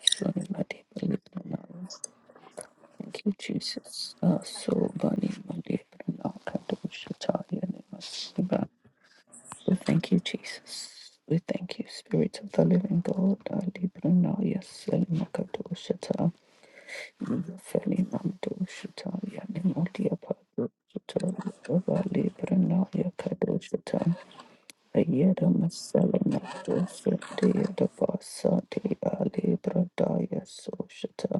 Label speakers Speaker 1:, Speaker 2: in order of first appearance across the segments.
Speaker 1: Sorry, my dear, but you don't know. Thank you, Jesus. Uh, so, body, my dear, but the bush to tie you, and it must be back. We thank you, Jesus. We thank you, Spirit of the Living God. Ali Brunaya Selimakato Shata, Feli Mando Shata, Yanimodia Pato Shata, Yadavali Brunaya Kado Shata, Ayeda Masalamato Sundia Dabasa, Dea Ali Brunaya So Shata.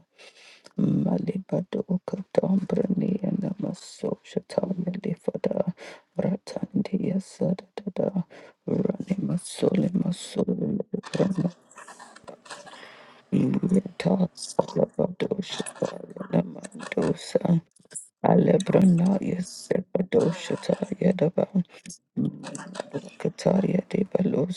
Speaker 1: Malibado Katambrani and Amaso Shatanya Lifada Ratandia Sadada Rani Masole Masole Brahma Yeta Salabado Shataya Namandosa Alebrana Yesebado Shataya Daba Madwakataya Debalo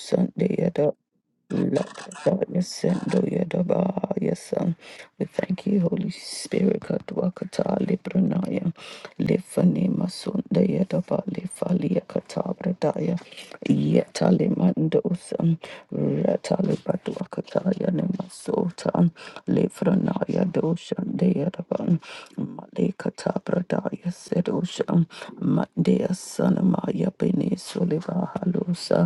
Speaker 1: Yadaba, We thank you, Holy Spirit, Kadwakata, Libranaya, Lifani Masunda Yadaba, Lifalia Katabradaya, Yetali Mandosan, Ratali Badwakataya Nemasotan, Livranaya Doshan Deadaban, Malekata Bradaya Sedoshan, Mandea Sanamaya Beni Soliva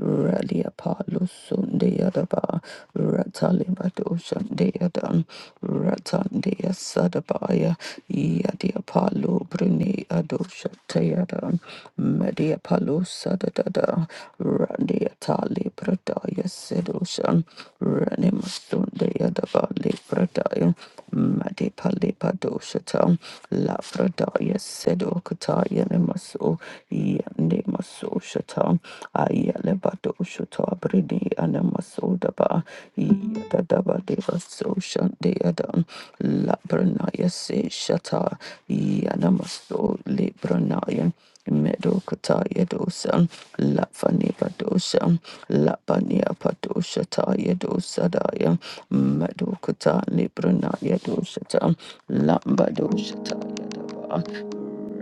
Speaker 1: Ralia Palo Sundeadaba, Ratalibado Shandeadan, Ratandea Sadabaya, Yadia Palo Brune Adosha Teadan, Media Palo Sadadada, Randia Tali Pradaya Sedoshan, adaba Le Pradaya. Madipalipadoshatam, Lafradaya Sedokataya Nemaso, Yanemaso Shatam, Ayalebadoshatam, Bridi Anamasodaba, Yadadabadevaso Shandeadam, Labranaya Se Shata, Yanamaso Libranayan. Medokata Yedosa, Lafani Padosa, Lapania Padosha ta Yedosa Daya, Medokata Librana Yedosa, ta, Lambadosha ta Yadaba,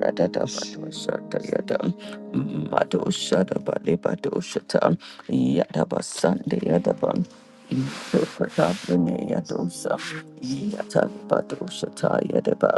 Speaker 1: Radada Padosha Yada, Madosha Dabali Padosha, ta, Yadaba Sunday Yadaba. Isopatapaneyadosa, Yatalabadoshata Yadaba,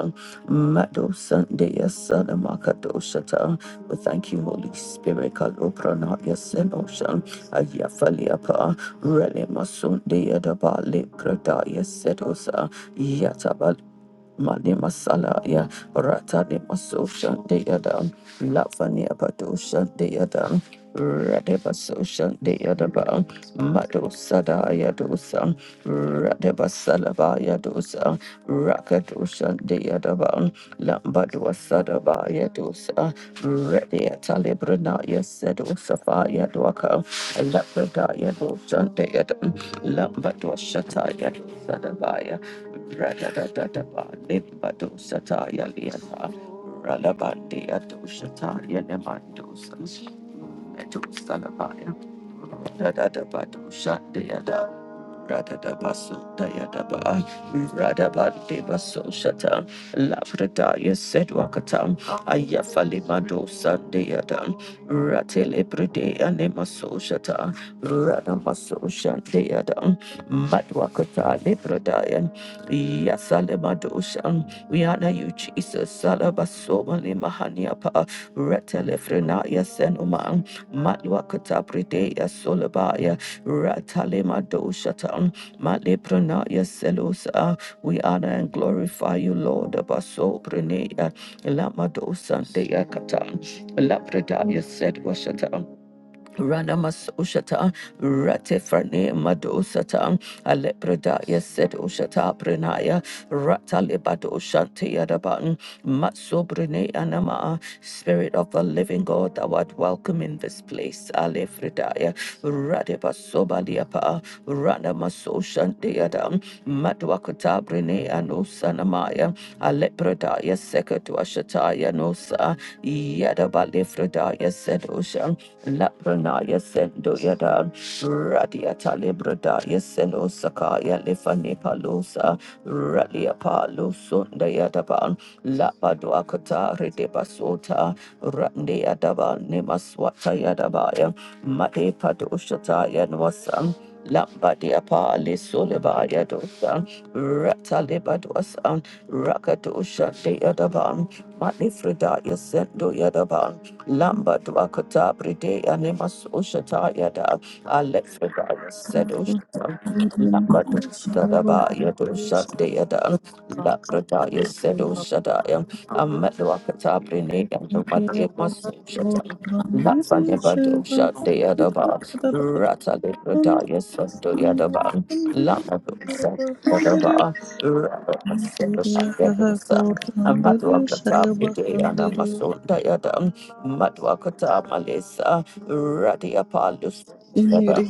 Speaker 1: Madosandeya Salamakadosata. We thank you, Holy Spirit, Kalopranaya Senosha, Ayafaliapa, Relemasundeya Daba, Lepradaya Sedosa, Yatabal. Mani Masalaya, Ratani Maso Shandayada, Lafani Abado Shandayada, Radebaso Shandayadaba, Mado Sadaya Dosa, Radebasalabaya Dosa, Rakado Shandayadaba, Lambadwa Ba Yadusa, Redia Talibrana, Yesedusafa Yadwaka, Labrada Yadusan Deadam, Lambadwa Shata Yadusadabaya, Radadadadaba, Limbadu Sataya Liana. Ralabandi Adushataya Nemandusa, Meto Salabaya, Radadabadu Shandayada, Radadabasu Dayadaba, Radabadibasu Shata, Lavradaya Sedwakata, Ayafalimado Sandayada, Ratelebride Anemaso Shata, Radamaso Shandayada, Madwakata Libradaya, Yasalemadosha. We honor you, Jesus, Salabasoma Limahaniapa, Retelefrenaya Senuma. Matwakata Prideya Solabaya Ratalema Doshatan Male Pranaya Selosa. We honor and glorify you, Lord Abaso Pranaya Lama Dosan Dea Katan La Pradaya said Washatan Ranamasoshata, Ratifrane Madosata, Alepradaya said Oshata Pranaya, Ratalibado Shanti Yadaban, Matsobrine Anama, Spirit of the Living God, thou art welcome in this place, Alefredaya, Radibasobaliapa, Ranamasoshanti Yadam, Madwakata Brine Anosanamaya, Alepradaya Sekatuashataya Nosa, Yadabalefredaya said Usha. Lapranaya sendo yada radiata libradaya seno sakaya lifani palosa ralia palo sunda yadaban lapaduakata redebasota rande yadaban nemaswata yadabaya made padoshata yanwasam Lambadi apali solebaya dosa ratalibadwasam rakadosha de yadaban mani fridaya sendo yadaban Lamba Dwakata Bride Animas Ushata Yada Alephidaya said
Speaker 2: Shanana
Speaker 1: Ushata Lamba Sadaba Yadu Shande Yada Labradaya said Ushadaya Amadwakata Brine and the Madimas Ushata Lafanibado Shande Yadaba Rata Libradaya Sando Yadaba Lamba Sadaba Amadwakata Pideana Masunda Yadam Madwakata Malesa Radia Palus Yadam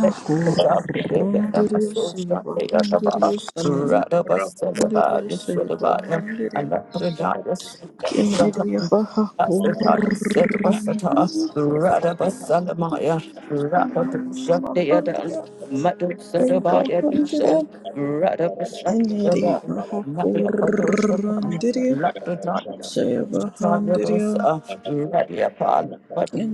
Speaker 1: Medwakata Pideana Masunda Yadava Radaba Sedaba Yasudabaya and Pranayas
Speaker 2: Ineriya
Speaker 1: Shatam
Speaker 2: baha
Speaker 1: said
Speaker 2: Kurandiri
Speaker 1: Wasata, Radaba Salamaya, Rapadu Shandayadan, Madu Sadabaya Dushan,
Speaker 2: Bahakurandirio,
Speaker 1: Radaba Shandayadan, Madiapadu Shandayadan, Lapidan
Speaker 2: Sheba Handirio,
Speaker 1: Shandayadosa, Radiapal, Madu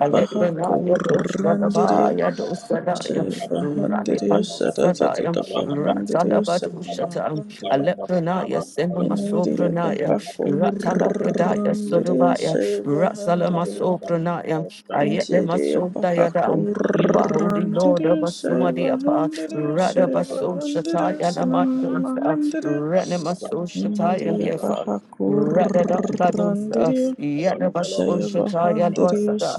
Speaker 1: Alibrinaya Doshadabaya Dosadaya, Radipadu Sadaya, Ratalabadu Shatam, Alibrinaya Sinamasubrinaya. Ratala Pradaya Sodobaya, Rasalama Sopranaya, Ayetlema
Speaker 2: Injiri
Speaker 1: Sodayada. You are holy Lord of
Speaker 2: bahakurandiru
Speaker 1: Sumadiapa,
Speaker 2: sevahundiru
Speaker 1: Radabaso
Speaker 2: sevahundiru
Speaker 1: Shataya Namadosa,
Speaker 2: sananamahandiru
Speaker 1: Renemaso Shataya
Speaker 2: Injiri
Speaker 1: Liafa. Radada Badosa,
Speaker 2: bahakurandiru
Speaker 1: Yadabaso Shataya
Speaker 2: sevahundiru
Speaker 1: Losada,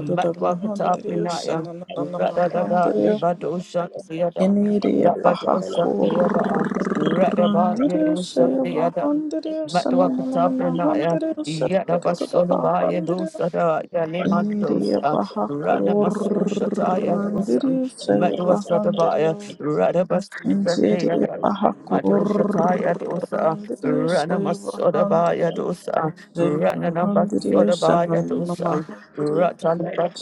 Speaker 1: Matwakata Pinaya, Radada
Speaker 2: sananamahandiru
Speaker 1: Libadosha Siada,
Speaker 2: Injiri
Speaker 1: Labadosha
Speaker 2: bahakurandiru
Speaker 1: Theada, Radaba Yerusha
Speaker 2: sevahundiru
Speaker 1: Matwakata Pranaya,
Speaker 2: sananamahandiru
Speaker 1: Yadabasolabaya
Speaker 2: sevahundiru
Speaker 1: Dosada,
Speaker 2: Niria
Speaker 1: Yalimandosa,
Speaker 2: baja
Speaker 1: Rana Masoshataya Dosam,
Speaker 2: corrandirio, se bajandirio.
Speaker 1: Matwasadabaya,
Speaker 2: Niria
Speaker 1: Radabasandaya,
Speaker 2: baja
Speaker 1: Matoshataya Dosa,
Speaker 2: corrandirio, se
Speaker 1: Rana Masodabaya
Speaker 2: bajandirio.
Speaker 1: Dosa,
Speaker 2: Se
Speaker 1: Rana
Speaker 2: bajandirio, se
Speaker 1: Nabasodabaya Dosa,
Speaker 2: nanamahandirio,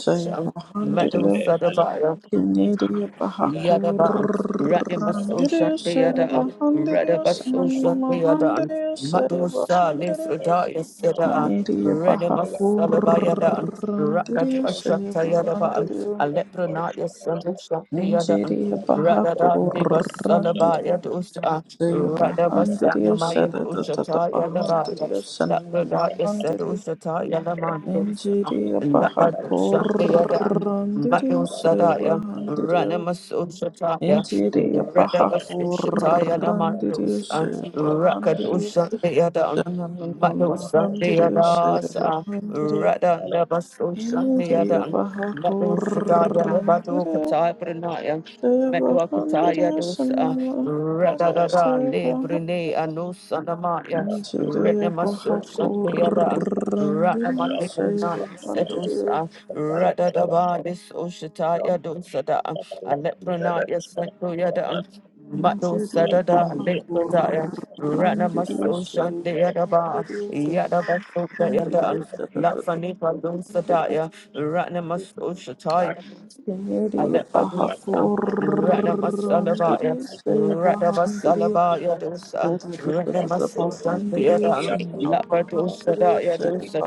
Speaker 2: se
Speaker 1: Meadow
Speaker 2: bajandirio.
Speaker 1: Sadabaya,
Speaker 2: Niria baja
Speaker 1: Yadaba, Ranimaso
Speaker 2: corrandirio, se
Speaker 1: Shantiada,
Speaker 2: bajandirio, se
Speaker 1: Radabaso Shantiada,
Speaker 2: nanamahandirio, se
Speaker 1: Madosa
Speaker 2: bajandirio.
Speaker 1: Lifredaya Seda,
Speaker 2: Kennedy
Speaker 1: Renimasalabaya, Rakadwa
Speaker 2: Bahakurandirio
Speaker 1: Shantayadaba,
Speaker 2: Sayabahandirio
Speaker 1: Alepranaya Sandu Shantiada,
Speaker 2: Nigeria
Speaker 1: Radada Devasalabaya
Speaker 2: Bahakurandirio
Speaker 1: Dosa,
Speaker 2: Sayabahandirio
Speaker 1: Radabasanamaya
Speaker 2: Sadatata
Speaker 1: Dosataya Labaya.
Speaker 2: Bahandirio
Speaker 1: Labradaya Sedu
Speaker 2: Sanamahandirio
Speaker 1: Shataya Lamandosa,
Speaker 2: Nigeria
Speaker 1: Labado Shantiada, Mato
Speaker 2: Bahakurandirio
Speaker 1: Sadaya,
Speaker 2: Sayabahandirio
Speaker 1: Ranamaso Shataya,
Speaker 2: Nigeria
Speaker 1: Radamaso Shataya
Speaker 2: Bahakurandirio
Speaker 1: Namandos,
Speaker 2: Sayabahandirio
Speaker 1: Rakadosha Deadan, Mato
Speaker 2: Sananamahandirio
Speaker 1: Sandeadas,
Speaker 2: Sayabahandirio
Speaker 1: Radan Dabaso
Speaker 2: Injiriya
Speaker 1: Sandeadan,
Speaker 2: paha
Speaker 1: Mato Sadaya, Mato
Speaker 2: kurandiriya
Speaker 1: Kataya Pranaya. Metwa Kataya dosa, Radada
Speaker 2: seva
Speaker 1: Librene,
Speaker 2: mandiriya
Speaker 1: Anusanamaya,
Speaker 2: Injiriya
Speaker 1: Renamaso
Speaker 2: paha
Speaker 1: Shandeadan,
Speaker 2: kurandiriya
Speaker 1: Ranamate Pranaya,
Speaker 2: seva mandiriya seva mandiriya seva mandiriya
Speaker 1: Sedosa. Radadaba, this Oshataya dosada, Alepranaya Santoyada, Mado
Speaker 2: Injiriya
Speaker 1: Sadada,
Speaker 2: paha
Speaker 1: Lepradaya,
Speaker 2: kurandiriya
Speaker 1: Ranamaso
Speaker 2: seva
Speaker 1: Shandeadaba, Yadaba Sotayada, Lafanipa dosadaya, Ranamaso Shataya Alepadusa, Radabasalabaya,
Speaker 2: mandiriya
Speaker 1: Radabasalabaya dosa,
Speaker 2: Mahandiriya,
Speaker 1: Radabasusa, the Yadan, Lapadusa, Daya dosa,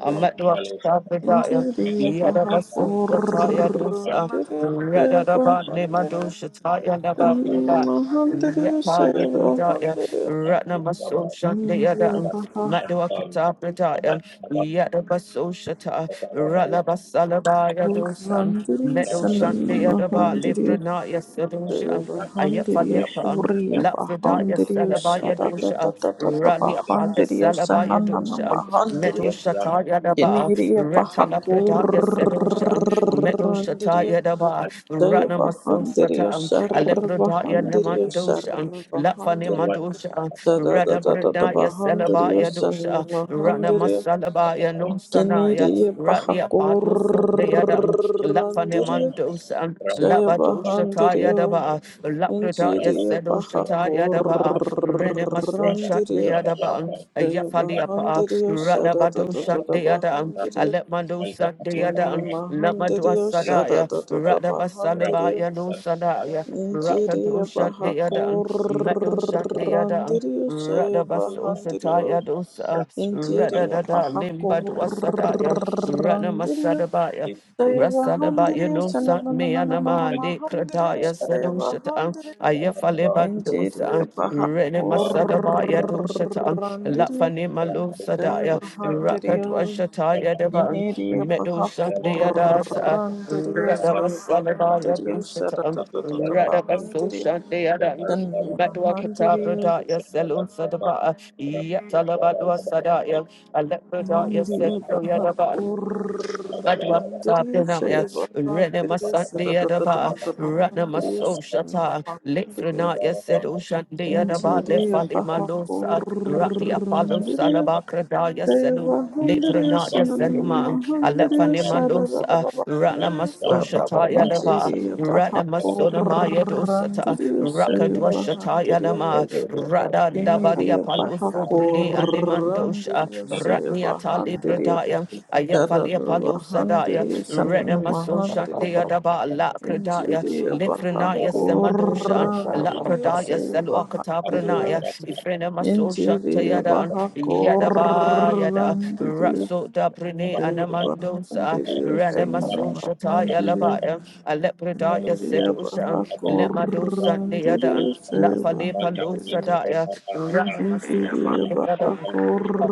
Speaker 1: Amadwasa, the Daya, Yadabasu, the Taya dosa, Radadaba, Nemadosha, Taya, Naba, Neba, Yata, Libradaya, Radnamasusha, the Yadan, Madwakata, the Daya, Yadabasushata, Radabasalabaya dosa. Meadow shant the other bar, Librana, yes, Sedusha, Ayafali upon Lafrida, yes, Salabaya dosha, Rally upon the Salabaya dosha, Meadow Shata Yadaba,
Speaker 2: Yeniriye
Speaker 1: Retalabrida, yes, Sedusha, Meadow Shata
Speaker 2: bahakurandiriyo
Speaker 1: Yadaba,
Speaker 2: saya
Speaker 1: Rana Masun Shata,
Speaker 2: bahandiriyo sar
Speaker 1: Alebrada
Speaker 2: bahandiriyo
Speaker 1: Yanaman
Speaker 2: sar
Speaker 1: dosha, Lafani
Speaker 2: bahandiriyo
Speaker 1: Madosha,
Speaker 2: sada da
Speaker 1: Rada
Speaker 2: da da da
Speaker 1: Brida, yes,
Speaker 2: bahandiriyo
Speaker 1: Salabaya
Speaker 2: san
Speaker 1: dosha, Rana
Speaker 2: bahandiriyo
Speaker 1: Masalabaya no Sanaya,
Speaker 2: yeniriye
Speaker 1: Rally upon the Sundayada.
Speaker 2: bahakurandiriyo
Speaker 1: Lafanemandosa,
Speaker 2: saya
Speaker 1: Labadoshataya
Speaker 2: bahandiriyo
Speaker 1: Daba, Lapradaya
Speaker 2: injiriye
Speaker 1: Sedoshataya Daba, Renemasosha
Speaker 2: bahakurandiriyo
Speaker 1: Deadaba,
Speaker 2: saya
Speaker 1: Yafaliapa,
Speaker 2: bahandiriyo sada da da
Speaker 1: Radabadosha
Speaker 2: da da
Speaker 1: Deadan,
Speaker 2: bahandiriyo
Speaker 1: Alemandosa
Speaker 2: Shanda
Speaker 1: Deadan, Lamadua
Speaker 2: Mahandiriyo Sada
Speaker 1: Sadaya,
Speaker 2: da da da Mahandiriyo
Speaker 1: Radabasalabaya no Sadaya,
Speaker 2: Injiriyo
Speaker 1: Rakadosha Deadan, Medosha Deadan.
Speaker 2: Bahakurandiriyo Shaya
Speaker 1: Radabasoshataya
Speaker 2: Bahandiriyo
Speaker 1: dosa,
Speaker 2: Injiriyo
Speaker 1: Radadada, Limbadwasadaya,
Speaker 2: Bahakurandiriyo
Speaker 1: Ranamasadabaya,
Speaker 2: Shaya
Speaker 1: Rasadabaya
Speaker 2: Bahandiriyo
Speaker 1: no
Speaker 2: Shana
Speaker 1: sat
Speaker 2: na na
Speaker 1: me
Speaker 2: na na na na
Speaker 1: anama de
Speaker 2: Mahandiriyo
Speaker 1: kradaya
Speaker 2: Shaya
Speaker 1: sedoshata
Speaker 2: Bahandiriyo
Speaker 1: ayafaleba
Speaker 2: Injiriyo
Speaker 1: dosa rene masadabaya doshata
Speaker 2: Bahakurandiriyo
Speaker 1: lafane malo sadaya
Speaker 2: Sevahandiriyo,
Speaker 1: rakadwashataya devan
Speaker 2: Yeniriya
Speaker 1: medo
Speaker 2: Baha
Speaker 1: shataya dasa
Speaker 2: Kurandiriyo,
Speaker 1: radavasalabaya
Speaker 2: Sevahandiriyo,
Speaker 1: doshata
Speaker 2: Shatatatata
Speaker 1: radavaso
Speaker 2: Bahandiriyo,
Speaker 1: shataya dan batwakata
Speaker 2: Shanmahandiriyo,
Speaker 1: bradaya selon sadaba yatalabadwa sadaya alekradaya
Speaker 2: Yeniriya Baha
Speaker 1: sedoyadaba Badwa
Speaker 2: Kurandiriyo,
Speaker 1: Sabina, yes, Renema
Speaker 2: Sevahandiriyo,
Speaker 1: Sandia Daba,
Speaker 2: Shatatatata
Speaker 1: Ranama
Speaker 2: Bahandiriyo,
Speaker 1: So Shata,
Speaker 2: Shanmahandiriyo,
Speaker 1: Lefrena, yes, said Oshandia Daba,
Speaker 2: Inchiriya
Speaker 1: Lefali
Speaker 2: Bahakuran,
Speaker 1: Malosa, Rati Apollo
Speaker 2: Inchiriya
Speaker 1: Salaba Krada, yes, said
Speaker 2: Sevahan, Inchiriya
Speaker 1: Lefrena, yes, Seluman,
Speaker 2: Sanamahan, Inchiriya
Speaker 1: Alefane Malosa, Ranama
Speaker 2: Sarabahan,
Speaker 1: So
Speaker 3: Thank you.
Speaker 2: Inchiriya.
Speaker 1: Shata Yadaba,
Speaker 2: Inchiriya
Speaker 1: Ranama Sonama
Speaker 2: Bahakuran,
Speaker 1: dosata,
Speaker 2: Inchiriya
Speaker 1: Rakadwa
Speaker 2: Sevahan,
Speaker 1: Shata
Speaker 2: Inchiriya
Speaker 1: Yadama, Rada Daba, the
Speaker 2: Yeniriya
Speaker 1: Apollo Sobrini, and the
Speaker 2: Bahakuran,
Speaker 1: Mandosha,
Speaker 2: Inchiriya
Speaker 1: Ratni Atali
Speaker 2: Sevahan, Inchiriya
Speaker 1: Bradaya. Ayafalia
Speaker 2: Sarabahan,
Speaker 1: Palosadaya,
Speaker 2: Inchiriya Sanamahan,
Speaker 1: Renamasosha
Speaker 2: Inchiriya.
Speaker 1: Deadaba, La Credaya, Lifrenaya Semadosha, La Pradaya Selwakatabranaya, Ifrenamasosha
Speaker 2: Interior
Speaker 1: Tayada, Yadaba Yada,
Speaker 2: Bahakorandirio
Speaker 1: Raso Dabrine Anamandosa,
Speaker 2: Bahandirio
Speaker 1: Renamasosha Taya
Speaker 2: Sanamahandirio
Speaker 1: Labaya, Alepredaya
Speaker 2: Interior
Speaker 1: Sedosha, Lemadosa Deada,
Speaker 2: Bahakorandirio
Speaker 1: La Falepa
Speaker 2: Bahandirio
Speaker 1: Losadaya, Renamasosha
Speaker 2: Interior
Speaker 1: Deada,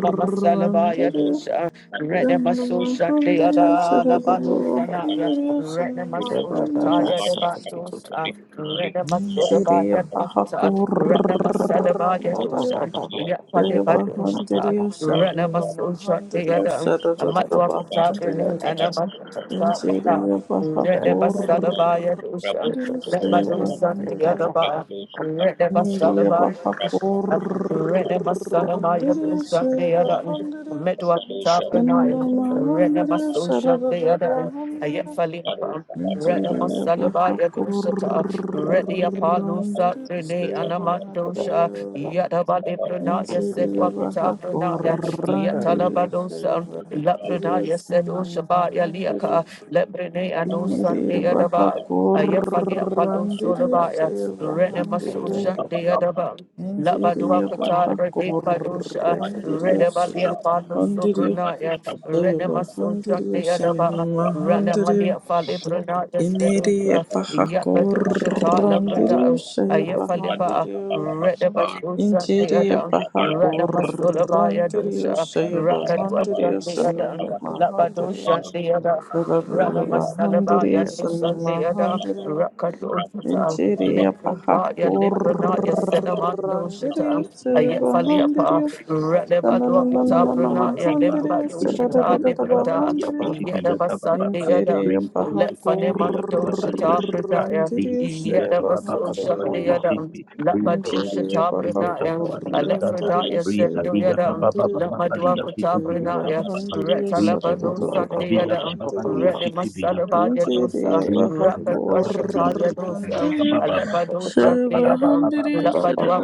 Speaker 1: Ramasalabaya Dosa. Renemaso
Speaker 2: Sanamahandirio
Speaker 1: Shandeada, Labano Shanaya,
Speaker 2: Saradabahandirio
Speaker 1: Renemaso
Speaker 2: Sanamahandirio
Speaker 1: Shataya, the Bandosa, Renemaso the
Speaker 2: Interior
Speaker 1: Bayan Bata, Renemasalaba
Speaker 2: Bahakorandirio
Speaker 1: Yadosa, Yapande Bandosa,
Speaker 2: Devahandiriya Shanana
Speaker 1: Renemaso
Speaker 2: Mahandiriya
Speaker 1: Shandeada,
Speaker 2: Sarada
Speaker 1: Amatuakata, Rene,
Speaker 2: Bahandiriya
Speaker 1: and Amatuakata,
Speaker 2: Injiriya Bahakur
Speaker 1: Renemasalaba Yadosa.
Speaker 2: Diriya
Speaker 1: Let my do something the other
Speaker 2: Sevahandiriya
Speaker 1: bar. Red them a son of
Speaker 2: Niriya
Speaker 1: my
Speaker 2: Bahakur
Speaker 1: Red them a son of my do
Speaker 2: Diriya
Speaker 1: something the other.
Speaker 2: Sevahandiriya
Speaker 1: Met to a top and I.
Speaker 2: Shanana
Speaker 1: Red them a
Speaker 2: Mahandiriya
Speaker 1: social
Speaker 2: Sarada
Speaker 1: the other. I yet
Speaker 2: Bahandiriya
Speaker 1: fell upon. Red them a
Speaker 2: Injiriya
Speaker 1: son of my do
Speaker 2: Bahakur
Speaker 1: sata. Red the Apollo sat
Speaker 2: Diriya
Speaker 1: Rene and a mandosha.
Speaker 2: Sevahandiriya
Speaker 1: Yet a body pronaya
Speaker 2: Indeed,
Speaker 1: said
Speaker 2: a
Speaker 1: Wakata
Speaker 2: pahakur,
Speaker 1: pronaya. Yet
Speaker 2: and did you
Speaker 1: Alabadosa. Laprenaya
Speaker 2: say
Speaker 1: said
Speaker 2: a
Speaker 1: Oshabaya
Speaker 2: Hundred you,
Speaker 1: liaka. Let Rene and no Sunday at
Speaker 2: Kiniri
Speaker 1: about. Ayafalia Palo Sorabaya, Renemasosha, Deadaba, Labaduakata, Rede Padosha, Renevalia Palo Sobrunaya, Renemasosha, Deadaba, Ranamalia Fali Brunaya, Sedosha,
Speaker 2: Bahakur,
Speaker 1: Yakadosha,
Speaker 2: Randirio,
Speaker 1: Labruda,
Speaker 2: Shaya
Speaker 1: Ayafaliba,
Speaker 2: Bahandirio.
Speaker 1: Renemasosha,
Speaker 2: Injiri
Speaker 1: Deadam. Ranamasolabaya
Speaker 2: Bahakurandiriyo
Speaker 1: dosha, Rakatwasa,
Speaker 2: Shayabahandiriyo
Speaker 1: Deadam,
Speaker 3: Thank
Speaker 2: Sanima Handiriyo
Speaker 1: Labadosha, Deadam. Rana Masalaba
Speaker 2: Bahandiriyo
Speaker 1: Yadu
Speaker 2: Sanima
Speaker 1: Sunday
Speaker 2: Handiriyo
Speaker 1: Rakadoshata,
Speaker 2: Injiri
Speaker 1: Likradaya, Lipranaya,
Speaker 2: Bahakurandiriyo
Speaker 1: Senamandoshata, Ayafaliapa,
Speaker 2: Shayabahandiriyo
Speaker 1: Relevaluapata,
Speaker 2: Sananana
Speaker 1: Pranaya,
Speaker 4: Ikibiyakabababa,
Speaker 2: Mahandiriyo
Speaker 1: Limbadoshata,
Speaker 2: Sadadada
Speaker 4: Ikabiyakababa,
Speaker 1: Liprada,
Speaker 2: Bahandiriyo
Speaker 4: Ikibiyakabababa,
Speaker 1: Yedabasandayadam,
Speaker 2: Injiri
Speaker 4: Rinkodobo, Ikibiyakababa,
Speaker 1: Lefanimandoshata,
Speaker 4: Yasita,
Speaker 1: Pradaya,
Speaker 2: Bahakurandiriyo
Speaker 4: Ikabiyakabababa,
Speaker 2: Shayabahandiriyo
Speaker 1: Yedabasoshandayadam.
Speaker 4: Yasiti, Rinkodobo,
Speaker 2: Ndiriye
Speaker 1: Lapadoshata Pranaya,
Speaker 4: Ikibiyakababa, Yasata,
Speaker 2: bahakurandiriye
Speaker 1: Alefredaya
Speaker 2: seye
Speaker 1: Sendoyadam,
Speaker 2: bahandiriye
Speaker 4: Ikabiyakabababa, Yasiti,
Speaker 1: Lamaduakota
Speaker 2: seye
Speaker 1: Pranaya,
Speaker 4: Biyakababa,
Speaker 2: bahandiriye
Speaker 1: Retalabano
Speaker 4: Rinkodobo,
Speaker 2: sarararara
Speaker 1: Sandayadam,
Speaker 4: Ikibiyakababa,
Speaker 2: bahandiriye
Speaker 4: Yasiti,
Speaker 1: Renimasalabaya
Speaker 4: Biyakababa,
Speaker 1: dosa,
Speaker 2: Ndiriye
Speaker 4: Ikabiyakababa,
Speaker 1: Rapatwashataya
Speaker 4: Yasiti,
Speaker 1: dosa,
Speaker 2: bahakurandiriye
Speaker 4: Biyakababa,
Speaker 1: Alepadosa
Speaker 2: seye
Speaker 1: deadam,
Speaker 2: bahandiriye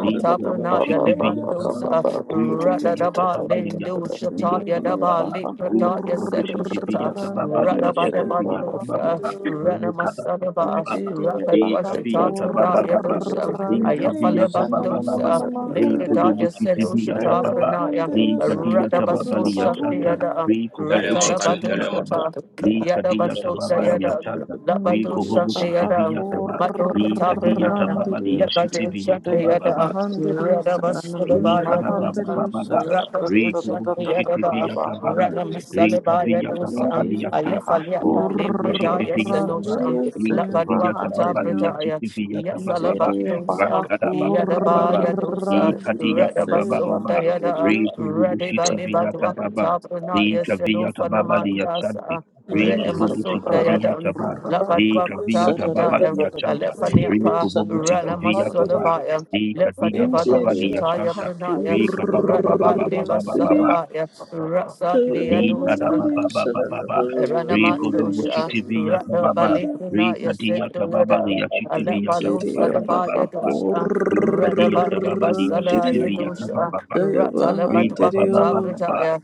Speaker 4: Iko bobo shiki
Speaker 2: bahandiriye
Speaker 4: via tababa.
Speaker 1: Yalematosa,
Speaker 2: sanana
Speaker 4: Rika via
Speaker 2: bahandiriye
Speaker 1: Radadaba
Speaker 4: tababa liya shiki via
Speaker 1: lindoshataya
Speaker 2: Ndiriye
Speaker 1: daba,
Speaker 4: tababa. Rika
Speaker 1: Likrataya
Speaker 4: bobo shiki via
Speaker 1: sedoshata,
Speaker 4: tababa
Speaker 2: bahakurandiriye
Speaker 4: liya shiki
Speaker 2: seye
Speaker 4: via tababa.
Speaker 1: Radabadabandosa,
Speaker 2: bahandiriye
Speaker 4: Roka
Speaker 1: Ranamasadaba,
Speaker 3: you.
Speaker 4: tababa.
Speaker 2: Injiriya
Speaker 4: Ika
Speaker 2: paha
Speaker 3: Thank
Speaker 4: via
Speaker 3: you.
Speaker 4: tababa
Speaker 1: Rapatwashatapradaya
Speaker 4: baba.
Speaker 1: dosa,
Speaker 4: Rika
Speaker 2: kurandiriya
Speaker 4: via tababa baba.
Speaker 1: Ayafalebandosa,
Speaker 2: shananana
Speaker 4: Rika
Speaker 2: mahandiriya
Speaker 4: bobo
Speaker 1: Lipradaya
Speaker 4: shiki via
Speaker 2: saya
Speaker 4: tababa.
Speaker 1: sedoshataprana,
Speaker 2: bahandiriya
Speaker 4: Rika dia
Speaker 2: sadadadada
Speaker 4: tababa liya
Speaker 1: Radabasosha
Speaker 4: santa.
Speaker 2: bahandiriya
Speaker 1: deadam,
Speaker 4: Rika bobo shiki
Speaker 5: Telemakan
Speaker 4: via tababa.
Speaker 1: Ratalabadoshata,
Speaker 4: Rika dia tababa liya
Speaker 1: Yadabasota
Speaker 4: santa.
Speaker 1: Labado
Speaker 4: Rika
Speaker 2: Injiriya
Speaker 4: bobo shiki
Speaker 2: paha
Speaker 1: Shandeada,
Speaker 4: via tababa.
Speaker 1: Mado
Speaker 4: Likadiya
Speaker 1: Katabranaya,
Speaker 4: tababa
Speaker 2: kurandiriya
Speaker 4: liya
Speaker 1: Labado
Speaker 4: shiti viya
Speaker 2: saya
Speaker 1: Shandeada,
Speaker 2: bahandiriya shananana
Speaker 1: Radavasulabaya dosa,
Speaker 2: mahandiriya
Speaker 4: Likadababababa,
Speaker 1: Rapado
Speaker 2: sadadadadadadadada
Speaker 1: Shandeadaba,
Speaker 4: rikububushikibiyakababa,
Speaker 2: bahandiriya
Speaker 1: Ranamasalabaya dosa,
Speaker 2: Injiriya
Speaker 4: rikabiyakababaliyakaba,
Speaker 2: paha
Speaker 1: Ayafaliapa Lepradaya
Speaker 4: rikububushikibiyakaba,
Speaker 1: Senosa,
Speaker 2: kurandiriya saya
Speaker 1: Labadua
Speaker 2: bahandiriya
Speaker 1: Katabradaya,
Speaker 4: rikabiyakababaliyashikibiyakabababa,
Speaker 2: Nigeria
Speaker 1: Yasalabadosa,
Speaker 4: rakadababababa,
Speaker 1: Yadabaya dosa,
Speaker 2: Bahakurandirio Seva
Speaker 4: rikadiyakababababa,
Speaker 1: Radavasundayada,
Speaker 2: Handirio
Speaker 1: Radeva Libadua
Speaker 4: rikububushikibiyakababa,
Speaker 1: Katabranaya
Speaker 4: rikabiyakababaliyashante,
Speaker 1: Senofanamandasa,
Speaker 2: Nigeria
Speaker 1: Redemasundayadan.
Speaker 4: rikububushikibiyakaba,
Speaker 2: Bahakurandirio
Speaker 1: Labadwakata
Speaker 2: Saratata
Speaker 1: Pradaya,
Speaker 4: rikabiyakababaliyashanta,
Speaker 2: Bahandirio
Speaker 1: Alephaniapa,
Speaker 4: rikububushikibiyakaba,
Speaker 2: Sanmahandirio
Speaker 1: Ranamasolabaya,
Speaker 4: Di kadiya kababa
Speaker 2: Nigeria
Speaker 4: liya
Speaker 1: Lephadebadoshataya
Speaker 4: shanta.
Speaker 1: Pranaya,
Speaker 4: Ri kababa
Speaker 3: Thank
Speaker 4: baba baba
Speaker 1: Radhabandeba
Speaker 4: baba baba.
Speaker 2: Bahakurandirio
Speaker 1: Salabaya, Rasa
Speaker 2: Seva
Speaker 4: Di kada
Speaker 1: Diadusha,
Speaker 4: baba
Speaker 2: Handirio
Speaker 4: baba baba.
Speaker 2: Saratata
Speaker 4: Ri kodobo
Speaker 2: Bahandirio
Speaker 1: Ranamadosha,
Speaker 4: shiti viya
Speaker 1: Rada
Speaker 4: kababa.
Speaker 2: Sanmahandirio
Speaker 4: Ri
Speaker 1: Balegrina,
Speaker 4: kadiya
Speaker 1: Yaseto
Speaker 4: kababa
Speaker 1: Yada,
Speaker 4: liya shiti viya
Speaker 1: Alepalo
Speaker 4: kababa
Speaker 2: Nigeria
Speaker 4: baba
Speaker 1: Sadaba
Speaker 4: baba.
Speaker 1: Yadosha,
Speaker 4: Ri
Speaker 1: rata
Speaker 4: kadiya
Speaker 1: Baleba
Speaker 4: kababa liya
Speaker 1: Sala
Speaker 4: shiti
Speaker 2: Bahakurandirio
Speaker 4: viya kababa
Speaker 1: Yadosha,
Speaker 4: baba.
Speaker 2: Seva
Speaker 1: Ratala
Speaker 4: Ri kababa
Speaker 1: Badwakata
Speaker 4: baba
Speaker 2: Handirio
Speaker 4: baba.
Speaker 1: Brataya,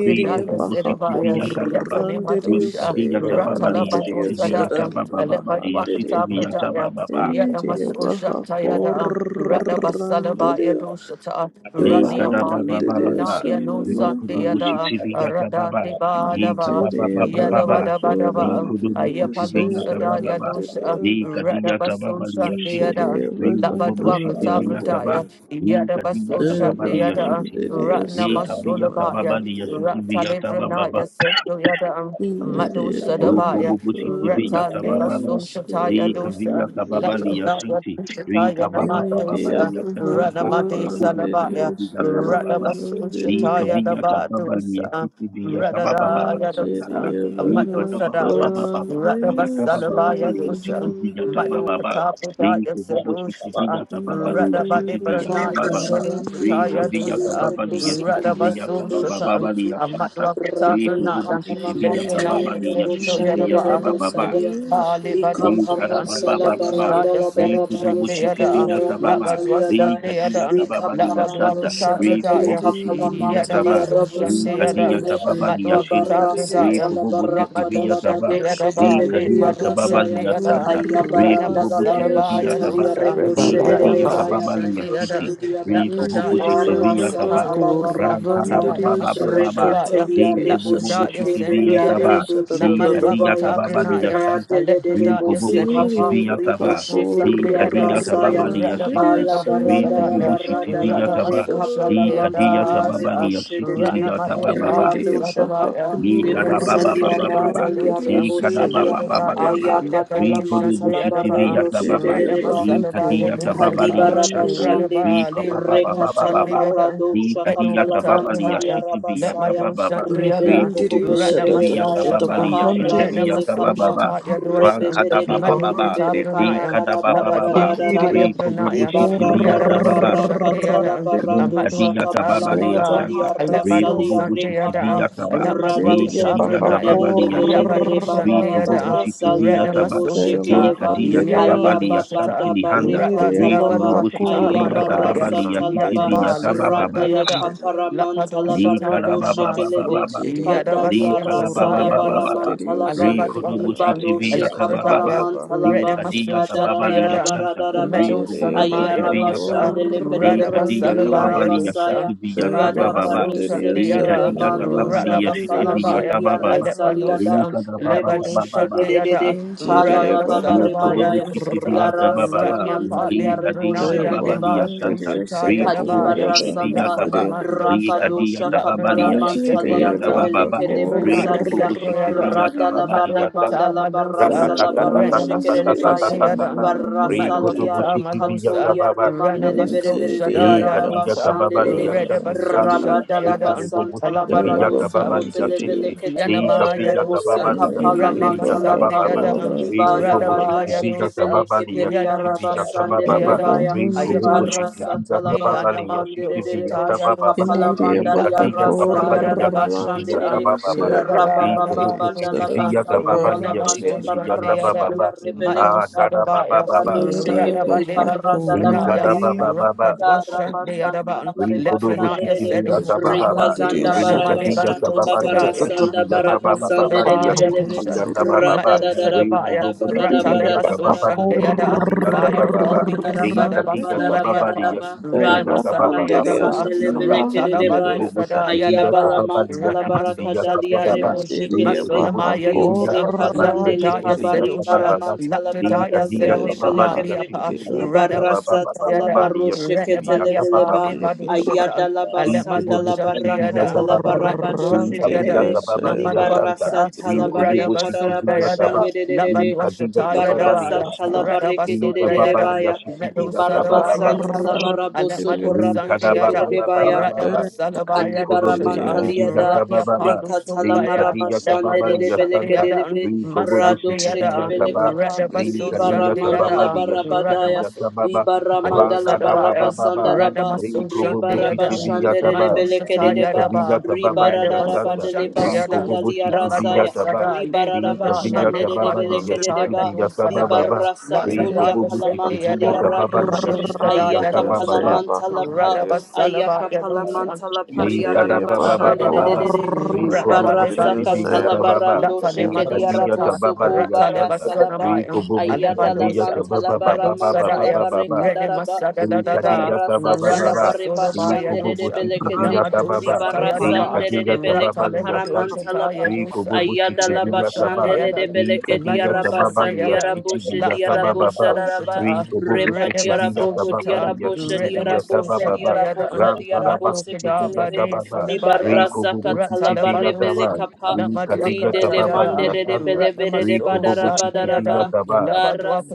Speaker 4: Ri kodobo
Speaker 2: baha
Speaker 4: shiti
Speaker 1: Yasedabaya,
Speaker 4: viya kababa.
Speaker 1: Lepane
Speaker 4: Ri
Speaker 2: kurrandirio
Speaker 1: Madosha,
Speaker 2: saya
Speaker 4: kadiya kababa
Speaker 1: Ratala
Speaker 4: liya
Speaker 2: bahandirio
Speaker 4: shiti viya
Speaker 1: Badosadaya,
Speaker 4: kababa baba liya
Speaker 2: sararbahandirio
Speaker 4: shiti
Speaker 1: Alepatwakata
Speaker 4: viya kababa
Speaker 1: Brataya,
Speaker 4: baba.
Speaker 2: Yeniria
Speaker 1: Yadamasosha
Speaker 2: baha
Speaker 1: Tayada, Rada Basalaba
Speaker 2: kurrandirio
Speaker 1: Yadoshata,
Speaker 2: saya
Speaker 4: Lika
Speaker 1: Ratnia
Speaker 4: da ba ba
Speaker 1: Pade
Speaker 4: ba ba
Speaker 2: bahandirio
Speaker 1: Bruna
Speaker 4: ba.
Speaker 1: Yanosa
Speaker 4: Rinko do bushi
Speaker 1: Deada,
Speaker 2: sanamahandirio
Speaker 4: tivi ya da ba
Speaker 1: Rada
Speaker 4: ba. Lika
Speaker 1: Debadaba.
Speaker 4: ba ba ba
Speaker 2: Yeniria
Speaker 4: ba ba
Speaker 2: baha
Speaker 4: ba.
Speaker 1: Yadabadabadaba,
Speaker 4: Liko do bushi
Speaker 2: se
Speaker 4: tivi ya
Speaker 2: saya
Speaker 4: ba
Speaker 1: Ayapalosada
Speaker 4: ba ba.
Speaker 1: Yadosha,
Speaker 2: bahandirio
Speaker 4: Lika di ya ba ba li ya
Speaker 1: Radabasosha
Speaker 4: shiti.
Speaker 1: Deada,
Speaker 2: Yeniria baha
Speaker 4: Rinko do bushi tivi ya ba.
Speaker 1: Labadwakatabradaya,
Speaker 2: kurrandirio
Speaker 4: Lika di ya ba
Speaker 2: saya
Speaker 1: Yadabasosha
Speaker 4: ba li ya
Speaker 1: Deada,
Speaker 4: shiti.
Speaker 2: bahandirio
Speaker 4: Lika vi ya ba ba
Speaker 1: Ratnamasolabaya,
Speaker 4: li ya shiti
Speaker 2: sanamahandirio
Speaker 4: vi ya da ba ba ba.
Speaker 1: Ratalibranaya, Sendo Yada,
Speaker 2: Injiri
Speaker 1: Madosadabaya,
Speaker 4: Rukububusi
Speaker 2: Bahakuran
Speaker 4: Kiviya Tababala.
Speaker 2: Diri
Speaker 1: Ratandibasosha
Speaker 4: Rika Viya
Speaker 1: Tayadosa,
Speaker 4: Tababali
Speaker 1: Labradaya
Speaker 4: Yasinti. Rika
Speaker 1: Pushataya
Speaker 4: Vaba
Speaker 1: Namadosa,
Speaker 4: Bababali Yasakam
Speaker 1: Ranamade Salabaya,
Speaker 4: Hababahukukukukukuya Tabababa.
Speaker 1: Radabasosha
Speaker 4: Rika Viya Tababali
Speaker 1: Tayadabadosa.
Speaker 4: Yasiti Viya Tabababa
Speaker 1: Radadaya
Speaker 4: Yasanta.
Speaker 1: dosan,
Speaker 4: Rika
Speaker 1: Amado Sadaya,
Speaker 4: Tabababa Viya
Speaker 1: Radabasalabaya
Speaker 4: Tabababali Yasiti
Speaker 1: dosan,
Speaker 4: Viya
Speaker 1: Mado
Speaker 4: Tabababa.
Speaker 1: Patapodaya
Speaker 4: Rika Bubusi
Speaker 1: sedoshita,
Speaker 4: Kiviya Tababali Yasiti Viya
Speaker 6: Rando
Speaker 1: Radabalibaranaya
Speaker 4: Tabababa.
Speaker 6: shakatala
Speaker 4: Rika
Speaker 1: sedoshataya
Speaker 4: Viya
Speaker 2: Shanna
Speaker 6: mantalia
Speaker 1: dosa,
Speaker 6: rebo
Speaker 4: Tababali Yasiti
Speaker 2: Mahan
Speaker 6: sekedia
Speaker 4: Viya
Speaker 1: Radabaso
Speaker 6: rebo
Speaker 2: Diri
Speaker 1: shata,
Speaker 4: Tabababa
Speaker 6: sheketu.
Speaker 4: Yasanta.
Speaker 1: Amadwa
Speaker 4: Re to
Speaker 6: Ratele
Speaker 4: bo bo
Speaker 1: Patapranaya,
Speaker 4: si
Speaker 6: kapara
Speaker 4: te vi ya ta ba
Speaker 2: Injiriya
Speaker 6: mantalia
Speaker 4: ba
Speaker 1: Lipunaya
Speaker 4: li ya
Speaker 6: rebo
Speaker 4: si te vi
Speaker 6: shandere
Speaker 4: ya ta
Speaker 1: sedoyadaba,
Speaker 6: rebo
Speaker 4: ba ba ba.
Speaker 6: sadia.
Speaker 1: Bali
Speaker 6: Lika
Speaker 4: Likada
Speaker 1: badoshita,
Speaker 6: parasa
Speaker 4: baba
Speaker 6: la
Speaker 4: baba ba.
Speaker 6: baranda
Speaker 1: Lapodaya
Speaker 6: la
Speaker 4: Riku
Speaker 6: barabado
Speaker 4: dubushi tivi
Speaker 6: shekeli
Speaker 1: sedoshatayada,
Speaker 4: yata baba.
Speaker 1: Labadwa
Speaker 6: aramantalia da.
Speaker 4: Lika di
Speaker 1: Sandayada,
Speaker 4: yata
Speaker 6: Lika
Speaker 4: baba ni
Speaker 1: Labadwa
Speaker 6: parando
Speaker 4: yasanta. Riku
Speaker 6: shekepele
Speaker 1: Patapodaya,
Speaker 4: bubushi
Speaker 6: kapala
Speaker 4: tivi yata ba.
Speaker 6: mantalia
Speaker 1: Yadabaso
Speaker 6: rabo
Speaker 4: Lika di
Speaker 1: shandayada,
Speaker 6: santalebe.
Speaker 4: yata baba ni
Speaker 6: Di
Speaker 4: yashinti.
Speaker 1: Matwakata
Speaker 6: barasa
Speaker 1: Nadaya,
Speaker 4: Riku
Speaker 6: tala
Speaker 4: bubushi
Speaker 1: let
Speaker 6: baraka da
Speaker 4: tivi
Speaker 1: Madu
Speaker 6: la
Speaker 4: yata
Speaker 1: shut
Speaker 4: ba.
Speaker 6: bado
Speaker 1: the other bar,
Speaker 6: shekele
Speaker 4: Lika
Speaker 1: let
Speaker 4: di
Speaker 6: belia
Speaker 4: yata
Speaker 1: Madu
Speaker 4: baba
Speaker 1: shut
Speaker 4: ni
Speaker 6: rasaya.
Speaker 1: the other,
Speaker 4: yasanta.
Speaker 6: Aya
Speaker 1: Rana
Speaker 4: Riku
Speaker 6: baranda la
Speaker 4: bubushi tivi
Speaker 6: bareka
Speaker 1: Masalabaya
Speaker 4: yata ba.
Speaker 6: talia
Speaker 1: dosa,
Speaker 6: rebo
Speaker 4: Lika
Speaker 1: Rana
Speaker 6: shedede
Speaker 4: yata
Speaker 6: ba
Speaker 1: Masu
Speaker 6: ya
Speaker 4: baba
Speaker 1: shut
Speaker 4: ni
Speaker 1: the
Speaker 6: rendo
Speaker 4: yasiti.
Speaker 1: other,
Speaker 6: shededia ba.
Speaker 4: Riku
Speaker 1: Lapradaya
Speaker 4: bubushi tivi
Speaker 6: Arrasa
Speaker 4: yata
Speaker 2: baha
Speaker 4: ba.
Speaker 1: Sokataya dosa,
Speaker 4: Rankada
Speaker 6: talabarakata
Speaker 1: Rana
Speaker 4: baba baba
Speaker 1: Masu
Speaker 4: baba.
Speaker 1: Shabaya,
Speaker 6: reketelia
Speaker 4: Riku
Speaker 6: rebo
Speaker 1: Lapradaya
Speaker 4: bubushi
Speaker 1: sent
Speaker 4: tivi
Speaker 6: shekebelia
Speaker 4: yata ba.
Speaker 1: Noyada,
Speaker 6: redo
Speaker 4: Lika yata
Speaker 6: shekerebaya
Speaker 1: Lapmadwakata
Speaker 4: baba ni
Speaker 2: kurrandiriyo
Speaker 1: Brinaya,
Speaker 4: yasanta. We
Speaker 6: radelerebo
Speaker 1: Alepradaya said
Speaker 4: kububushi TV
Speaker 6: sekapa
Speaker 1: Washam.
Speaker 2: Kiniria
Speaker 6: ribo
Speaker 4: yataba.
Speaker 1: Metal
Speaker 4: Ri
Speaker 1: Sunday
Speaker 6: shekelia
Speaker 1: at
Speaker 4: kadi
Speaker 1: a
Speaker 4: yataba
Speaker 6: rasaya
Speaker 4: bali
Speaker 1: Rada Babi
Speaker 4: yasiti.
Speaker 6: ala
Speaker 1: Babu
Speaker 4: Ri
Speaker 6: barada la
Speaker 1: masu
Speaker 4: kububushi TV
Speaker 6: barada la
Speaker 1: Rada
Speaker 4: yataba.
Speaker 1: Maso
Speaker 6: bareka
Speaker 4: Ri kadi
Speaker 6: palamanta lia
Speaker 4: yataba
Speaker 1: Shakti
Speaker 6: rebo
Speaker 4: bali yasiti
Speaker 6: shederede
Speaker 1: Ranamadia
Speaker 4: yataba baba.
Speaker 6: rado
Speaker 1: Lissadabaya,
Speaker 6: shakapa rebo selia
Speaker 4: Ikadabababababa.
Speaker 6: ranta
Speaker 1: Ranamasudabaya
Speaker 6: lia
Speaker 1: Dusam,
Speaker 6: rebo shedia
Speaker 1: Alepradaya,
Speaker 4: Ikadabababababa.
Speaker 6: ayakata la
Speaker 1: Lepranoshan
Speaker 6: manta
Speaker 1: the
Speaker 6: la
Speaker 1: Adaba,
Speaker 6: baredo
Speaker 4: Rikudubushitibiyatababa.
Speaker 6: shedereba
Speaker 2: Bahakurandiria
Speaker 1: Ranamasalabaya Dusata,
Speaker 4: Ikadiyatababaliya shanta.
Speaker 6: Hadibarabashande
Speaker 1: Radaba Limba Dushat
Speaker 6: Rekatala
Speaker 4: Rikababababababa.
Speaker 1: the Adam,
Speaker 6: Marado
Speaker 1: Medo
Speaker 6: Shakapala
Speaker 4: Ikadiyatababaliya
Speaker 6: Mantalia
Speaker 1: Katabrinaya. Let my
Speaker 6: Rabasaya
Speaker 1: do
Speaker 4: shitibiyatabababa.
Speaker 1: shut the other,
Speaker 6: Rebele Bele Bele
Speaker 1: Rada
Speaker 6: Bele
Speaker 1: Maso
Speaker 6: Baya
Speaker 1: Shata,
Speaker 4: Rikububushitibiyatababaliya
Speaker 6: Kara
Speaker 1: Rena
Speaker 6: Dele
Speaker 1: Maso
Speaker 6: Kapa
Speaker 4: shitibiyatabababa.
Speaker 1: Shata Yadosan,
Speaker 6: Rebebe de
Speaker 1: Mado
Speaker 6: Bele de
Speaker 4: Rankadababababa.
Speaker 6: Bele
Speaker 1: Kitabranaya,
Speaker 6: Karada
Speaker 1: Lava
Speaker 6: Badara
Speaker 4: Rikadababababa.
Speaker 1: Duakata
Speaker 6: Badaraba Di
Speaker 1: Lebranaya,
Speaker 6: Barada
Speaker 1: Yada
Speaker 6: da
Speaker 1: Baso
Speaker 4: Rikudubushitibiyatababa.
Speaker 1: Shut
Speaker 6: Baraka
Speaker 1: the
Speaker 6: Tala
Speaker 1: other,
Speaker 6: Barado
Speaker 1: Amadua
Speaker 4: Rikadiya
Speaker 1: Kata
Speaker 6: Shakapala
Speaker 4: tababali
Speaker 2: Saya
Speaker 1: Maliba,
Speaker 4: yasanta,
Speaker 6: Mantalia
Speaker 1: I let my do
Speaker 2: bahandiriyo,
Speaker 6: Rasalia
Speaker 4: rikobobo
Speaker 1: Sunday
Speaker 4: siti
Speaker 6: Rekapa
Speaker 1: down.
Speaker 4: viya
Speaker 1: I
Speaker 4: taba,
Speaker 1: let my do
Speaker 6: do
Speaker 2: injiriye
Speaker 1: Akatabra
Speaker 6: sheke
Speaker 4: rikadiya
Speaker 6: de de
Speaker 1: Nayan.
Speaker 6: de de
Speaker 4: tababali
Speaker 6: bele
Speaker 4: yasinti,
Speaker 6: bere
Speaker 1: Yabado
Speaker 6: badala
Speaker 1: Sunday
Speaker 4: rikobobo
Speaker 1: down.
Speaker 6: bara
Speaker 2: bahakurandiriyo,
Speaker 4: siti viya
Speaker 6: salia
Speaker 1: Rena
Speaker 4: taba,
Speaker 6: rebo
Speaker 2: saya
Speaker 6: sheke
Speaker 1: Masoshata.
Speaker 6: leva
Speaker 4: rikadiya
Speaker 2: bahandiriyo,
Speaker 4: tababali
Speaker 1: Yadabado
Speaker 6: ayaba
Speaker 4: yasanti
Speaker 6: bada
Speaker 1: Shata.
Speaker 4: lihanda,
Speaker 6: bareka
Speaker 2: injiriye
Speaker 1: Ratanda
Speaker 6: talaba
Speaker 4: rikobobo siti
Speaker 1: Badwakata
Speaker 4: viya
Speaker 6: ayaba
Speaker 1: Manibaya.
Speaker 6: rasa
Speaker 4: tababali yasiti
Speaker 6: talaba
Speaker 2: bahakurandiriyo,
Speaker 4: viya
Speaker 1: Yataba
Speaker 2: saya
Speaker 1: Lisota
Speaker 4: tabababa,
Speaker 6: radele
Speaker 1: Yadan.
Speaker 2: bahandiriyo,
Speaker 6: kaparaman
Speaker 1: Lapado
Speaker 6: talaba
Speaker 1: Shata
Speaker 6: redo sheke
Speaker 1: Yanamasu.
Speaker 6: leve
Speaker 2: injiriye
Speaker 4: Li Li
Speaker 6: kadalia
Speaker 1: Yadabaso
Speaker 4: li ba
Speaker 6: rasa
Speaker 4: ba
Speaker 1: Shata
Speaker 6: da
Speaker 4: ba ba ba.
Speaker 1: Yadosa.
Speaker 6: baraman
Speaker 2: bahakurandiriyo,
Speaker 1: I let
Speaker 6: talaba
Speaker 4: Ri
Speaker 1: my
Speaker 2: saya
Speaker 1: do
Speaker 4: kudu busi
Speaker 1: Akata.
Speaker 6: dibado
Speaker 2: bahandiriyo,
Speaker 1: I
Speaker 4: tivi
Speaker 1: let
Speaker 4: yata
Speaker 6: sheka
Speaker 1: my
Speaker 4: ba ba ba.
Speaker 2: sararara
Speaker 1: Daya.
Speaker 6: palaman
Speaker 4: Li
Speaker 1: Rena
Speaker 6: talaba
Speaker 2: bahandiriyo,
Speaker 4: kadi yata
Speaker 1: Masoshan
Speaker 4: ba
Speaker 6: kadara
Speaker 4: ba
Speaker 6: da
Speaker 4: Ri
Speaker 6: da
Speaker 1: Dayadan.
Speaker 6: bara da da ba
Speaker 4: Ri
Speaker 1: Medo
Speaker 4: kudu Rikada baba baba baba. Rikudu
Speaker 2: injiriye
Speaker 1: Sanama
Speaker 4: bushiti viyata baba
Speaker 1: Yadosa.
Speaker 4: baba. Rikadiyata baba ba Rikubu bushiti viyata baba.
Speaker 6: Ayarabashandele Kedede
Speaker 4: Rikadiyata
Speaker 6: Bondeli
Speaker 2: bahakurandiriyo,
Speaker 1: Radabasalaba
Speaker 4: baba
Speaker 1: Yadosa.
Speaker 4: liyashiti
Speaker 6: Arabasaya
Speaker 2: saya
Speaker 4: viyata baba baba.
Speaker 1: Ranamaso
Speaker 6: Adabarese
Speaker 2: bahandiriyo,
Speaker 1: Shandeada,
Speaker 6: Kerede
Speaker 2: sararara
Speaker 4: ba
Speaker 6: Bando
Speaker 4: ba liyashiti
Speaker 2: bahandiriyo,
Speaker 4: viyata
Speaker 1: Ralabasalabaya,
Speaker 2: sararara
Speaker 6: Shakapalamandia
Speaker 4: baba ba
Speaker 2: bahandiriyo.
Speaker 6: Resaliada
Speaker 1: Alepanosa,
Speaker 4: ba
Speaker 1: Lebado
Speaker 4: ba ba
Speaker 6: Rebushe
Speaker 4: ba. ba.
Speaker 1: Shandeada,
Speaker 6: Kedede
Speaker 2: Injiriya
Speaker 6: Alababa
Speaker 2: baha
Speaker 1: Radabasalabaya
Speaker 6: Rebadaya
Speaker 4: Yokobobushikivia
Speaker 1: dosata,
Speaker 6: Diara
Speaker 4: Tababa,
Speaker 1: Ratnia
Speaker 2: kurandiriya
Speaker 7: We have
Speaker 6: Salamanta
Speaker 1: Partne,
Speaker 6: Lia
Speaker 4: Likadia
Speaker 6: Reboshe
Speaker 2: saya
Speaker 1: Brunaya
Speaker 4: Tababa
Speaker 6: Kedeba
Speaker 4: Lia
Speaker 1: Neka
Speaker 4: Santa,
Speaker 2: bahandiriya
Speaker 1: dosataya
Speaker 2: sadadadada
Speaker 1: labaya,
Speaker 4: Rikobobushikivia
Speaker 6: Kadibarasata
Speaker 4: Taba,
Speaker 2: bahandiriya
Speaker 1: Lafanemandosa,
Speaker 4: Likadia
Speaker 6: Rakadosha
Speaker 4: Tababa Lia
Speaker 1: Labradaya said
Speaker 4: Shitivia
Speaker 6: Kapalamantalia
Speaker 2: Injiriya
Speaker 1: Wakata,
Speaker 2: baha
Speaker 4: Tababa,
Speaker 6: Rebeleke de
Speaker 1: Libranaya
Speaker 6: Bosadia
Speaker 1: said
Speaker 4: Rikobobushikivia
Speaker 1: Doyada,
Speaker 2: kurandiriya
Speaker 4: Tababa
Speaker 6: Radalabare
Speaker 4: Lia Santa,
Speaker 1: Amatwakata Malosa,
Speaker 2: saya
Speaker 6: Mandalabarasa
Speaker 1: Renamaso
Speaker 2: bahandiriya
Speaker 6: Labaroshekerebaya
Speaker 4: Ratatatatatatatatatatata,
Speaker 1: Shandeada,
Speaker 6: Varasalia
Speaker 2: sadadadada
Speaker 1: Matwakata
Speaker 4: Rikodobushikivia
Speaker 1: Malosa,
Speaker 6: Ricatolia
Speaker 4: Tababa,
Speaker 6: Remandele
Speaker 1: Ranamaso
Speaker 6: Vereveria
Speaker 4: Li
Speaker 2: Injiriya
Speaker 1: Shadaya
Speaker 4: Kadija
Speaker 2: baha
Speaker 1: dosa.
Speaker 4: Kababa Liya
Speaker 6: Radabashandere
Speaker 1: Red of
Speaker 4: Shati
Speaker 1: a
Speaker 4: Lihanda
Speaker 1: social,
Speaker 2: kurandiriya
Speaker 1: they are
Speaker 4: Riko Bobo
Speaker 1: the
Speaker 6: Rabadalabasanta
Speaker 4: Buchi
Speaker 2: saya
Speaker 4: Tiviya
Speaker 6: Labaraboso
Speaker 1: Alamadwakata,
Speaker 4: Kababa Liya
Speaker 2: bahandiriya
Speaker 4: Shinti
Speaker 6: Cotelevelekete
Speaker 4: Li
Speaker 1: Yanamaya
Speaker 4: Kaviya
Speaker 6: Rebose
Speaker 4: Kababa
Speaker 1: dosa,
Speaker 4: Liya Shiti
Speaker 2: Injiriya
Speaker 1: Ratne
Speaker 4: Viya
Speaker 2: baha
Speaker 1: Masande
Speaker 6: Kapalamantalapa
Speaker 4: Kababa
Speaker 1: Yada,
Speaker 4: Riko
Speaker 6: Dibada
Speaker 4: Bobo
Speaker 2: kurandiriya
Speaker 6: Bado
Speaker 4: Shiti
Speaker 1: Radabaya
Speaker 4: Viya
Speaker 1: dosa,
Speaker 4: Kababa
Speaker 6: Shekebeleke
Speaker 4: Liya
Speaker 6: Peria
Speaker 4: Shiti Viya
Speaker 1: Yanamasun Shande
Speaker 2: saya
Speaker 6: Rabasandere
Speaker 4: Kababa
Speaker 1: Yada,
Speaker 6: Baya
Speaker 4: Riko Bobo
Speaker 2: bahandiriya
Speaker 4: Shiti
Speaker 1: Ayapalwasa,
Speaker 6: Arrasa
Speaker 4: Viya
Speaker 1: Prade
Speaker 4: Kababa
Speaker 6: talabaraka
Speaker 4: Liya
Speaker 1: Yanama
Speaker 4: Shiti
Speaker 6: vandere de
Speaker 4: Viya
Speaker 1: Dosataya
Speaker 6: boshe
Speaker 4: Kababa
Speaker 1: dosa,
Speaker 6: kapala
Speaker 2: Yeneriya
Speaker 4: Ri
Speaker 6: mandali
Speaker 7: Thank
Speaker 2: baha
Speaker 4: Kadija
Speaker 6: arrasa
Speaker 4: Kababa
Speaker 1: Labadokataya
Speaker 6: liarada
Speaker 4: Liya Shiti
Speaker 6: bashande
Speaker 4: Viya
Speaker 1: Lebandosa,
Speaker 6: de
Speaker 2: korandiriyus
Speaker 4: Kababa
Speaker 7: you.
Speaker 1: Radada
Speaker 4: Riko
Speaker 6: rabababa
Speaker 4: Bobo
Speaker 2: bahandiriyus
Speaker 4: Shiti
Speaker 1: Labandosa,
Speaker 4: Viya
Speaker 6: dalabasa
Speaker 4: Kababa
Speaker 1: Retna
Speaker 6: kapala
Speaker 4: Liya
Speaker 1: Masun
Speaker 2: bahandiriya
Speaker 4: Shiti
Speaker 6: mantala
Speaker 4: Viya
Speaker 1: Shande
Speaker 6: barasa
Speaker 1: Yada,
Speaker 4: Kababa
Speaker 6: liarebele
Speaker 4: Ah
Speaker 1: Madosa
Speaker 6: kava
Speaker 4: Kadababa
Speaker 1: Dabaya,
Speaker 4: Baba
Speaker 6: rado
Speaker 2: Yeneriya
Speaker 6: shekebele
Speaker 1: Radabade
Speaker 2: baha
Speaker 6: karada
Speaker 1: Bandosa
Speaker 4: Li
Speaker 1: Daya,
Speaker 2: korandiriya
Speaker 6: labadalaba
Speaker 4: Kadababa Baba
Speaker 1: Rakadwashande
Speaker 6: Darabasanta
Speaker 1: Yadaban,
Speaker 4: Rinkodobo
Speaker 1: Lefrenaya
Speaker 4: shiti
Speaker 6: Labarabashandere,
Speaker 1: said
Speaker 4: viga
Speaker 1: Osata,
Speaker 4: tabababa.
Speaker 6: Rikazanda
Speaker 2: bahandiriyus
Speaker 4: Rinka
Speaker 1: Ranamade
Speaker 4: diga
Speaker 6: Barabashanda
Speaker 4: tababa liya
Speaker 1: Bandosa
Speaker 4: shiti
Speaker 6: Labarasanda
Speaker 4: viga
Speaker 2: bahandiriya
Speaker 1: Mano
Speaker 4: tabababa
Speaker 6: Barabasandere
Speaker 4: liya
Speaker 1: Sadabaya
Speaker 4: shiti
Speaker 6: Beleve,
Speaker 4: viga
Speaker 1: Dushan,
Speaker 4: tabababa.
Speaker 1: Mano
Speaker 6: Radadada
Speaker 1: Sadabaya,
Speaker 6: Badada
Speaker 4: Rinkodobo
Speaker 6: Badada
Speaker 4: shiti
Speaker 2: Yeneriya
Speaker 4: viga
Speaker 6: Badada
Speaker 2: baha
Speaker 4: tababa
Speaker 1: Ratanabasusha
Speaker 6: Badaba,
Speaker 4: liya shiti
Speaker 1: Deada,
Speaker 4: viga
Speaker 1: Fire of
Speaker 6: Labarabada
Speaker 1: the
Speaker 6: la
Speaker 4: tabababa.
Speaker 1: Holy
Speaker 6: Badada
Speaker 1: Ghost,
Speaker 2: korandiriyus
Speaker 4: Rinka diga
Speaker 2: bahandiriyus
Speaker 1: Sadabasuma
Speaker 6: Badada
Speaker 2: bahandiriya
Speaker 4: tababa
Speaker 1: Deapa,
Speaker 4: liya
Speaker 6: Badadaba,
Speaker 4: shiti
Speaker 2: Yeneriya
Speaker 4: viga
Speaker 6: Kada
Speaker 1: Retnamasan
Speaker 4: tabababa
Speaker 1: Deadaba,
Speaker 4: liya
Speaker 6: Barabasandele
Speaker 4: santa.
Speaker 6: Velekede
Speaker 1: Ratalabalu
Speaker 6: Baya,
Speaker 4: Rinkodobo
Speaker 1: Sada
Speaker 4: shiti viga
Speaker 6: Ayabala
Speaker 1: Yadaba,
Speaker 4: tababa
Speaker 6: Manta
Speaker 4: liya shiti
Speaker 6: Labaraka
Speaker 4: viga
Speaker 1: Ranamasusha
Speaker 6: Dalia
Speaker 4: tabababa.
Speaker 6: Rebo
Speaker 1: Deada.
Speaker 6: Shekeleve,
Speaker 4: Rinkodobo
Speaker 2: baha
Speaker 1: Masunamaya
Speaker 4: shiti viga
Speaker 6: Rilele
Speaker 1: dosa,
Speaker 4: tababa liya
Speaker 6: Kazandele
Speaker 4: shiti
Speaker 1: Lapradaya
Speaker 4: viga
Speaker 2: korandiriyus
Speaker 6: Kabari
Speaker 1: sedosha,
Speaker 4: tabababa.
Speaker 6: Baramanta
Speaker 4: Rinka
Speaker 1: Lapradaya
Speaker 6: Labarada
Speaker 4: diga
Speaker 6: Lia
Speaker 1: sedosha
Speaker 4: tababa liya
Speaker 6: Rebelekede.
Speaker 4: shiti
Speaker 1: baliapa,
Speaker 2: bahandiriya
Speaker 4: viga
Speaker 6: Di Libarasa
Speaker 1: Radamasuta
Speaker 4: tabababa. Baba
Speaker 1: yada,
Speaker 6: talabaro
Speaker 4: liya shiti viga tabababa.
Speaker 1: Redabadiapa,
Speaker 6: sheketelebeleba
Speaker 2: Yeba
Speaker 1: Lebadosha,
Speaker 6: ayada labasanda
Speaker 1: Alamadosha
Speaker 6: labaraka
Speaker 1: deada,
Speaker 4: Ikobobositibiyazababa.
Speaker 6: talabarabado
Speaker 1: Madosha deada,
Speaker 2: Kurrandirio
Speaker 6: shekedebe
Speaker 4: Ikabiyazababa
Speaker 2: Sebastian
Speaker 4: liyashanta.
Speaker 6: libarasa
Speaker 1: Namadwakata,
Speaker 6: talabare
Speaker 4: Ikobobositibiyazaba.
Speaker 1: Radabasundayada,
Speaker 6: kararabashande de de de de di
Speaker 1: Labadwashata
Speaker 4: Ikadiyazababa
Speaker 6: barasa
Speaker 1: Yadabala,
Speaker 4: liyashiti.
Speaker 2: Yaha
Speaker 6: talabare ke de de de de
Speaker 4: Ikababa
Speaker 1: Radabasundayada,
Speaker 6: baya
Speaker 1: Medosadaba
Speaker 4: liyashitibiyazababa.
Speaker 6: libarabasan
Speaker 1: Yadosa,
Speaker 6: talabarabo
Speaker 2: Kurrandirio
Speaker 1: Alamado
Speaker 6: sokorabo
Speaker 4: Rinkada baba
Speaker 1: Sandayada,
Speaker 4: baba
Speaker 6: shekedebaya
Speaker 4: baba
Speaker 7: Thank
Speaker 4: ba.
Speaker 2: Sebastian
Speaker 7: you.
Speaker 1: Radabasalaba
Speaker 4: Rinkodo
Speaker 6: Kadibara
Speaker 1: Yadoshata,
Speaker 2: Kurrandirio
Speaker 4: bosikiti
Speaker 6: mantalia da
Speaker 4: yata
Speaker 1: Radia
Speaker 4: baba. ba.
Speaker 1: Palo
Speaker 6: rikatala
Speaker 1: Sumbaya,
Speaker 4: Rinkadi
Speaker 6: marama
Speaker 4: yata
Speaker 6: shande
Speaker 4: baba
Speaker 6: de
Speaker 1: Lamado
Speaker 4: li
Speaker 6: de beleke
Speaker 4: yasanta.
Speaker 6: de de
Speaker 1: Shandayada,
Speaker 6: be
Speaker 4: Rinkodo
Speaker 6: rado
Speaker 4: bosikiti
Speaker 6: sheke
Speaker 1: Masandayada,
Speaker 4: yata
Speaker 6: bele
Speaker 4: ba.
Speaker 6: kapa
Speaker 1: Radabaso
Speaker 4: Rinkadi
Speaker 2: Kurrandirio
Speaker 6: ribara
Speaker 4: yata baba.
Speaker 6: mandala
Speaker 4: li yasiti
Speaker 1: Shandayada,
Speaker 6: barabadaya
Speaker 4: yata baba
Speaker 6: ribara
Speaker 1: Mado
Speaker 6: mandala
Speaker 4: Rankada
Speaker 6: baraba
Speaker 4: baba.
Speaker 1: Sadabaya,
Speaker 4: baba
Speaker 6: sandala ba
Speaker 1: Radamaso Shant
Speaker 4: Rinkodo
Speaker 6: ribara
Speaker 1: adam.
Speaker 4: bosikiti
Speaker 6: bashande
Speaker 4: yata
Speaker 6: de de
Speaker 1: Mado
Speaker 4: ba.
Speaker 6: beleke de
Speaker 1: Shata
Speaker 6: de ba
Speaker 4: Rinkadi
Speaker 1: Yadaba,
Speaker 4: yata baba.
Speaker 6: ribara
Speaker 4: li
Speaker 6: da da ba
Speaker 1: Redabaso
Speaker 4: yasanta.
Speaker 6: de de
Speaker 1: Shant
Speaker 6: ba
Speaker 2: Kurrandirio
Speaker 4: Rinkodo
Speaker 1: Deadan,
Speaker 6: sundalia
Speaker 4: bosikiti
Speaker 1: Lamadwa
Speaker 6: rasaya
Speaker 4: yata ba.
Speaker 1: Sada, Le
Speaker 6: Ribararaba
Speaker 4: Rinkadi
Speaker 1: Prodaya, Le
Speaker 4: yata
Speaker 6: shandere de
Speaker 4: baba. Rinkadabababababa. Rinkodobositibiyakabababa. Rinkadiyakababaliyasanta. Rinkobobositibiyakaba.
Speaker 1: Padu Shata
Speaker 6: belekereba
Speaker 1: Yadu
Speaker 6: di
Speaker 4: Rinkadiyakababaliyasitibiyakababa.
Speaker 1: Sadaya,
Speaker 4: baba
Speaker 6: barrasa
Speaker 4: Rinkobobositibiyakaba.
Speaker 2: Ini
Speaker 6: tolia
Speaker 1: Latidaya Set
Speaker 6: palamantalia
Speaker 4: Rinkadiyakababaliyasanta.
Speaker 1: Deadan,
Speaker 4: Rinkobobositibiyakaba. baba
Speaker 6: radoshe
Speaker 1: Mado Sada
Speaker 6: ayaka
Speaker 2: Kurrandirio
Speaker 1: Yadu
Speaker 4: Rinkobobositibiyakababaliyasitibiyakabababa.
Speaker 1: Pata,
Speaker 2: Sebastian
Speaker 6: palamantala pa
Speaker 1: Radabasalaba
Speaker 6: ayaka
Speaker 1: Yadu San,
Speaker 6: palamantala
Speaker 4: Likada
Speaker 6: pariararaba
Speaker 4: baba baba
Speaker 6: shandere de
Speaker 4: baba.
Speaker 6: de de di
Speaker 4: Rikodobo
Speaker 6: barrasa
Speaker 4: shiti
Speaker 6: katala
Speaker 2: Kurrandirio Sebastian
Speaker 4: bigata
Speaker 1: Radabalebandoshan,
Speaker 4: baba.
Speaker 6: barando
Speaker 2: Kurrandirio Sebastian
Speaker 1: Lafanema
Speaker 6: shekedi
Speaker 4: Likadiya
Speaker 1: Doshata,
Speaker 6: araboso
Speaker 4: tababa
Speaker 6: ko
Speaker 1: Rataleba
Speaker 4: liyashanta.
Speaker 6: barrasa laba
Speaker 1: Sonamayan,
Speaker 4: Rikobobo
Speaker 1: Aleba
Speaker 4: shiti
Speaker 6: la
Speaker 4: bigata
Speaker 1: Dosan.
Speaker 6: mantala
Speaker 4: baba
Speaker 6: bara
Speaker 1: Mado
Speaker 4: baba baba
Speaker 6: mantala
Speaker 1: Sadaya,
Speaker 4: baba
Speaker 6: bare
Speaker 4: baba.
Speaker 1: Rene
Speaker 6: kadaraba
Speaker 1: Masada da da
Speaker 6: di
Speaker 1: da,
Speaker 4: Leikadiyata
Speaker 6: barrasa
Speaker 4: baba
Speaker 1: Rada
Speaker 4: baba.
Speaker 6: talabare
Speaker 1: Basoda Baya
Speaker 4: Leikobobo
Speaker 1: Dosha,
Speaker 6: belekete
Speaker 4: chitiviyata
Speaker 1: Namadosha
Speaker 4: baba.
Speaker 1: Tayada Ba,
Speaker 6: libarasanderere
Speaker 4: Leikadiyata
Speaker 1: Rata
Speaker 4: baba
Speaker 6: beleka
Speaker 1: Lemadosha
Speaker 4: liyasanti.
Speaker 1: Taya
Speaker 6: paramantalaba
Speaker 1: Dosha, Tayadosha,
Speaker 4: Leikobobo
Speaker 6: ayadala
Speaker 4: chitiviyata
Speaker 1: Medosa
Speaker 4: baba.
Speaker 6: bashanderere
Speaker 1: Neadan,
Speaker 6: beleke
Speaker 4: Leikadiyata
Speaker 1: Madosa
Speaker 4: baba
Speaker 6: diarabasan
Speaker 1: Neadan,
Speaker 4: liyashiti
Speaker 6: diaraboshe
Speaker 1: La
Speaker 4: liyasitiviyata baba
Speaker 7: Yeah.
Speaker 1: Fanema
Speaker 4: baba.
Speaker 6: diaraboshararaba
Speaker 1: Soshata,
Speaker 4: Leikobobo
Speaker 6: reba
Speaker 7: Thank
Speaker 1: Rene
Speaker 4: chitiviyata
Speaker 6: diaraboko
Speaker 4: baba
Speaker 1: Basoshata,
Speaker 6: diaraboshe
Speaker 1: Rene
Speaker 4: liyasitiviyata
Speaker 6: diaraboshe
Speaker 1: Masosha
Speaker 4: baba baba.
Speaker 1: Tayadan,
Speaker 6: diaraboshe
Speaker 1: Mado
Speaker 6: diarabose keteleve
Speaker 1: Kedaba
Speaker 4: Rantarabasitiviyata
Speaker 1: De
Speaker 4: baba.
Speaker 6: di
Speaker 1: Solibaya,
Speaker 6: libarasa
Speaker 4: Leikobobo
Speaker 1: Rata
Speaker 6: katalaba
Speaker 4: chitiviyata
Speaker 8: Pastor
Speaker 4: baba.
Speaker 1: Lebadosa,
Speaker 6: rebeleka pa
Speaker 1: Namadiaka
Speaker 4: Leikadiyata
Speaker 6: ridele
Speaker 4: baba
Speaker 1: Tayada,
Speaker 6: manderere
Speaker 4: liyasanta.
Speaker 1: Rata
Speaker 6: belevere
Speaker 4: Leikobobo
Speaker 6: badaraba daraba
Speaker 1: Masosha
Speaker 4: chitiviyata
Speaker 6: daraba
Speaker 4: baba.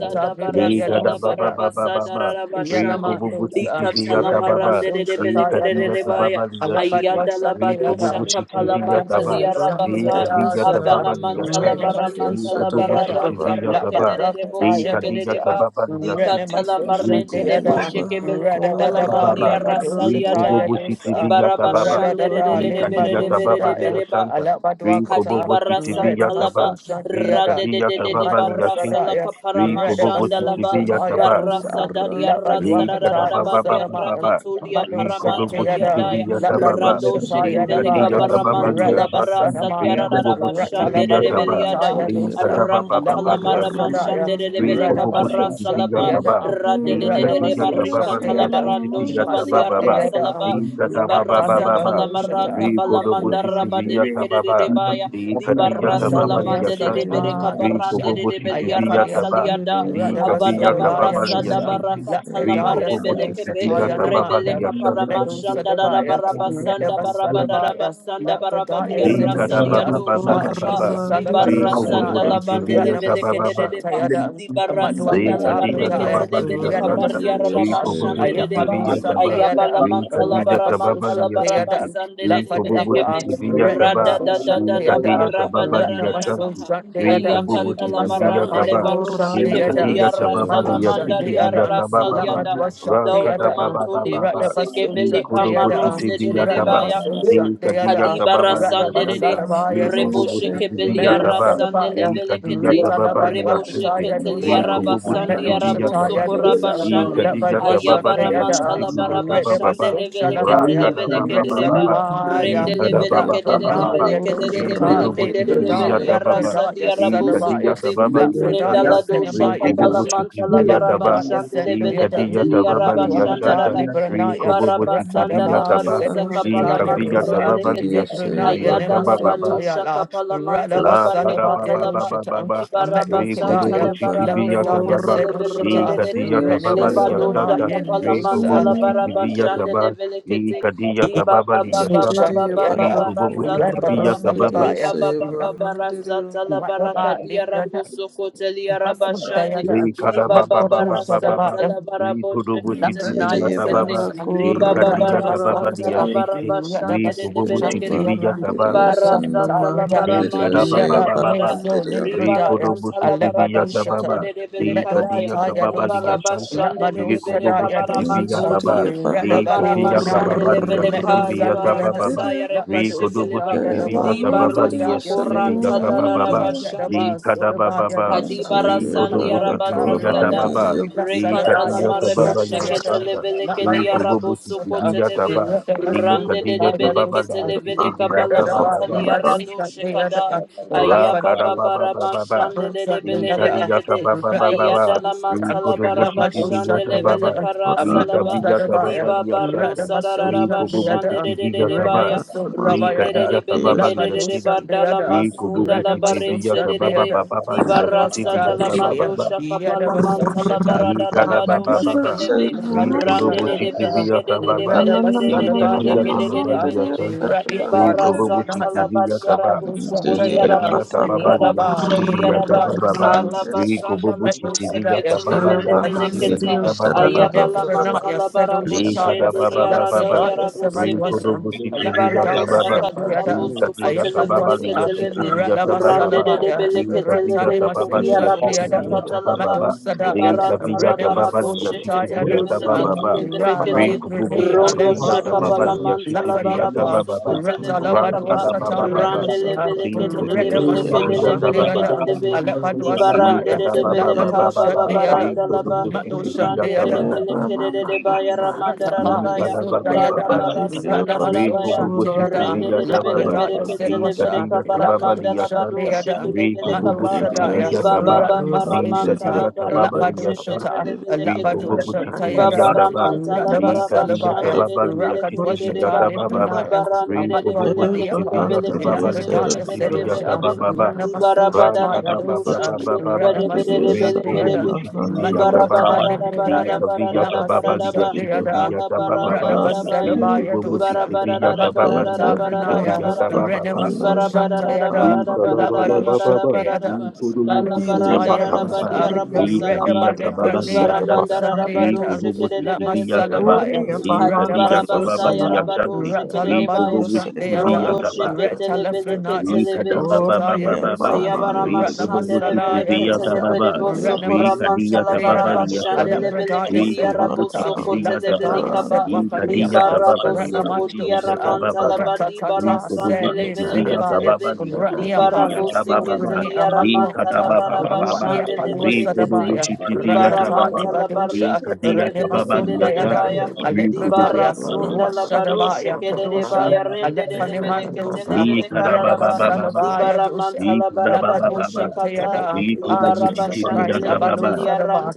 Speaker 8: Leon
Speaker 1: Bridaya
Speaker 4: Ligada
Speaker 6: barasada
Speaker 4: baba
Speaker 1: Dosada
Speaker 8: Leon
Speaker 3: you.
Speaker 4: baba
Speaker 8: was
Speaker 6: barabasada
Speaker 4: baba.
Speaker 3: Thank
Speaker 4: Rico
Speaker 6: rarabashande.
Speaker 4: bubu
Speaker 1: Yanamandosa,
Speaker 4: city
Speaker 6: Rikatala
Speaker 4: viyata baba.
Speaker 6: marande de
Speaker 1: Renamasosa,
Speaker 6: belekere
Speaker 4: Ligadia
Speaker 6: de
Speaker 8: taken
Speaker 1: Yadosa,
Speaker 6: baya.
Speaker 4: kababa liya city.
Speaker 6: Ayadala
Speaker 1: Alabadwasa,
Speaker 4: Rico
Speaker 6: badosha
Speaker 4: bubu
Speaker 1: Yada,
Speaker 4: city
Speaker 6: kapala
Speaker 4: viyata ba.
Speaker 6: mantalia
Speaker 1: Renamasosa,
Speaker 6: rabasai.
Speaker 2: Bahandiriya
Speaker 1: Yada,
Speaker 4: Ligadia
Speaker 1: Sada,
Speaker 6: Avala
Speaker 4: tababa
Speaker 2: Sananana
Speaker 4: liya
Speaker 6: mantala
Speaker 4: shanta.
Speaker 2: Bahandiriya
Speaker 4: Rico
Speaker 1: Renamasosa,
Speaker 6: baramantala
Speaker 2: Shatata
Speaker 4: bubu
Speaker 1: Yada,
Speaker 4: city
Speaker 6: baradalia
Speaker 4: viyata
Speaker 6: reke de
Speaker 4: ba.
Speaker 2: Bahandiriya
Speaker 6: de
Speaker 1: Labadwakata,
Speaker 6: boshe kere
Speaker 4: Ligadia
Speaker 6: de
Speaker 1: Yadosa,
Speaker 6: ba.
Speaker 4: tababa liya city.
Speaker 6: Dikatala
Speaker 4: Rico
Speaker 6: marende
Speaker 1: Renamasosa,
Speaker 6: de
Speaker 2: Jiriya
Speaker 1: Yada,
Speaker 6: boshe
Speaker 2: Baha
Speaker 6: kebele kapala
Speaker 4: baba
Speaker 1: Radadadaba,
Speaker 4: baba.
Speaker 6: mandia
Speaker 8: in
Speaker 1: Lemadosa,
Speaker 8: the
Speaker 6: rasalia
Speaker 4: Rico
Speaker 2: Korandiriya
Speaker 4: bubu
Speaker 6: daya.
Speaker 8: first
Speaker 4: city
Speaker 6: Di
Speaker 1: Yadosa,
Speaker 8: floor
Speaker 4: viyata
Speaker 8: of
Speaker 4: baba.
Speaker 6: barabashande de de
Speaker 1: Radadada,
Speaker 6: de de bere
Speaker 4: Ligadia
Speaker 6: de
Speaker 2: Bahandiriya
Speaker 1: Lembadosa,
Speaker 6: bere
Speaker 4: tababa
Speaker 6: de
Speaker 1: Daya,
Speaker 4: liya
Speaker 6: bere ba.
Speaker 4: shanta. Rico
Speaker 1: Alabadwakata,
Speaker 4: bubu
Speaker 6: Kadibara
Speaker 4: viyata ba.
Speaker 6: Santalaba
Speaker 1: Renamasosa, Yada,
Speaker 4: Ligadia tababa liya
Speaker 6: Radedededebara
Speaker 1: Madosa, Daya,
Speaker 6: Salaka
Speaker 4: Rikobobo Titi
Speaker 2: Jiriya
Speaker 1: Renamasosa,
Speaker 6: Paramashandalaba
Speaker 2: Baha
Speaker 4: Yataba.
Speaker 1: Yadosa,
Speaker 6: Varasa Dadia
Speaker 2: Korandiriya
Speaker 4: Rikada
Speaker 1: Labadwakatado
Speaker 6: Ratsararaba
Speaker 4: baba
Speaker 6: Dia
Speaker 4: baba
Speaker 1: Sanamaya,
Speaker 4: baba.
Speaker 6: Rakatulia
Speaker 1: Mado
Speaker 4: Rikodo
Speaker 6: Paramantalia
Speaker 4: boshiti
Speaker 1: Shantayada,
Speaker 6: Daya
Speaker 4: viyata
Speaker 2: Bahandiriya
Speaker 1: Labado
Speaker 4: baba.
Speaker 2: Shana
Speaker 6: Radoshe
Speaker 1: Shataya
Speaker 6: Kepeleka
Speaker 1: Labaya,
Speaker 4: Rikadiyata
Speaker 2: Bahandiriya
Speaker 4: baba
Speaker 6: Varamantala
Speaker 4: liyashanta.
Speaker 6: Barasa
Speaker 1: Radabasanamaya,
Speaker 4: Rikobo
Speaker 6: Diararaba
Speaker 4: boshiti viyata ba.
Speaker 6: Shanderebeliada
Speaker 1: Ratalabadwakataya
Speaker 2: Jiriya
Speaker 4: Rikada
Speaker 1: Dosa,
Speaker 2: Baha
Speaker 4: baba baba
Speaker 6: Rakatala Marama
Speaker 4: liyashiti.
Speaker 1: Labadwasadaya,
Speaker 2: Korandiriya
Speaker 6: Shanderebeleka
Speaker 4: Rikobo
Speaker 1: Ranamaso
Speaker 4: boshiti
Speaker 6: Barasa Laba
Speaker 4: viyata ba.
Speaker 1: Shantayada,
Speaker 6: Radededede
Speaker 1: Radabaso
Speaker 4: Rikadiyata
Speaker 2: Bahandiriya
Speaker 6: Barika
Speaker 4: baba
Speaker 2: Shana
Speaker 1: Shantayada,
Speaker 4: liyashiti
Speaker 6: Barando
Speaker 4: viyata
Speaker 6: shabalia
Speaker 4: baba ba.
Speaker 1: Masandayada,
Speaker 6: rasalaba
Speaker 7: you.
Speaker 4: Rikada baba
Speaker 6: libarasa
Speaker 4: baba ba.
Speaker 1: Ratalibado Shata,
Speaker 6: talamaraka
Speaker 7: Thank
Speaker 2: Bahandiriya
Speaker 4: Rikodo
Speaker 2: Jiriya
Speaker 6: balamanda
Speaker 2: Baha
Speaker 4: boshiti
Speaker 6: rabadele
Speaker 4: viyata
Speaker 2: Korandiriya
Speaker 6: kedede
Speaker 4: baba.
Speaker 6: baya
Speaker 4: Rikadiyata
Speaker 6: libarasa
Speaker 4: baba
Speaker 1: Radamasandaya
Speaker 6: lamande de
Speaker 4: liyashanta.
Speaker 2: Devhandriya,
Speaker 6: bereka barande
Speaker 4: Rikobo
Speaker 1: Salimadoshan,
Speaker 6: de
Speaker 4: boshiti
Speaker 6: belia
Speaker 4: viyata ba.
Speaker 1: Ayafaliapan,
Speaker 6: rasalia
Speaker 2: Indriya
Speaker 6: dai avada
Speaker 4: Rikaviyata
Speaker 2: Bahakura,
Speaker 1: Radabasulabaya
Speaker 4: baba
Speaker 6: barasa da
Speaker 1: Dosan,
Speaker 4: liyashiti.
Speaker 6: baraka
Speaker 4: Riko
Speaker 1: Lapradaya
Speaker 6: talamare
Speaker 4: bobo shiki
Speaker 2: Devhandriya,
Speaker 6: belekepe
Speaker 4: viga
Speaker 1: Sedosataya
Speaker 4: tababa
Speaker 1: Namanda,
Speaker 4: liya
Speaker 6: rebeleka
Speaker 4: shanta.
Speaker 6: paramashanda da
Speaker 1: Medosadabaya,
Speaker 6: barabasanda barabada
Speaker 1: Redabasalabaya,
Speaker 6: rabasanda
Speaker 1: Lapradaya
Speaker 6: barabadia
Speaker 4: Lika
Speaker 2: Indriya
Speaker 4: da
Speaker 6: rasalia
Speaker 4: baba
Speaker 1: Sedoshatas,
Speaker 6: dosha
Speaker 4: baba
Speaker 1: Ah,
Speaker 4: baba
Speaker 6: kapa
Speaker 4: ba.
Speaker 2: Bahakura,
Speaker 1: Jesus, Salaba
Speaker 2: Indriya
Speaker 4: Riko
Speaker 6: libarasa
Speaker 4: bobo
Speaker 1: Subranaya,
Speaker 4: shiki viga
Speaker 2: Devhandriya,
Speaker 6: beleke
Speaker 4: tababa
Speaker 6: de de
Speaker 4: ba.
Speaker 1: Radamasoshan
Speaker 6: de
Speaker 1: Tayadan,
Speaker 6: Di barasanda la
Speaker 4: Rika
Speaker 1: Amadwakata
Speaker 2: Indriya
Speaker 4: diga
Speaker 6: barreke
Speaker 1: Bredaya,
Speaker 6: tele
Speaker 4: tababa
Speaker 6: bere
Speaker 4: liya
Speaker 2: Bahakura,
Speaker 4: santa.
Speaker 6: kabarya
Speaker 2: Indriya
Speaker 6: rara
Speaker 4: Riko
Speaker 1: Yadabasoshatam,
Speaker 4: bobo
Speaker 6: mashande de de
Speaker 4: shiti
Speaker 1: Ayapalo
Speaker 4: viya
Speaker 2: Devhandriya,
Speaker 4: taba.
Speaker 6: Ayabala
Speaker 1: Sandayadan,
Speaker 4: Rika
Speaker 6: mantala
Speaker 4: diga
Speaker 6: bara
Speaker 4: tababa
Speaker 6: mantala
Speaker 1: Radabasoshan
Speaker 4: liya
Speaker 6: bara
Speaker 4: sinti.
Speaker 1: Dayadan,
Speaker 6: de
Speaker 4: Riko bobo
Speaker 6: beleke be.
Speaker 1: Lafadiapa,
Speaker 4: shiti viya
Speaker 6: Rada
Speaker 4: taba.
Speaker 6: da da
Speaker 1: Radamasoshan
Speaker 6: da
Speaker 4: Rika
Speaker 6: da
Speaker 1: Dayadan,
Speaker 4: diga
Speaker 6: barabada
Speaker 4: tababa
Speaker 6: badara
Speaker 1: Ratna
Speaker 4: liya
Speaker 6: da
Speaker 7: you.
Speaker 6: da
Speaker 1: Maso
Speaker 4: santi.
Speaker 6: baha.
Speaker 1: Sunday
Speaker 4: Riko
Speaker 1: Adam,
Speaker 4: bobo
Speaker 6: Ayakata la
Speaker 4: shiti
Speaker 2: Indriya Bahakura, Indriya
Speaker 4: viya
Speaker 1: Masana
Speaker 6: marande le
Speaker 1: Maya
Speaker 4: taba.
Speaker 1: do
Speaker 6: varoshe
Speaker 1: Sunday
Speaker 6: ke
Speaker 4: Rika
Speaker 7: Thank
Speaker 1: Adam,
Speaker 4: diga
Speaker 6: peliara
Speaker 4: tababa
Speaker 1: Madu
Speaker 4: liya
Speaker 6: salamanda
Speaker 4: shiti
Speaker 2: Devhandriya,
Speaker 1: Sunday
Speaker 6: riara
Speaker 1: Adam,
Speaker 4: taba baba.
Speaker 6: saliada.
Speaker 1: Lamadwa Sunday
Speaker 4: Ranka
Speaker 6: Dauno
Speaker 4: da
Speaker 1: Adam,
Speaker 4: baba
Speaker 6: mantole
Speaker 4: baba
Speaker 1: Ratna
Speaker 4: baba.
Speaker 6: bose ke
Speaker 1: Maso
Speaker 6: veli
Speaker 4: Riko
Speaker 1: Sunday
Speaker 4: dobo
Speaker 1: Adam,
Speaker 4: shiti
Speaker 6: kamarose de de
Speaker 4: viya
Speaker 2: Indriya
Speaker 6: de
Speaker 1: Ratna
Speaker 4: taba.
Speaker 6: baya.
Speaker 2: Bahakura,
Speaker 1: Maso
Speaker 4: Rika
Speaker 1: Sunday
Speaker 4: diga
Speaker 1: Adam,
Speaker 6: Kadibara
Speaker 4: tababa
Speaker 1: Ratna
Speaker 4: liya santa.
Speaker 6: Sandelede,
Speaker 1: Masalabaya
Speaker 4: Riko
Speaker 1: do
Speaker 6: Rebo
Speaker 4: bobo
Speaker 1: Sunday.
Speaker 4: shiti
Speaker 2: Indriya
Speaker 4: viya
Speaker 1: Meadow
Speaker 6: Shekebeliara
Speaker 4: taba.
Speaker 2: Devhandriya.
Speaker 1: Sadabaya,
Speaker 4: Rika diga
Speaker 6: Sandelevelekete,
Speaker 4: tababa liya
Speaker 1: Ritalabadwa
Speaker 6: Rebo
Speaker 4: sinti.
Speaker 1: Kataya dosa,
Speaker 6: Sheketeliara
Speaker 2: Indiriya
Speaker 4: Rikobobo
Speaker 1: a
Speaker 2: baha
Speaker 1: meadow
Speaker 6: Basandiara
Speaker 4: Sikivi Yataba,
Speaker 1: Shataya
Speaker 2: kurandiriya
Speaker 6: Bosokoraba
Speaker 1: dosa,
Speaker 2: saya
Speaker 6: Shande,
Speaker 4: Ikadi
Speaker 1: Labadwa
Speaker 4: Yatababa,
Speaker 2: bahandiriya.
Speaker 4: the
Speaker 6: Ayabara
Speaker 1: Shatayada,
Speaker 6: mantala
Speaker 4: Yasitibi
Speaker 6: Mantalabara
Speaker 1: Redeba
Speaker 4: Yatababa,
Speaker 6: Bashandelevelekete
Speaker 1: Sochalabaya,
Speaker 4: Rakada Baba
Speaker 6: Levelekedeba,
Speaker 4: Baba,
Speaker 1: Retsanamaya,
Speaker 4: Ikada
Speaker 2: Indiriya
Speaker 4: Baba Baba
Speaker 2: baha
Speaker 6: Rendelevelekede
Speaker 1: Laprana
Speaker 4: Baba,
Speaker 6: Velekedede
Speaker 1: Yadoshata,
Speaker 4: Rikodobo
Speaker 2: kurandiriya
Speaker 6: Velekedede
Speaker 4: Sikivi
Speaker 1: Leprada,
Speaker 2: saya
Speaker 6: Veliara
Speaker 7: you.
Speaker 4: Yatababa,
Speaker 1: Leprada
Speaker 6: Sadiara
Speaker 2: bahandiriya.
Speaker 4: Ikadi
Speaker 1: Yasadabaya,
Speaker 6: Bosokote,
Speaker 4: Yatababa, the
Speaker 7: Mbele
Speaker 1: Laprada
Speaker 6: Renda
Speaker 4: Yashanta,
Speaker 6: la
Speaker 7: yako
Speaker 6: dosha
Speaker 1: Yasenama
Speaker 6: kabala
Speaker 4: Rikobobo
Speaker 7: mbega
Speaker 1: Yadoshan,
Speaker 6: manta la
Speaker 4: Sikivi
Speaker 7: huo
Speaker 6: baraba
Speaker 4: Yataba,
Speaker 1: Aleprada
Speaker 6: shande le
Speaker 1: Yasendo
Speaker 6: vele
Speaker 4: Ikadi
Speaker 1: Yadan,
Speaker 6: keteli
Speaker 7: kabila
Speaker 4: Yatababa, the
Speaker 6: araba
Speaker 7: sema
Speaker 6: shanda
Speaker 1: Matuakata,
Speaker 4: Yashanta,
Speaker 7: dadi yake
Speaker 6: Di
Speaker 1: Libranaya,
Speaker 4: Rikobobo
Speaker 6: baraba
Speaker 4: Sikivi
Speaker 6: sanda la
Speaker 1: Ratadaba,
Speaker 2: Indiriya
Speaker 4: Yataba,
Speaker 6: badosa
Speaker 2: baha
Speaker 6: kabala
Speaker 1: Sedoshata
Speaker 4: Ikavi
Speaker 6: manta le
Speaker 1: Yadosa,
Speaker 6: vele
Speaker 4: Yatababa, the
Speaker 2: kurandiriya
Speaker 6: kete.
Speaker 2: saya
Speaker 1: Leprana
Speaker 4: Yasitibi
Speaker 6: Ayada
Speaker 4: Yataba
Speaker 6: la
Speaker 4: baba.
Speaker 2: bahandiriya.
Speaker 6: badosha
Speaker 1: Yanemasotayala,
Speaker 6: kabala manta la
Speaker 4: La kada
Speaker 1: Radabasalaba
Speaker 6: barreka
Speaker 4: ba ba ba
Speaker 6: talaba.
Speaker 4: ba ba
Speaker 1: Yadoshata,
Speaker 4: ba.
Speaker 6: Di baraba
Speaker 4: Re kudo
Speaker 6: santa
Speaker 4: bo
Speaker 1: Ametokadaya,
Speaker 2: Indiriya
Speaker 6: la
Speaker 3: you.
Speaker 2: baha
Speaker 6: barabo
Speaker 4: viyata
Speaker 1: Laprada
Speaker 6: soko
Speaker 4: ba ba.
Speaker 6: tele vele
Speaker 4: Li
Speaker 1: Yasedoshata,
Speaker 6: kedede.
Speaker 2: kurandiriya
Speaker 4: kadiyata ba ba
Speaker 6: Le
Speaker 4: li
Speaker 2: saya
Speaker 1: Renemasunama
Speaker 6: badosha
Speaker 4: yasanta.
Speaker 2: bahandiriya
Speaker 6: kabala
Speaker 4: Re kubo
Speaker 6: manta
Speaker 1: Yendosa,
Speaker 4: bo
Speaker 6: la
Speaker 2: saya
Speaker 6: baraba
Speaker 4: viyata
Speaker 6: shande
Speaker 2: bahandiriya.
Speaker 6: le
Speaker 4: ba.
Speaker 6: vele
Speaker 4: Li
Speaker 6: kete.
Speaker 4: kadiyata
Speaker 6: Riba
Speaker 4: ba ba
Speaker 6: ba
Speaker 4: li
Speaker 6: ba ba ba
Speaker 4: yasanti.
Speaker 6: ba
Speaker 1: Sushata
Speaker 2: Indiriya
Speaker 6: ba ba
Speaker 4: Re
Speaker 2: baha
Speaker 1: Yada,
Speaker 6: ba
Speaker 4: kubo
Speaker 6: ra
Speaker 4: bo
Speaker 6: sa ta la ba.
Speaker 4: viyata ba ba.
Speaker 2: kurandiriya
Speaker 6: Riba ba
Speaker 2: saya
Speaker 6: ba ba ba
Speaker 1: ram
Speaker 6: ra sa
Speaker 2: bahandiriya.
Speaker 6: ta la
Speaker 1: What
Speaker 6: ba ra ka
Speaker 1: about the
Speaker 6: dia ra
Speaker 1: brother?
Speaker 6: so
Speaker 1: Masuk
Speaker 6: shande.
Speaker 1: daya da.
Speaker 4: Re kada
Speaker 6: Riba
Speaker 4: ba
Speaker 6: ba
Speaker 4: ba
Speaker 6: ba
Speaker 4: ba ba
Speaker 6: ra
Speaker 4: ba
Speaker 6: sa
Speaker 4: ba ba.
Speaker 6: ta
Speaker 1: Mat
Speaker 6: la ba ra
Speaker 4: Re
Speaker 6: bo
Speaker 4: kudo
Speaker 6: she
Speaker 4: bo
Speaker 6: ke te le
Speaker 1: Labradaya
Speaker 6: vele
Speaker 2: Injiri
Speaker 4: viyata ba ba.
Speaker 1: Sedosan,
Speaker 2: bahakur
Speaker 4: Li
Speaker 6: Riba ba ba ra
Speaker 4: kadiyata
Speaker 1: Ratabat
Speaker 4: ba
Speaker 6: sa
Speaker 4: ba li
Speaker 6: ta
Speaker 1: Wakata,
Speaker 6: ra
Speaker 4: yasinti.
Speaker 6: ba shande
Speaker 4: Re
Speaker 6: de de
Speaker 4: kubo bo
Speaker 1: Ratabasushantayadan,
Speaker 4: viyata ba.
Speaker 2: Bahandiriya
Speaker 6: Ribarasa
Speaker 1: Matwakata
Speaker 6: talabara
Speaker 1: Redaya,
Speaker 4: Li
Speaker 2: Sanamahandiriya
Speaker 4: kada
Speaker 6: mandele
Speaker 4: ba ba
Speaker 2: Se
Speaker 1: Yada
Speaker 6: vele
Speaker 4: ba ba ba.
Speaker 6: kadai.
Speaker 1: Meso
Speaker 2: Bahandiriya
Speaker 6: Ribala
Speaker 1: Libradaya,
Speaker 4: Rikodobo
Speaker 6: mantala
Speaker 4: City
Speaker 6: baraba
Speaker 4: Via Tababa,
Speaker 1: Alebadoshatan,
Speaker 6: shandele de vele
Speaker 4: the
Speaker 6: kadaya.
Speaker 4: kadia
Speaker 1: Medokataya
Speaker 4: Tababa Lia
Speaker 1: Dosan,
Speaker 6: Ribaraba
Speaker 4: Shanta,
Speaker 6: shandele de vele
Speaker 4: Rikobobo
Speaker 1: Labadosadaya
Speaker 6: kabara
Speaker 4: City Via
Speaker 1: Dosata,
Speaker 6: mantala ba.
Speaker 4: Taba,
Speaker 2: Injiriya
Speaker 6: Ribarama
Speaker 4: Likavia
Speaker 1: Radabalibranaya,
Speaker 4: Tababa
Speaker 6: shandele
Speaker 4: Lia
Speaker 6: vele
Speaker 4: City
Speaker 6: kaya
Speaker 4: Via
Speaker 6: baraba
Speaker 1: Medosandayadan,
Speaker 4: Tababa,
Speaker 6: saya
Speaker 2: Bahakurandiriya
Speaker 6: rebu
Speaker 4: Rikodobo
Speaker 6: shikeleva.
Speaker 2: Se
Speaker 1: Labadosataya
Speaker 4: City Via
Speaker 1: Daba,
Speaker 4: Tababa
Speaker 6: Ribaroso
Speaker 4: Lia
Speaker 2: Bahandiriya
Speaker 1: Libradaya
Speaker 4: City Via
Speaker 6: koranta
Speaker 1: Sedosha,
Speaker 4: Tababa,
Speaker 6: dararaba
Speaker 2: Sanamahandiriya
Speaker 6: shande.
Speaker 1: Yadaba Sulabaya
Speaker 4: Likadababa,
Speaker 1: Rosha,
Speaker 6: Kadibara
Speaker 2: Injiriya
Speaker 1: I'm not the
Speaker 4: Rikodobo
Speaker 1: one
Speaker 6: Sandiara
Speaker 1: to
Speaker 4: City
Speaker 1: stop it,
Speaker 4: Via
Speaker 1: darling.
Speaker 6: Bataliada
Speaker 4: Tababa,
Speaker 2: Bahakurandiriya
Speaker 1: Let's
Speaker 4: the
Speaker 1: celebrate
Speaker 4: kadia
Speaker 1: each
Speaker 2: Se
Speaker 6: Rekatalamarebo
Speaker 1: other,
Speaker 4: Tababa
Speaker 1: try
Speaker 4: Lia
Speaker 1: it.
Speaker 4: Shanta,
Speaker 1: Not
Speaker 6: Sheketelebeleke
Speaker 1: my own,
Speaker 6: Diarabo
Speaker 4: Rikobobo City
Speaker 1: but
Speaker 6: Suko
Speaker 1: I'm
Speaker 4: Via
Speaker 6: Televe
Speaker 4: Taba,
Speaker 1: willing to do it. I'm not the one
Speaker 6: Rande
Speaker 1: to
Speaker 6: de
Speaker 4: kadia
Speaker 6: de
Speaker 1: stop it, darling.
Speaker 4: Tababa
Speaker 6: Beleke
Speaker 1: Let's
Speaker 4: Lia City
Speaker 6: Televele
Speaker 4: Via Tababa,
Speaker 6: Kabalamantalia
Speaker 2: Bahakurandiriya
Speaker 1: celebrate each
Speaker 6: Rado Shekada
Speaker 1: other, try it.
Speaker 6: Ayaba
Speaker 4: Rakada baba
Speaker 6: Babara
Speaker 4: baba ba.
Speaker 6: Mashande de
Speaker 1: Madosa
Speaker 6: de
Speaker 1: the
Speaker 4: Ikadi
Speaker 6: Beleveleke
Speaker 4: yata
Speaker 6: de
Speaker 1: other,
Speaker 4: baba baba ba.
Speaker 6: Ayada Lamantala
Speaker 1: Rakabasusan,
Speaker 4: Rikudubushi
Speaker 6: Baraba
Speaker 4: tibi
Speaker 6: Shande
Speaker 1: Lamadosa
Speaker 4: yata
Speaker 1: the
Speaker 4: baba.
Speaker 6: Levele
Speaker 1: other,
Speaker 4: Ikabi
Speaker 6: Karasalaba
Speaker 1: Amadosa the
Speaker 4: yata
Speaker 1: buyer,
Speaker 4: baba
Speaker 6: Diba
Speaker 3: Thank
Speaker 6: Barro
Speaker 4: liyashanta.
Speaker 6: Sararaba
Speaker 1: Ranamasosan the
Speaker 4: Rikububushi
Speaker 6: Shande
Speaker 1: other,
Speaker 6: de de
Speaker 4: tibi
Speaker 6: de de
Speaker 4: yata ba.
Speaker 6: Baya
Speaker 1: Renamaso the
Speaker 2: Sanamahandiriya
Speaker 1: buyer,
Speaker 6: Rinde de
Speaker 4: Ikadi
Speaker 6: de
Speaker 4: yata baba
Speaker 6: Beleke
Speaker 2: Se
Speaker 6: de de de
Speaker 1: Labadosa
Speaker 4: liyashinti.
Speaker 1: the
Speaker 6: Badala
Speaker 1: other,
Speaker 6: Masunda la
Speaker 4: Rikububushi tibi
Speaker 6: Barese
Speaker 4: yata
Speaker 1: Renamasosa
Speaker 6: de de
Speaker 1: the
Speaker 4: baba
Speaker 1: other,
Speaker 6: de
Speaker 4: baba liyashiti
Speaker 6: Dibarasa
Speaker 4: bi
Speaker 1: Maduakata the
Speaker 4: yata
Speaker 1: day,
Speaker 6: dalamando
Speaker 4: baba.
Speaker 6: shakapalamanta la
Speaker 1: Yadavasosata,
Speaker 6: barada la
Speaker 4: Nikada
Speaker 6: bado
Speaker 4: baba baba.
Speaker 1: Alabaduasan,
Speaker 6: shekeleve
Speaker 4: ri
Speaker 1: Lamadosa
Speaker 6: rande
Speaker 4: Rikodobo
Speaker 2: Bahandiriya
Speaker 6: de de
Speaker 1: the other,
Speaker 6: beleke de
Speaker 4: chikiviyata
Speaker 6: de de
Speaker 4: baba.
Speaker 6: beleve de
Speaker 1: Radabasa
Speaker 6: de
Speaker 1: the
Speaker 6: de
Speaker 1: buyer,
Speaker 6: beleke
Speaker 4: Rikadiyata
Speaker 6: de de
Speaker 4: baba
Speaker 6: de
Speaker 1: Dosata,
Speaker 2: Sanananananamahandiriya
Speaker 6: beleve
Speaker 2: Se
Speaker 4: liyachanta.
Speaker 1: Radia Palum,
Speaker 2: Bahandiriya
Speaker 4: Rikobobo
Speaker 6: Dibarasanta la
Speaker 4: chikiviyata
Speaker 6: badiara
Speaker 4: ba.
Speaker 6: bosu
Speaker 1: Namadosa the
Speaker 2: Ndiriya
Speaker 6: kodiara
Speaker 1: other.
Speaker 4: Rikadiyata
Speaker 6: bosu
Speaker 4: baba
Speaker 6: diara
Speaker 1: Rababa,
Speaker 6: bosu diara
Speaker 4: liyachikiviyata
Speaker 6: ba
Speaker 1: Libra,
Speaker 4: baba
Speaker 2: bakakura
Speaker 4: ba.
Speaker 2: ndiriya
Speaker 1: Seductions,
Speaker 6: alabasanda
Speaker 4: Rikobobo
Speaker 6: la
Speaker 1: Metal
Speaker 6: bosu
Speaker 4: chikiviyata
Speaker 1: Sedaya,
Speaker 4: baba
Speaker 6: keteleve leve
Speaker 2: baha
Speaker 7: kama kwa
Speaker 6: lekete
Speaker 2: ndiriya
Speaker 4: liyachikiviyata
Speaker 7: baba na
Speaker 4: baba ba.
Speaker 6: ayabala
Speaker 2: sarararara baha
Speaker 6: manta
Speaker 1: Redefrenaya,
Speaker 6: la bara bosu
Speaker 1: Seducitaya,
Speaker 6: diara da
Speaker 4: Likadababababa.
Speaker 1: Lakradaya,
Speaker 6: yara bosu kete
Speaker 1: Semadwasam,
Speaker 4: Rikodobushiti
Speaker 1: Lakradaya,
Speaker 6: Ibarabosa
Speaker 4: viyatababa.
Speaker 1: Senduyada,
Speaker 6: katalabosu kotelevele
Speaker 4: Likadiyatababa
Speaker 1: Ayapaluasa,
Speaker 4: liyashiti
Speaker 3: you.
Speaker 6: keteleve
Speaker 3: Bye.
Speaker 4: viyatabababa.
Speaker 6: randede de
Speaker 1: Ralabasalabaya,
Speaker 6: bele ketelevele
Speaker 1: Ratalema
Speaker 4: Likaviyatababa
Speaker 1: Social
Speaker 4: liyashiti
Speaker 6: kediarabosa
Speaker 1: Deada,
Speaker 6: katalaba
Speaker 1: Metal
Speaker 4: viyatabababa.
Speaker 1: Sadaya,
Speaker 6: dibaranta
Speaker 4: Likaviyatababa
Speaker 6: labarabo
Speaker 4: liyashiti
Speaker 1: Redemasositaya
Speaker 6: sheketelevele
Speaker 1: dosa,
Speaker 4: viyatabababa.
Speaker 2: ndiriya
Speaker 6: ketelevele
Speaker 1: Ra
Speaker 6: kete
Speaker 2: baha
Speaker 1: Lebrene,
Speaker 4: Rikodobushiti
Speaker 6: rondo
Speaker 4: viyatababa
Speaker 6: shekabala
Speaker 2: ndiriya
Speaker 1: Alembadosam,
Speaker 4: liyashiti
Speaker 6: mantala
Speaker 1: Lafaniapa,
Speaker 6: barabosu
Speaker 4: viyatabababa.
Speaker 6: kotelevele kapa
Speaker 7: kwa
Speaker 1: Ratalabadwasataya
Speaker 4: Rankadababababa.
Speaker 1: dosa,
Speaker 6: randelevele kedede de
Speaker 1: Red
Speaker 2: ndiriya
Speaker 1: of a
Speaker 6: bele
Speaker 4: Likodobushiti
Speaker 2: saya
Speaker 1: soul shut
Speaker 2: baha
Speaker 6: kedelevele
Speaker 1: the
Speaker 4: viyatababa.
Speaker 1: other.
Speaker 2: ndiriya
Speaker 6: kedeleve
Speaker 1: I let my do a sadaya.
Speaker 6: dibarandede de
Speaker 7: Thank you.
Speaker 1: Let
Speaker 6: bele
Speaker 1: my do
Speaker 2: ndiriya
Speaker 6: kaba
Speaker 4: Likadabababababa.
Speaker 1: shut the
Speaker 2: baha
Speaker 1: other.
Speaker 6: babarandalaba
Speaker 1: Mato
Speaker 4: Rikodobushiti
Speaker 1: shut the
Speaker 6: randede
Speaker 1: other.
Speaker 6: de
Speaker 2: saya
Speaker 4: viyatababa.
Speaker 6: bele
Speaker 2: baha
Speaker 6: kedede de baya ramanda
Speaker 1: Ratapa,
Speaker 6: rabaya
Speaker 1: Lisso
Speaker 4: Likadababababa.
Speaker 1: Dayada,
Speaker 6: Kalabara
Speaker 2: ndiriya
Speaker 6: Sandara
Speaker 1: Ratnama So
Speaker 4: Rico
Speaker 6: Rabaya,
Speaker 2: bakakura
Speaker 4: Bubusi
Speaker 2: ndiriya saya
Speaker 1: Shantayada,
Speaker 4: TV
Speaker 6: Rendere de
Speaker 4: Yatababa,
Speaker 6: Bere
Speaker 1: Lapradaya said
Speaker 4: the
Speaker 6: Ketele Bere
Speaker 1: Washa,
Speaker 4: Kadina
Speaker 6: Kabara
Speaker 4: Tababa
Speaker 1: Lakadu
Speaker 4: the
Speaker 6: Mandala Badu
Speaker 4: Yasanta,
Speaker 1: Shantayada,
Speaker 6: Shekele
Speaker 4: Rico
Speaker 6: Bele
Speaker 1: Matu
Speaker 6: Kapa,
Speaker 4: Bubusi TV
Speaker 1: Sadaya,
Speaker 6: Diba
Speaker 4: Yataba,
Speaker 6: Baba
Speaker 1: Ratnama So
Speaker 4: the
Speaker 6: Baramanta
Speaker 1: Shata,
Speaker 6: La
Speaker 4: Kadina Tababa
Speaker 6: Barado
Speaker 4: the
Speaker 1: Lapadu
Speaker 4: Yasanta,
Speaker 1: Shata,
Speaker 6: Shekele Bele
Speaker 4: Rico
Speaker 6: Kete,
Speaker 1: Lapadu
Speaker 4: Bubusi
Speaker 6: Diba
Speaker 4: TV
Speaker 1: Shantayada,
Speaker 4: Yataba,
Speaker 6: Baramanta La
Speaker 1: Radaba
Speaker 4: the
Speaker 6: Baraba
Speaker 4: Kadina
Speaker 1: Salabaya,
Speaker 6: Shandere
Speaker 4: Tababa
Speaker 6: de
Speaker 4: the
Speaker 6: Bele
Speaker 1: Rakat
Speaker 6: Kere de
Speaker 4: Yachiti
Speaker 1: Washata,
Speaker 6: Deba,
Speaker 4: Yatababa,
Speaker 6: Diba
Speaker 1: Librunaya,
Speaker 6: Randere
Speaker 4: Rico
Speaker 6: de
Speaker 1: Amatwa
Speaker 6: Bele
Speaker 4: Bubusi
Speaker 2: Gloria
Speaker 6: Ketele
Speaker 4: TV
Speaker 1: Padiapa,
Speaker 2: bahan
Speaker 6: Bele
Speaker 4: Yatababa
Speaker 7: Thank
Speaker 4: the
Speaker 6: Ketele Bele
Speaker 1: Lakradaya
Speaker 6: Bere
Speaker 1: said
Speaker 6: de
Speaker 4: Yashiti
Speaker 6: Bele
Speaker 1: Osha,
Speaker 6: Be,
Speaker 4: Yatababa,
Speaker 1: Ratnama
Speaker 6: Diba
Speaker 1: So
Speaker 6: Rabada
Speaker 1: Shata,
Speaker 6: La
Speaker 4: Rankada
Speaker 6: Bado
Speaker 4: baba
Speaker 1: Yadosa,
Speaker 4: baba
Speaker 6: Shekele
Speaker 4: baba.
Speaker 6: Bere
Speaker 1: Ratnama
Speaker 6: Bere
Speaker 2: diri,
Speaker 1: So
Speaker 6: de Bele
Speaker 4: Rainbow
Speaker 6: Bere
Speaker 4: bubu
Speaker 1: Shantayada,
Speaker 4: chiti
Speaker 2: bahan
Speaker 6: Di
Speaker 1: Matu
Speaker 4: viyata
Speaker 1: Kata,
Speaker 4: baba.
Speaker 1: Libradaya,
Speaker 4: Linka viyata baba
Speaker 1: Lamasosha
Speaker 4: liya
Speaker 6: barabadadabadadabadadabadadaba.
Speaker 4: chiti
Speaker 6: La
Speaker 1: Yada,
Speaker 6: la
Speaker 4: viyata baba
Speaker 6: baranda
Speaker 4: baba.
Speaker 6: da da ba ya.
Speaker 4: Rainbow
Speaker 1: Radabasalabaya
Speaker 6: Di
Speaker 4: bubu chiti
Speaker 1: Dosa,
Speaker 4: viyata baba liya chiti
Speaker 1: Amadwakatabrinaya,
Speaker 4: viyata
Speaker 6: barabadadabadadabadadabadadaba.
Speaker 4: baba
Speaker 6: Di
Speaker 1: Renemasosha Tayada,
Speaker 4: Linka baba baba
Speaker 1: Labadosha
Speaker 4: baba.
Speaker 1: Yada,
Speaker 6: barabadadabadadabadadabadadabadadaba.
Speaker 4: Rainbow
Speaker 6: La
Speaker 4: bubu
Speaker 6: la
Speaker 4: chiti
Speaker 6: baranda
Speaker 1: Madokataya
Speaker 4: viyata
Speaker 6: barandadadabadiyarabosalaba. Di ba.
Speaker 4: baba.
Speaker 6: Di
Speaker 1: Dosa,
Speaker 6: arabo
Speaker 4: Linka
Speaker 6: salaba.
Speaker 4: viyata baba
Speaker 6: Di
Speaker 1: Redabalekane
Speaker 4: liya
Speaker 6: baramanda
Speaker 4: chanta.
Speaker 6: da
Speaker 1: Anosa
Speaker 6: da ba do baramandadadabado
Speaker 4: Rainbow
Speaker 1: Yada,
Speaker 4: bubu chiti
Speaker 6: shekedebelebe.
Speaker 4: viyata baba.
Speaker 1: Lamasalabaya,
Speaker 4: Linka viyata baba
Speaker 6: Adibarabasa
Speaker 4: liya
Speaker 1: Radabasosha,
Speaker 6: Yarabado
Speaker 4: chanti.
Speaker 3: London,
Speaker 4: Rainbow
Speaker 6: Shekedebaya
Speaker 4: bubu
Speaker 1: Ratalabadosha
Speaker 4: chiti
Speaker 3: Bye.
Speaker 7: you.
Speaker 1: Yada,
Speaker 6: Rondo
Speaker 4: viyata baba.
Speaker 6: Sheketeleve
Speaker 1: Retalafrenaya
Speaker 4: Rika da
Speaker 6: Keteleve
Speaker 4: ba
Speaker 1: Sendosha
Speaker 4: ba ba ba
Speaker 1: Taya
Speaker 4: ba ba.
Speaker 1: Dosa,
Speaker 6: Kayabara
Speaker 4: Riko do
Speaker 6: mashandele
Speaker 4: bushi
Speaker 1: Ranamasalaya
Speaker 4: kiviya da
Speaker 6: beleketele
Speaker 4: ba
Speaker 1: Dosa,
Speaker 4: ba.
Speaker 6: belebo sokora
Speaker 4: Rika diya
Speaker 1: Ranamasosha
Speaker 6: mantala
Speaker 4: da ba ba
Speaker 6: baraba
Speaker 1: Yada,
Speaker 4: liya
Speaker 6: shandele
Speaker 4: shanta.
Speaker 1: Alepradaya
Speaker 6: belekedia
Speaker 1: said
Speaker 4: Riko bu
Speaker 6: rabo
Speaker 4: bushi
Speaker 1: Wakata,
Speaker 6: soko
Speaker 4: kiviya da ba.
Speaker 1: Lapradaya
Speaker 6: televelikaba
Speaker 1: said
Speaker 4: Rika diya da
Speaker 1: Wakaliapa,
Speaker 2: diri,
Speaker 6: libara
Speaker 4: ba ba
Speaker 6: bo
Speaker 4: liya
Speaker 6: soko
Speaker 4: kiti
Speaker 6: diara
Speaker 4: diya da
Speaker 1: Ratnamandosa,
Speaker 4: ba ba
Speaker 6: mantala
Speaker 4: ba.
Speaker 6: badibara
Speaker 1: Ratatata,
Speaker 4: Riko do
Speaker 6: sandele
Speaker 4: bushi
Speaker 1: Sele
Speaker 4: kiviya da
Speaker 6: beleketele
Speaker 4: ba
Speaker 1: Sedibaya,
Speaker 6: be
Speaker 4: ba liya kiti
Speaker 6: libara
Speaker 1: Ratniapa
Speaker 4: diya
Speaker 6: bo
Speaker 4: da ba
Speaker 1: Luso,
Speaker 4: ba ba.
Speaker 1: Rumi
Speaker 6: seketeliara
Speaker 4: Rika da
Speaker 6: mantala
Speaker 1: Amadwakata,
Speaker 4: ba ba ba
Speaker 6: baraba
Speaker 4: ba ba.
Speaker 1: Ruaniapa
Speaker 6: shandele
Speaker 4: Riko do
Speaker 6: belekete
Speaker 1: Luasadabaya,
Speaker 4: bushi kiviya
Speaker 6: libara
Speaker 4: da ba
Speaker 1: Ratata
Speaker 4: ba.
Speaker 6: mantala
Speaker 1: Libadosha,
Speaker 4: Rika
Speaker 6: bareketele
Speaker 4: diya da ba
Speaker 2: Jaya Bahan
Speaker 4: ba
Speaker 1: Ratnimaso
Speaker 4: liya
Speaker 6: belekede
Speaker 4: shanta.
Speaker 1: Dayadan,
Speaker 6: baya Di
Speaker 4: Riko bu bu.
Speaker 6: barra
Speaker 1: Alepradaya,
Speaker 6: sonda la barushe
Speaker 1: Ruashadabaya,
Speaker 6: che de de
Speaker 1: Kadosha,
Speaker 6: rende de de bele che te le
Speaker 1: Alephanemandosa,
Speaker 4: Rika da ba ba ba ba ba.
Speaker 6: Di
Speaker 1: Redabasalabaya
Speaker 6: barra
Speaker 1: Dosha.
Speaker 6: manta la
Speaker 4: Rika da ba
Speaker 6: barada
Speaker 4: ba ba ba.
Speaker 6: boshe
Speaker 1: Labadosha
Speaker 3: Thank
Speaker 6: kata.
Speaker 1: Tayada
Speaker 6: Di
Speaker 1: Ah,
Speaker 4: Rikudo
Speaker 6: barra
Speaker 1: Jesus
Speaker 4: Bushiti
Speaker 6: bashande
Speaker 1: Christ,
Speaker 6: le
Speaker 4: viyata
Speaker 6: che te
Speaker 1: Abalon
Speaker 4: baba,
Speaker 6: li
Speaker 1: Sadaba,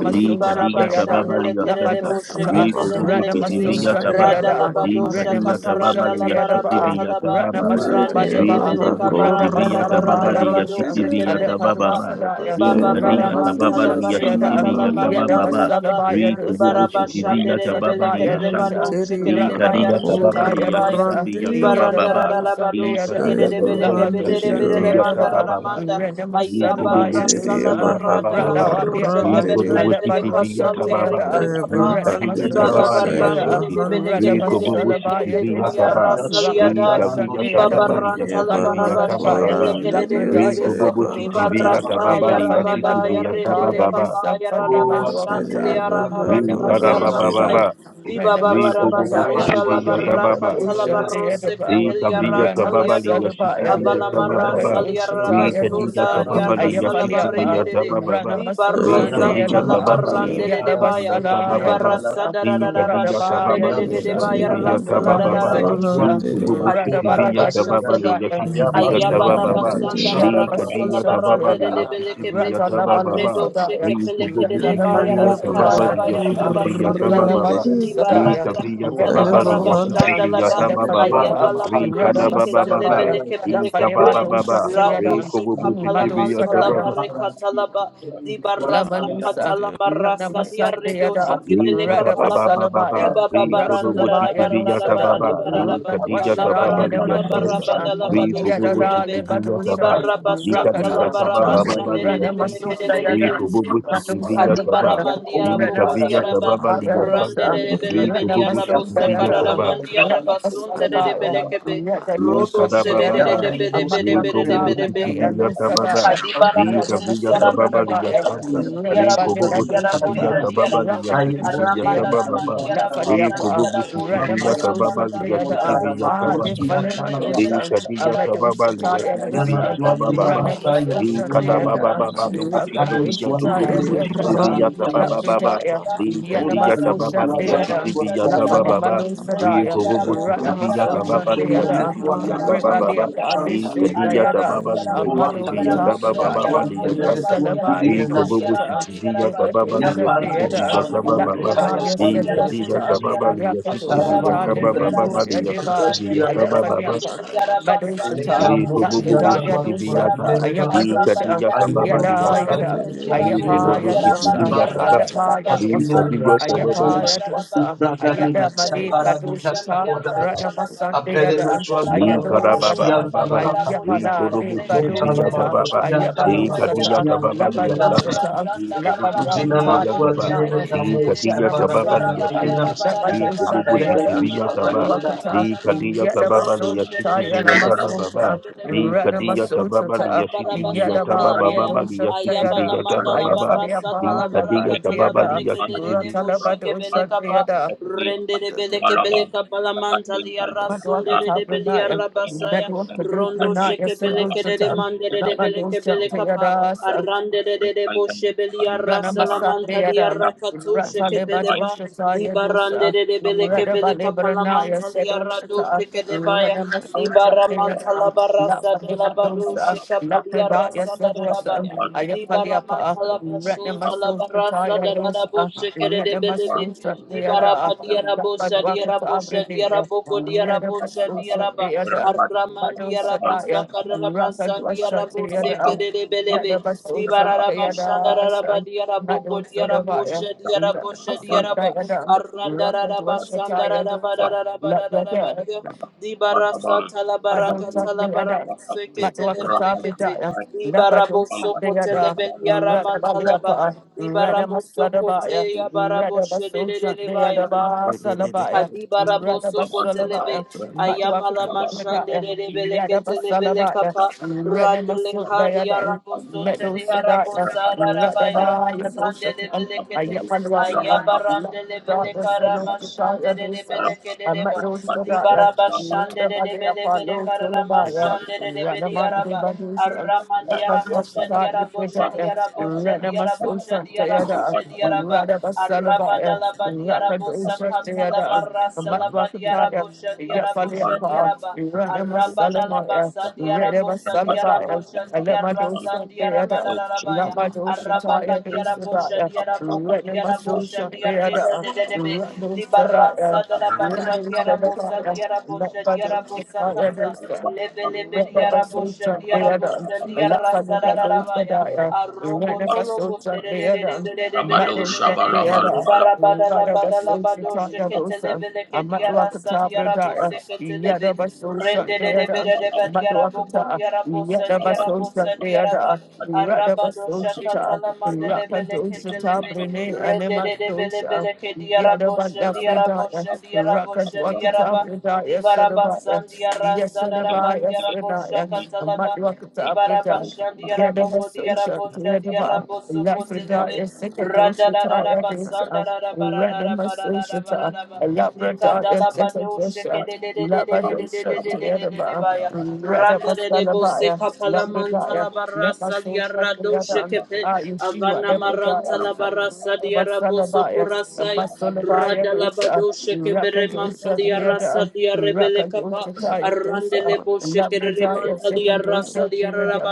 Speaker 4: Rikudubushitiviyatababa.
Speaker 6: Di barra
Speaker 1: Shandeada,
Speaker 4: Likadiyatababa
Speaker 6: bashande le che de de
Speaker 4: liyashanta.
Speaker 6: boshe che
Speaker 1: Lapadoshita,
Speaker 6: te le vele che te.
Speaker 1: Ranamaso
Speaker 4: Rikububushitiviyatababa.
Speaker 6: Rada la
Speaker 1: Shandeada,
Speaker 6: badosha
Speaker 1: Ranamaso
Speaker 4: Likadiyatababa
Speaker 6: caparanda la
Speaker 4: viyata
Speaker 6: barra
Speaker 1: Shandeadaba,
Speaker 6: manta
Speaker 4: baba
Speaker 1: Ranamaso
Speaker 6: Rande de de
Speaker 1: Badeba,
Speaker 6: bele cabaranda la
Speaker 1: Radabasalaba
Speaker 6: barada la
Speaker 1: Yadusha,
Speaker 6: badoshe che bele
Speaker 1: Alepadua
Speaker 4: liyashitiviyatabababa.
Speaker 6: Di
Speaker 1: Sadaya,
Speaker 6: baba barra
Speaker 1: Ranamaso
Speaker 6: manta
Speaker 4: Likadiyatababa
Speaker 6: la barre
Speaker 1: Shandeada,
Speaker 6: kata mare manta
Speaker 4: liyashitiviyatabababa.
Speaker 1: Yadabasalaba Yadusa, Matu
Speaker 6: Libarabashande de
Speaker 4: Rikububushitiviyatababa
Speaker 1: Sadaba
Speaker 6: Belekere de
Speaker 4: liyashanta.
Speaker 1: Yadusa,
Speaker 6: Bado, Shekere de Baya, Rinde
Speaker 4: Likadiyatababa
Speaker 1: Rakadoshita
Speaker 6: de
Speaker 4: liyashitiviyatabababa.
Speaker 6: Baya,
Speaker 1: Yadusa,
Speaker 6: Libaranda
Speaker 1: Yadabalosa
Speaker 6: Rabado,
Speaker 1: Deada,
Speaker 6: Shekere de
Speaker 4: Likadiyatababa
Speaker 6: Beleke,
Speaker 4: baba.
Speaker 6: Bede
Speaker 4: Lika Diyata Baba
Speaker 1: Labadosha
Speaker 4: Liyashiti
Speaker 6: de
Speaker 2: Diriyo,
Speaker 4: Viyata
Speaker 6: Banda
Speaker 1: Deadaba.
Speaker 4: Baba,
Speaker 6: Ramanda,
Speaker 1: Renema Salabaya
Speaker 6: Ayabarra
Speaker 2: Jaya
Speaker 1: Dusa,
Speaker 6: Salabara
Speaker 4: Nikodoboshitibiyakababa.
Speaker 1: Radawa
Speaker 6: Dalabado,
Speaker 2: Bahan
Speaker 1: Diapa,
Speaker 2: Diriyo,
Speaker 6: Shekeberende le
Speaker 1: Alepadu
Speaker 6: Casalia
Speaker 4: Nikodoboshitibiyakababa.
Speaker 1: Shantiada,
Speaker 6: Rebele
Speaker 3: you.
Speaker 6: Capa,
Speaker 1: Renema
Speaker 2: Sayabahandiriyo,
Speaker 6: Libaba
Speaker 7: Izama tuwaza
Speaker 6: Barande
Speaker 1: Sushantiada,
Speaker 7: na
Speaker 4: Nikadiyakababaliyashiti.
Speaker 6: de
Speaker 7: mahasi
Speaker 6: Beleke
Speaker 2: Sayabahandiriyo,
Speaker 1: Radaba
Speaker 6: de
Speaker 7: yote.
Speaker 6: Beleke
Speaker 1: Salabaya
Speaker 6: de Belia
Speaker 1: Dusa,
Speaker 4: Nikoboboshitibiyakaba.
Speaker 7: Arabia
Speaker 6: Rasalia
Speaker 3: Thank
Speaker 1: Rakadua
Speaker 7: suwata
Speaker 6: Dai,
Speaker 7: mano
Speaker 1: Santiada,
Speaker 7: shalela
Speaker 6: Libabaranta
Speaker 1: Madu
Speaker 7: karanta.
Speaker 2: Viniriyabaha,
Speaker 6: Labarabashande
Speaker 1: Sadabaya,
Speaker 4: Nikaviyakababalisutibiyakababa.
Speaker 6: Lekere de
Speaker 2: Korandiriyo,
Speaker 1: Lapradaya
Speaker 6: Belebe.
Speaker 7: Itamozwa na
Speaker 1: Sekundushata,
Speaker 2: Sayabahandiriyo,
Speaker 6: Libarasa
Speaker 7: mahasi waza
Speaker 3: you.
Speaker 1: Elafanima
Speaker 6: yarabadaya
Speaker 7: leleta.
Speaker 6: rendele
Speaker 1: Lukadaya,
Speaker 4: Nikoboboshitibiyakababaliyashitibiyakababa.
Speaker 6: kapaya
Speaker 7: O
Speaker 1: Lissafanima
Speaker 7: watana
Speaker 6: radamashandele
Speaker 1: Lokata,
Speaker 7: muzwa
Speaker 2: Siriyabaha,
Speaker 7: tare de
Speaker 1: Renema
Speaker 6: yaradabasaliya
Speaker 7: tuwazanda.
Speaker 2: Korandiriyo,
Speaker 1: Sushata,
Speaker 4: Nikadabababa.
Speaker 6: rasaya. Diba
Speaker 1: Renema
Speaker 7: Ayama
Speaker 1: Salabaya,
Speaker 6: babarabasunda la
Speaker 7: tuwaze de
Speaker 6: baraka
Speaker 4: Nikobobositibiyakababa.
Speaker 1: Rekadusha
Speaker 7: bakubrega
Speaker 6: talabarose
Speaker 1: Deadaba,
Speaker 4: Ika
Speaker 6: kepelia
Speaker 7: karanta.
Speaker 4: bija
Speaker 1: Renema
Speaker 4: kababa
Speaker 6: rantalia
Speaker 4: liya
Speaker 6: dos.
Speaker 4: shiti
Speaker 1: Salabaya.
Speaker 4: bija
Speaker 7: Alaikum
Speaker 6: Avalamara
Speaker 7: assalam
Speaker 4: kababa.
Speaker 6: salia
Speaker 7: warahmatullahi
Speaker 1: Rakatoshataya
Speaker 4: Rika dija
Speaker 1: dosa,
Speaker 6: rabasunda
Speaker 4: kababa
Speaker 6: riaka
Speaker 7: wabarakatuh.
Speaker 2: Viniyabaha,
Speaker 4: liya shiti
Speaker 2: Korandiriyo,
Speaker 1: Ayafaliapa,
Speaker 6: salabarede
Speaker 4: bija
Speaker 6: de de.
Speaker 4: kababa.
Speaker 6: Diba
Speaker 1: Ranamasosha
Speaker 4: Rika
Speaker 6: rosa
Speaker 4: dija
Speaker 7: Aiyamakum
Speaker 1: deadaba,
Speaker 4: kababa
Speaker 7: salam.
Speaker 2: Sayabahandiriyo,
Speaker 4: liya
Speaker 6: talamarande de de
Speaker 4: shiti
Speaker 6: baya.
Speaker 4: bija
Speaker 1: Yadabasalaya
Speaker 6: Diba
Speaker 7: Aiyamakustiyan
Speaker 4: kababa.
Speaker 6: rasa
Speaker 1: dosa,
Speaker 7: balaqam.
Speaker 6: da da da
Speaker 4: Rika
Speaker 6: da
Speaker 4: dija
Speaker 6: bashande
Speaker 1: Radabaya
Speaker 4: kababa
Speaker 6: de de de
Speaker 4: liya
Speaker 6: de
Speaker 1: dosa,
Speaker 4: shiti
Speaker 6: baya
Speaker 7: Aiyamuwaatkan.
Speaker 4: bija
Speaker 6: rasa la da
Speaker 2: Nijiriyabaha,
Speaker 1: Alakundaya
Speaker 4: kababa.
Speaker 6: da ya.
Speaker 7: Aiyamajuan
Speaker 1: sedosha,
Speaker 4: Rika
Speaker 2: Korandiriyo,
Speaker 4: bubu shiti
Speaker 6: Kadiba
Speaker 7: kirimakumna
Speaker 6: raba
Speaker 4: bija
Speaker 7: kasihya.
Speaker 4: kababa
Speaker 1: Radabadebadosa
Speaker 6: shandelebe.
Speaker 4: liya
Speaker 1: baya,
Speaker 4: shiti bija
Speaker 7: Aiyamashuan
Speaker 6: Ayabala
Speaker 1: Alakundaya.
Speaker 7: jadi
Speaker 4: kababa.
Speaker 6: basanda
Speaker 2: Sayabahandiriyo,
Speaker 7: bosan.
Speaker 4: Rika
Speaker 6: barakatala
Speaker 4: dija
Speaker 1: Yadabasosha
Speaker 4: kababa
Speaker 6: barande de
Speaker 7: Balaqamabonita.
Speaker 6: de
Speaker 4: liya
Speaker 1: deada,
Speaker 4: shiti
Speaker 6: belekebe.
Speaker 4: bija
Speaker 6: Arredo
Speaker 4: kababa.
Speaker 1: Ratalabalusa daya,
Speaker 6: sheke
Speaker 4: Rika
Speaker 6: peleke de
Speaker 4: bubu
Speaker 6: de
Speaker 4: shiti
Speaker 6: baya
Speaker 7: Naya
Speaker 4: bija
Speaker 1: Ratalabasosha
Speaker 7: dia
Speaker 6: rantala
Speaker 2: Viniyabaha,
Speaker 4: kababa
Speaker 1: taya
Speaker 6: raba
Speaker 4: liya
Speaker 6: ya
Speaker 7: sangat.
Speaker 4: shiti
Speaker 1: dosa,
Speaker 6: raba
Speaker 4: bija
Speaker 6: sande de
Speaker 7: Dia
Speaker 6: de.
Speaker 4: kababa.
Speaker 7: punya
Speaker 2: Korandiriyo,
Speaker 1: Yadabasosa
Speaker 7: kuat.
Speaker 1: daya,
Speaker 7: Dia
Speaker 4: Rika
Speaker 6: Dibarasa
Speaker 4: bija
Speaker 6: katala
Speaker 4: kababa
Speaker 6: baraba
Speaker 4: liya
Speaker 7: suasanawat.
Speaker 1: Renamasosha
Speaker 4: shiti bija
Speaker 1: taya,
Speaker 6: shandalaba.
Speaker 7: Aiyu
Speaker 4: kababa.
Speaker 7: suami
Speaker 1: Alakundaya,
Speaker 6: Ayabala bado
Speaker 4: Rikada
Speaker 7: mahadini.
Speaker 4: baba baba,
Speaker 1: Radabasalabaya,
Speaker 4: Ika
Speaker 1: Lafane
Speaker 4: baba,
Speaker 7: Maybe
Speaker 1: Bado
Speaker 4: baba,
Speaker 1: Shakti
Speaker 7: how
Speaker 6: Rado
Speaker 7: you
Speaker 1: Yadan,
Speaker 6: sheka
Speaker 4: Rikobubu city
Speaker 1: Mado
Speaker 6: palamanta
Speaker 4: yata
Speaker 7: is
Speaker 1: Sadaya,
Speaker 4: baba
Speaker 7: not a fear. Maybe one
Speaker 6: Dibarasa
Speaker 7: color, one
Speaker 1: Labanusa,
Speaker 6: katala diarredo
Speaker 1: Ranamasadeada,
Speaker 6: sheke
Speaker 7: color,
Speaker 4: Rikada baba,
Speaker 6: palaba.
Speaker 4: baba,
Speaker 1: Radabasalabaya,
Speaker 4: baba,
Speaker 7: one
Speaker 6: Liba babaranda
Speaker 4: Rikobubu
Speaker 7: color,
Speaker 6: da da
Speaker 4: city
Speaker 1: Rasalabaya
Speaker 6: ba da da da
Speaker 4: yata
Speaker 6: ba da
Speaker 1: Nosada,
Speaker 6: da
Speaker 7: more
Speaker 4: baba,
Speaker 6: ba da
Speaker 7: color,
Speaker 6: da ba.
Speaker 4: Rikadija
Speaker 6: La
Speaker 7: Alvina,
Speaker 1: Rakadwashadaya
Speaker 4: baba,
Speaker 7: and
Speaker 6: barada
Speaker 4: Rikadabababa,
Speaker 6: la
Speaker 7: Matando
Speaker 2: Sayabahandiriyo,
Speaker 6: baraba
Speaker 1: Namantosa,
Speaker 6: da
Speaker 7: Chan
Speaker 6: la
Speaker 7: Talaba.
Speaker 6: bado
Speaker 1: Yadada
Speaker 6: shekelebe. Liba
Speaker 7: I
Speaker 4: Ikabababa,
Speaker 1: Lebadosa,
Speaker 4: Rikobobusitibiyatababa,
Speaker 7: am
Speaker 4: Rikadabababa, Rikodobusitiviyataba, baba, liyasanta,
Speaker 7: a
Speaker 4: Rikobobusitibiyataba,
Speaker 7: swan
Speaker 6: rabasanta
Speaker 2: Thank
Speaker 6: la
Speaker 7: Talaba, and
Speaker 6: baraba
Speaker 1: Rakadwashata,
Speaker 7: maybe
Speaker 4: Rikadiyatabababa
Speaker 6: sande de de beleke
Speaker 4: liyasinti,
Speaker 6: de
Speaker 7: Matando
Speaker 6: de de be.
Speaker 7: Chan,
Speaker 1: Ranamasosayada,
Speaker 7: that one.
Speaker 6: Kadiba
Speaker 4: Rikobobusitiviyatababa,
Speaker 1: Hanusadavata,
Speaker 7: I am
Speaker 6: ramandi
Speaker 7: called
Speaker 4: Rikaviyatababa
Speaker 6: araboko
Speaker 7: Makaraba,
Speaker 1: Ranamasos.
Speaker 6: diaraba.
Speaker 4: liyasanta, baba. Rikadija baba liya
Speaker 7: Talaba,
Speaker 6: Rande
Speaker 4: santa,
Speaker 1: Aradosa,
Speaker 6: de de beleve
Speaker 4: Rikobubu
Speaker 6: diarabo
Speaker 4: city
Speaker 6: sakada
Speaker 7: Yamamino
Speaker 4: yata
Speaker 1: Ranamasodayada,
Speaker 4: baba.
Speaker 7: Swan
Speaker 6: ramandi arabasunte de de
Speaker 1: Rakasalabaya,
Speaker 7: Talaba,
Speaker 6: belekebe. Rodo
Speaker 4: Ikada
Speaker 6: shede
Speaker 4: baba,
Speaker 6: de
Speaker 7: Ya
Speaker 6: de
Speaker 1: Rakadwashatayada,
Speaker 6: de
Speaker 4: ba,
Speaker 7: pele
Speaker 6: de be de be de
Speaker 7: buswan
Speaker 6: be de de
Speaker 7: pele
Speaker 1: Amatwakata
Speaker 4: ikobobo
Speaker 6: be de be.
Speaker 4: titi
Speaker 1: Brede,
Speaker 7: gatanya
Speaker 4: viyata
Speaker 7: bosina
Speaker 4: baba,
Speaker 1: Anosadaya,
Speaker 7: chanda rin.
Speaker 6: Kadibarabu
Speaker 4: ika viyata
Speaker 7: Pele
Speaker 6: Sindiarabu
Speaker 4: baba,
Speaker 1: Ranamasosadavaya,
Speaker 6: Kudiarabu
Speaker 4: Ikadababa,
Speaker 7: gatanya
Speaker 1: Reda
Speaker 6: Sadiarabu
Speaker 7: gatsuta
Speaker 4: Ikobobotitiviyakababa,
Speaker 6: Kudiarabu
Speaker 7: gatanya.
Speaker 1: Balibadusha,
Speaker 4: Ikaviyakababa liyasanta, Ikobobotitiviyakababa
Speaker 6: Sandiarabu
Speaker 7: Aye
Speaker 1: Rakadusha the
Speaker 7: buswan
Speaker 6: Aramanda
Speaker 4: liyasitiviyakababa, Ikobobotitiviyakababa
Speaker 1: other,
Speaker 4: baba.
Speaker 7: tamu
Speaker 4: ba,
Speaker 7: vasta
Speaker 6: Lamandiarabu
Speaker 7: vasta.
Speaker 1: Lafadiapa,
Speaker 4: ikobobo
Speaker 6: Sandiarabu
Speaker 4: titi
Speaker 1: Reda
Speaker 7: Wahala
Speaker 4: viyata
Speaker 6: Sukuraba
Speaker 7: pele
Speaker 4: baba
Speaker 1: Masusha
Speaker 4: liya
Speaker 1: the
Speaker 7: tamu
Speaker 1: other,
Speaker 4: siti
Speaker 7: tala
Speaker 4: viyata
Speaker 6: Sandiarasara
Speaker 1: Ah,
Speaker 4: baba.
Speaker 7: makusina tala
Speaker 6: Rebele
Speaker 7: va.
Speaker 1: Lifalemadusha,
Speaker 4: Ikadiya
Speaker 6: Belekediarabu
Speaker 4: sababa
Speaker 1: Amadusha
Speaker 4: liya
Speaker 6: Sukura
Speaker 7: Raya
Speaker 4: sitiviya
Speaker 1: Tayadusa,
Speaker 7: maswan
Speaker 6: Sakarabu
Speaker 7: ni
Speaker 4: sababa.
Speaker 1: Rana
Speaker 7: mahasa ya
Speaker 6: Sukiriarabu
Speaker 1: Masusha
Speaker 7: tenu
Speaker 1: the
Speaker 7: munda
Speaker 1: other,
Speaker 7: das.
Speaker 6: Sukuraba
Speaker 4: Ikadabababa bubu
Speaker 7: Aparo
Speaker 6: Randi
Speaker 4: sitiviya
Speaker 1: Rakadusha
Speaker 7: swan
Speaker 4: tubu
Speaker 7: tale
Speaker 4: bubu
Speaker 7: vetua
Speaker 4: sitiviya
Speaker 1: Tayadukata,
Speaker 7: santa
Speaker 4: sababa.
Speaker 7: la.
Speaker 4: ba.
Speaker 1: Lapidaya,
Speaker 4: Ikadiya
Speaker 6: Ibarra
Speaker 7: Muntale
Speaker 4: sababa
Speaker 1: Yanamasosha
Speaker 7: vetua
Speaker 1: the
Speaker 4: liya
Speaker 7: zava
Speaker 6: Sandiarabu
Speaker 1: other,
Speaker 7: tua
Speaker 4: sitiviya
Speaker 7: sanda
Speaker 6: Sadiaraba
Speaker 4: sababa.
Speaker 1: Lafanimadusa Daya,
Speaker 2: you.
Speaker 4: Ikobubu
Speaker 6: Remandiarabu boko
Speaker 7: Ya
Speaker 1: Rana
Speaker 4: sitiviya
Speaker 6: diara
Speaker 7: para
Speaker 1: Masosha
Speaker 6: bose
Speaker 4: sababa
Speaker 1: the
Speaker 4: liya
Speaker 6: diara
Speaker 7: mutluluğunu
Speaker 1: other,
Speaker 6: boko
Speaker 4: sitiviya
Speaker 7: kuatan
Speaker 6: diara
Speaker 7: ama
Speaker 6: bose
Speaker 4: sababa. ba.
Speaker 6: diara
Speaker 1: Rebaliapa
Speaker 7: kadrosan
Speaker 6: bo.
Speaker 1: Lissu
Speaker 7: tanımın
Speaker 4: Ikadiya
Speaker 6: Arama
Speaker 7: asa.
Speaker 1: Dayada,
Speaker 4: sababa
Speaker 6: diara
Speaker 4: liya
Speaker 6: boko
Speaker 1: Amado
Speaker 7: Kuatan
Speaker 6: diara
Speaker 4: sitiviya
Speaker 6: bose
Speaker 4: sababa
Speaker 1: Kutapradaya.
Speaker 4: ba
Speaker 6: diara
Speaker 7: abasuan
Speaker 4: liya
Speaker 6: bosa
Speaker 7: pelede
Speaker 6: ka
Speaker 4: santa.
Speaker 7: kuan
Speaker 6: diara
Speaker 1: Resalabaya
Speaker 7: bilinen
Speaker 6: bose
Speaker 4: Ikobubu
Speaker 3: Thank
Speaker 7: asa.
Speaker 6: diara
Speaker 1: Dushata,
Speaker 6: man diara
Speaker 4: sitiviya
Speaker 6: ba.
Speaker 4: sababa
Speaker 7: Ya
Speaker 4: liya
Speaker 1: Libadushan
Speaker 7: para
Speaker 6: Arama
Speaker 1: Deada,
Speaker 6: diara
Speaker 4: sitiviya
Speaker 7: mutluluğunu
Speaker 6: bose
Speaker 4: sababa.
Speaker 7: tanımın
Speaker 4: ba.
Speaker 6: diara
Speaker 7: kaya
Speaker 1: Lapidaya
Speaker 6: boko
Speaker 1: said
Speaker 6: diara
Speaker 7: sanmını
Speaker 4: Ikadiya
Speaker 6: bose
Speaker 1: Washita,
Speaker 7: kuatan.
Speaker 4: sababa
Speaker 6: diara
Speaker 4: liya
Speaker 6: bose
Speaker 7: Atara
Speaker 6: diara
Speaker 4: sitiviya
Speaker 7: bak
Speaker 1: Rapadushata,
Speaker 6: bose
Speaker 4: sababa
Speaker 7: bunları
Speaker 6: diara
Speaker 4: ba
Speaker 6: ba.
Speaker 1: Libranu
Speaker 4: liya
Speaker 7: kasama
Speaker 6: Ra
Speaker 1: Yadeba,
Speaker 7: dost
Speaker 6: de
Speaker 4: sitiviya
Speaker 6: de
Speaker 7: diyan
Speaker 6: de
Speaker 4: sababa.
Speaker 6: de
Speaker 7: kama
Speaker 4: ba.
Speaker 6: de de
Speaker 7: dost.
Speaker 6: de
Speaker 1: Alepaniapan,
Speaker 6: diara ba sam
Speaker 7: Alem
Speaker 1: Madushata,
Speaker 6: diara
Speaker 7: tam
Speaker 6: bose
Speaker 7: mutlu
Speaker 4: Ikobobo
Speaker 6: diara
Speaker 1: Lapidaya
Speaker 7: yazama
Speaker 6: bose
Speaker 7: kuan
Speaker 1: Dusha,
Speaker 6: diara
Speaker 4: shitiviyata,
Speaker 6: ba. Araba
Speaker 1: Ayabadusha,
Speaker 4: ikadiyaka
Speaker 6: diara
Speaker 4: baba
Speaker 6: boko
Speaker 7: aielekwa
Speaker 1: Yada
Speaker 6: diara
Speaker 4: liyasanta,
Speaker 1: Yada,
Speaker 6: bose
Speaker 7: velemetwa
Speaker 6: diara bose
Speaker 7: vilena
Speaker 1: Ayapa
Speaker 4: ikobobo
Speaker 6: diara
Speaker 7: towards
Speaker 6: man
Speaker 7: the
Speaker 1: Yaduasa,
Speaker 6: diara
Speaker 4: shitiviyata ba,
Speaker 7: balance
Speaker 1: Alepa
Speaker 6: Rasalaba,
Speaker 7: has
Speaker 1: Yaduasa,
Speaker 7: been
Speaker 4: ikadiyaka baba
Speaker 6: Arabadalaba,
Speaker 7: wasantias
Speaker 1: Ayapa
Speaker 6: Dalaba,
Speaker 1: Yaduasa,
Speaker 7: upradani
Speaker 6: Shandiarabu,
Speaker 7: na
Speaker 1: Ayada Madi
Speaker 6: Shandiarabu,
Speaker 7: saparadika
Speaker 1: Kadushata,
Speaker 7: sapodai
Speaker 1: Rana
Speaker 6: Shandiarasalaba,
Speaker 1: Masande
Speaker 7: apelelo
Speaker 1: Yada,
Speaker 6: Radalaba,
Speaker 7: suantalaba
Speaker 1: Ayado
Speaker 4: Nikada baba
Speaker 6: Yarabusa,
Speaker 4: baba,
Speaker 1: Sada,
Speaker 4: baba
Speaker 7: kostiantalabata
Speaker 6: Kadiarabu,
Speaker 1: Ayapala,
Speaker 4: Rikodo busi
Speaker 1: Lebado
Speaker 4: tibi
Speaker 7: montalaba
Speaker 6: Shandiarabu,
Speaker 4: yata
Speaker 1: Shata,
Speaker 4: baba
Speaker 1: Ayabalo
Speaker 7: kostiantalaba
Speaker 1: Sata,
Speaker 6: Shandiarasalaba,
Speaker 4: Likadababababa,
Speaker 1: Labado
Speaker 7: kostiantelebelabes
Speaker 6: Ibarra,
Speaker 1: Shata,
Speaker 6: Sanda, Baraka,
Speaker 7: uzinama
Speaker 1: Labadrakata,
Speaker 4: Rikodobushitibiyatababa,
Speaker 1: Lebinaya,
Speaker 7: tuazinemeta mos
Speaker 6: Palamande,
Speaker 4: Likadiyatababa liyasanta, baba Likadiyatababa
Speaker 1: Yanamaso,
Speaker 6: Ibarra,
Speaker 7: tabarataya
Speaker 4: liyasinti,
Speaker 7: filenasa
Speaker 1: Labado
Speaker 7: apelele
Speaker 1: Sandayada,
Speaker 7: dus
Speaker 4: Rikodobushitibiyataba,
Speaker 7: kabalena
Speaker 1: Madwakata,
Speaker 4: Likadiyatababa
Speaker 6: Rondo,
Speaker 1: Yadabaso Sata, Yanamaso,
Speaker 4: liyasitibiyatabababa,
Speaker 6: Shedebe,
Speaker 1: Radamaso
Speaker 4: Likadiyatababa
Speaker 1: Sata,
Speaker 6: Kadibaraba
Speaker 1: Yadaba,
Speaker 6: Santalabaya,
Speaker 4: liyasitibiyatabababa
Speaker 1: Yedo
Speaker 4: liyasitibiyatabababa, Likadiyatababa baba. di yasiti bi
Speaker 6: Ayabala
Speaker 1: Shatayada,
Speaker 4: yata baba
Speaker 6: Mandala
Speaker 4: ba.
Speaker 6: Barasa
Speaker 1: Ayasaleapa,
Speaker 4: Nika di
Speaker 6: Talabaraka
Speaker 4: yata baba di yasiti bi yata baba baba di yasiti bi yata baba ba. Nika di yata baba di
Speaker 1: Labandriada,
Speaker 6: Talabarika
Speaker 4: yasiti
Speaker 6: de
Speaker 4: bi
Speaker 6: Debo Sheke
Speaker 1: Ratalabado
Speaker 6: Belekapa,
Speaker 1: Shandriada,
Speaker 6: Rende de Beleke Beleka Balamantalia Rasunde de Belia
Speaker 1: Medwakatavranaya,
Speaker 6: Rabasaya, Rondo
Speaker 1: Medwakadevranaya,
Speaker 6: Sheke Beleke de
Speaker 1: Sendulchata,
Speaker 6: Mande de Beleke
Speaker 1: Namadosha
Speaker 6: Belekapa.
Speaker 1: Teyadas,
Speaker 6: Arrande de de de bosche beli arra
Speaker 1: Rana
Speaker 6: salamanta di
Speaker 1: Masabiadan,
Speaker 6: arra katushe
Speaker 1: Rata
Speaker 6: ke
Speaker 1: Lebado
Speaker 6: peleba
Speaker 1: Shata
Speaker 6: di barande
Speaker 1: Yadusa,
Speaker 6: de de bele ke
Speaker 1: Rada
Speaker 6: bele
Speaker 1: Balebranaya
Speaker 6: kapalamanta di
Speaker 1: Sedo
Speaker 6: arra
Speaker 1: Shata,
Speaker 6: doshe ke de baya
Speaker 1: Rana
Speaker 6: di
Speaker 1: Masoja
Speaker 6: baramanta la
Speaker 1: Neada,
Speaker 6: barasa
Speaker 1: Lapa
Speaker 6: de la badoshe
Speaker 1: Nemadosa,
Speaker 6: kapali
Speaker 1: Lapa
Speaker 6: arra
Speaker 1: Daya
Speaker 6: sada da da
Speaker 1: Sedosa,
Speaker 6: baya di
Speaker 1: Ayapaliapa,
Speaker 6: baramanta la
Speaker 1: Rana
Speaker 6: bashunta la
Speaker 1: Masoja
Speaker 6: barasa da da da
Speaker 1: Yadosa,
Speaker 6: boshe ke de de
Speaker 1: Rana
Speaker 6: bele be
Speaker 1: Masoja
Speaker 6: Zibaraba
Speaker 1: Neada, Lapa
Speaker 6: diarabosha
Speaker 1: Dwakata
Speaker 6: diarabosha
Speaker 1: Abridea,
Speaker 6: diaraboko
Speaker 1: Yada
Speaker 6: diarabosha
Speaker 1: Masoja
Speaker 6: diaraba
Speaker 1: Neada,
Speaker 6: arraman
Speaker 1: Bado
Speaker 6: diarabosa
Speaker 1: Sadaya, Raka
Speaker 6: kararamasan
Speaker 1: Dwasha
Speaker 6: diarabose
Speaker 1: Neada,
Speaker 6: kerelebelebe
Speaker 1: Yada Masoja
Speaker 6: dibararaba shandararaba
Speaker 1: Neada,
Speaker 6: diaraboko
Speaker 1: Madon Sadavaya,
Speaker 6: diarabosha diarabosha diaraba
Speaker 1: Rakasundayada,
Speaker 6: arrandararaba
Speaker 1: Rakadwashataya
Speaker 6: sandararaba
Speaker 1: dosa,
Speaker 6: dararaba dararaba
Speaker 1: Labrador,
Speaker 6: dia dibarasa
Speaker 3: you.
Speaker 1: Madon
Speaker 6: talabaraka
Speaker 1: Sunday Ada,
Speaker 6: talabarabose
Speaker 3: Thank you.
Speaker 1: Matwakata
Speaker 6: ketelebelekete
Speaker 1: Bridaya, Labadon
Speaker 6: dibarabosoko
Speaker 1: Sunday Ada,
Speaker 6: telebeliaraman talaba
Speaker 1: Radabaliapa,
Speaker 6: Ibaraboso
Speaker 1: Radabasadabaya,
Speaker 6: kote ya baraboshe
Speaker 1: Radabaso
Speaker 6: derere
Speaker 1: Sunday
Speaker 6: baya.
Speaker 1: Adaba Salabaya,
Speaker 6: Kadibaraboso
Speaker 1: Radabasalabaya,
Speaker 6: koteleve ayamala
Speaker 1: Matwakata Bridaya,
Speaker 6: mashandere beleke televele
Speaker 1: Radabasalabaya,
Speaker 6: kapa randele
Speaker 1: Renamaso
Speaker 6: kadi
Speaker 1: Dayada,
Speaker 6: araboso
Speaker 1: Meadow
Speaker 6: tele
Speaker 1: Sadaya,
Speaker 6: arabosa rarabaya
Speaker 1: Radabaya Dosha,
Speaker 6: rabasandele belekete
Speaker 1: Ayamanwasa,
Speaker 6: ayabarandele
Speaker 1: Labradaya
Speaker 6: belekara
Speaker 1: Sanochitaya
Speaker 6: mashandere
Speaker 1: Dosa.
Speaker 6: beleke dereba
Speaker 1: Amado Sadaya,
Speaker 6: dibarabashandere
Speaker 1: Yadamade
Speaker 6: belebere
Speaker 1: Apollo
Speaker 6: karama
Speaker 1: Solomaya,
Speaker 6: shandere bedi
Speaker 1: Ranamande
Speaker 6: araba
Speaker 1: Badusa,
Speaker 6: Aramandiara Bosha
Speaker 1: Yadamasasa
Speaker 6: Diara Bosha
Speaker 1: Nikitaya,
Speaker 6: Diara Bosha Diara Bosha
Speaker 1: Ranamasosa
Speaker 6: Diara
Speaker 1: Tayada,
Speaker 6: Bosha Diaraba
Speaker 1: Radabasalavaya,
Speaker 6: Arabadalaba Diara Bosa
Speaker 1: Rakadosha Tayada,
Speaker 6: Catalamara Salava Diara
Speaker 1: Amatwakataya,
Speaker 6: Bosha Diara Bosha
Speaker 1: Yapaliapa,
Speaker 6: Diaraba Arabadalaba
Speaker 1: Ranamasalamaya,
Speaker 6: Sadiara Bosa Diara
Speaker 1: Redabasalavaya,
Speaker 6: Bosha Diara
Speaker 1: Alamadosa
Speaker 6: Sandiara
Speaker 1: Tayada,
Speaker 6: Badarabaya
Speaker 1: Lamadosha
Speaker 6: Arabaka Diara Bosha
Speaker 1: Tayada Sadaya,
Speaker 6: Diara Boko Diara Bosha
Speaker 1: Ranamasosa
Speaker 6: Diara Resa
Speaker 1: Tayada,
Speaker 6: de Debe
Speaker 1: Radabasadaya,
Speaker 6: Dibarasa Dalabasha Arabado
Speaker 1: Matuakata, Yadabasosha, the other,
Speaker 6: shakatala
Speaker 1: Radabasosha,
Speaker 6: mandele bele
Speaker 1: Rakadoshita,
Speaker 6: ketelebe.
Speaker 1: Brene,
Speaker 6: Rededede bele
Speaker 1: Anema
Speaker 6: bele kediyara boşan diyara
Speaker 1: Yadabadafridaya,
Speaker 6: boşan diyara boşan diyara ba.
Speaker 1: Rakadwakatafridaya,
Speaker 6: Dibaraba
Speaker 1: Sudabaya,
Speaker 6: sandiyara sadaraba
Speaker 1: Yesadabaya,
Speaker 6: diyara boşa
Speaker 1: Fridaya,
Speaker 6: katalaba. Dibaraba
Speaker 1: Amatwakatafrida,
Speaker 3: Thank
Speaker 6: şandiyara boko diyara
Speaker 1: Yadabasunsha,
Speaker 6: boşa
Speaker 1: Yadaba,
Speaker 6: diyara bosoko
Speaker 1: Lafridaya,
Speaker 6: telebe. Randa
Speaker 1: Sikadushataya, Bisa, Ranamasushata, Labradaya, Sikadusha, Labadusha, Yadaba, Radaba Salabaya, La Labradaya, Nemasu, Yadaba, Ah, Yeshua, Nebadaya, Basalabaya, Basalabaya Dosa, Rakadosa Neada, Rakadosa Taya Dosa, Labradaya Second Dosa Neada,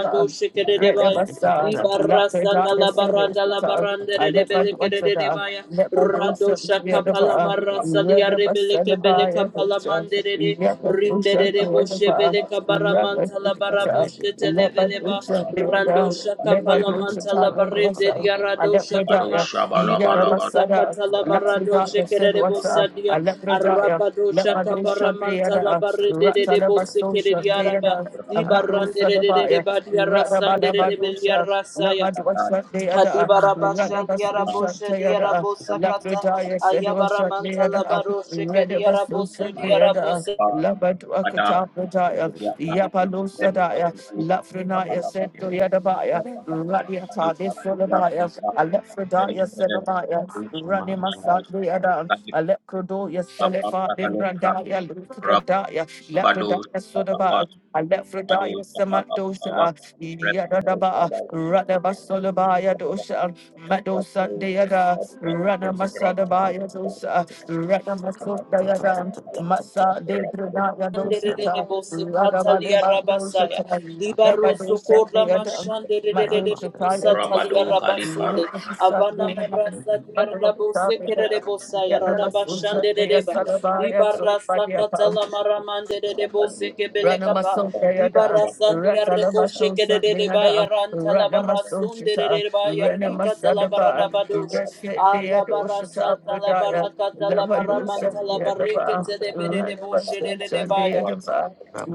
Speaker 1: Redabasa,
Speaker 6: Di barra sanda
Speaker 1: Labradaya
Speaker 6: la barra Radala
Speaker 1: Sedosita,
Speaker 6: barandere de beleke de de
Speaker 1: Alebadwasada,
Speaker 6: devaya.
Speaker 1: Lebadosa
Speaker 6: Radosha kapala
Speaker 1: Neada,
Speaker 6: marasalia rebeleke beleka
Speaker 1: Redabasalabaya Dosa,
Speaker 6: palamandere de. Rinde de
Speaker 1: Yakadosa
Speaker 6: de boshe
Speaker 1: Neada,
Speaker 6: beleka baramanta la
Speaker 1: Rakadosa,
Speaker 6: baraboshe televeleba.
Speaker 1: Labadosa Neada,
Speaker 6: Randosha
Speaker 1: Never
Speaker 6: kapala
Speaker 1: do it to
Speaker 6: manta la
Speaker 1: talk to us.
Speaker 6: bareze dia
Speaker 1: I let
Speaker 6: radosha
Speaker 1: the
Speaker 6: kapa.
Speaker 1: dark,
Speaker 6: Di
Speaker 1: yet never
Speaker 6: barasa
Speaker 1: said up.
Speaker 6: katala
Speaker 1: Let the dark,
Speaker 6: maradoshe kere
Speaker 1: said
Speaker 6: de
Speaker 1: what's up.
Speaker 6: bosadia.
Speaker 1: I let the dark, let my
Speaker 6: shaka
Speaker 1: do shunt the
Speaker 6: kaparamanta la
Speaker 1: other.
Speaker 6: barede
Speaker 1: Rat
Speaker 6: de
Speaker 1: I
Speaker 6: de
Speaker 1: never
Speaker 6: bose
Speaker 1: so
Speaker 6: kere
Speaker 1: shunt the
Speaker 6: diaraba.
Speaker 1: other. A
Speaker 6: Di
Speaker 1: macro
Speaker 6: barande
Speaker 1: said
Speaker 6: de de
Speaker 1: about
Speaker 6: de
Speaker 3: you.
Speaker 1: it.
Speaker 6: badia
Speaker 1: Rat about
Speaker 6: rasandere
Speaker 1: never
Speaker 6: de
Speaker 1: do
Speaker 6: belia
Speaker 1: shunt. Let my
Speaker 6: rasaya.
Speaker 1: do shut the other.
Speaker 6: Kadibara
Speaker 1: Rat
Speaker 6: bashan
Speaker 1: about so
Speaker 6: diara
Speaker 3: Thank
Speaker 1: shunt
Speaker 6: boshe
Speaker 1: the
Speaker 6: diara
Speaker 1: other.
Speaker 6: bosa
Speaker 1: Let the
Speaker 6: kata
Speaker 1: dark, said what's
Speaker 6: ayabara
Speaker 1: shut the
Speaker 6: mantala
Speaker 1: other.
Speaker 6: baro sheke
Speaker 1: Red of
Speaker 6: diara
Speaker 1: us, so
Speaker 6: boso
Speaker 1: shut the
Speaker 6: diara
Speaker 1: other.
Speaker 6: bose
Speaker 1: Love to a catap the dark. Yapa Lafrenaya Sento Yadabaya, Radiata de Solabaya, Alephrodaya Senobaya, Ranima Sadri Adam, Alecrodo Yaselefa de Brandaya, Lucradaya, Lacradaya Sodaba, Alephrodaya Samantosha, Yadadaba, Radaba Solabaya Dosha, Mado Sandeada, Ranama Sadabaya Radamasundayada, Masa de Brunaya
Speaker 6: nderere
Speaker 1: dosata,
Speaker 6: bose kata
Speaker 1: Radabalema
Speaker 6: diara
Speaker 1: dosata,
Speaker 6: basaya dibaro
Speaker 1: Lebadosa
Speaker 6: sokora
Speaker 1: deada,
Speaker 6: mashan nderere
Speaker 1: Madosataya
Speaker 6: bosa
Speaker 1: dosa,
Speaker 6: taliara basunde
Speaker 1: Yetasa
Speaker 6: avana
Speaker 1: deada,
Speaker 6: marasa diara
Speaker 1: Madosa
Speaker 6: bose kerere
Speaker 1: deada,
Speaker 6: bosa yara bashan
Speaker 1: Yetamasunta dea
Speaker 6: nderere ba
Speaker 1: salabaya, so
Speaker 6: dibara sakata
Speaker 1: Padiakam,
Speaker 6: la maramande bo seke bele kapa.
Speaker 1: Ranamaso
Speaker 6: Di
Speaker 1: Dayada,
Speaker 6: barasan di arrebo
Speaker 1: Ratalamaso
Speaker 6: sheke de de de ba
Speaker 1: Sandinada,
Speaker 6: ya la
Speaker 1: Ranamaso
Speaker 6: barasun de de
Speaker 1: Shita,
Speaker 6: de ba ya ta la barada
Speaker 1: Renamasadaba,
Speaker 6: badosh.
Speaker 1: Reset
Speaker 6: Ala
Speaker 1: Deado Shita
Speaker 6: barasata la
Speaker 1: Abradaya,
Speaker 6: barakata la
Speaker 1: Lavadosa
Speaker 6: baramanta la
Speaker 1: Deadaba,
Speaker 6: barreke te de bere de bo
Speaker 1: Ranamaso
Speaker 6: shere de de ba ya.
Speaker 1: Sandeadaba,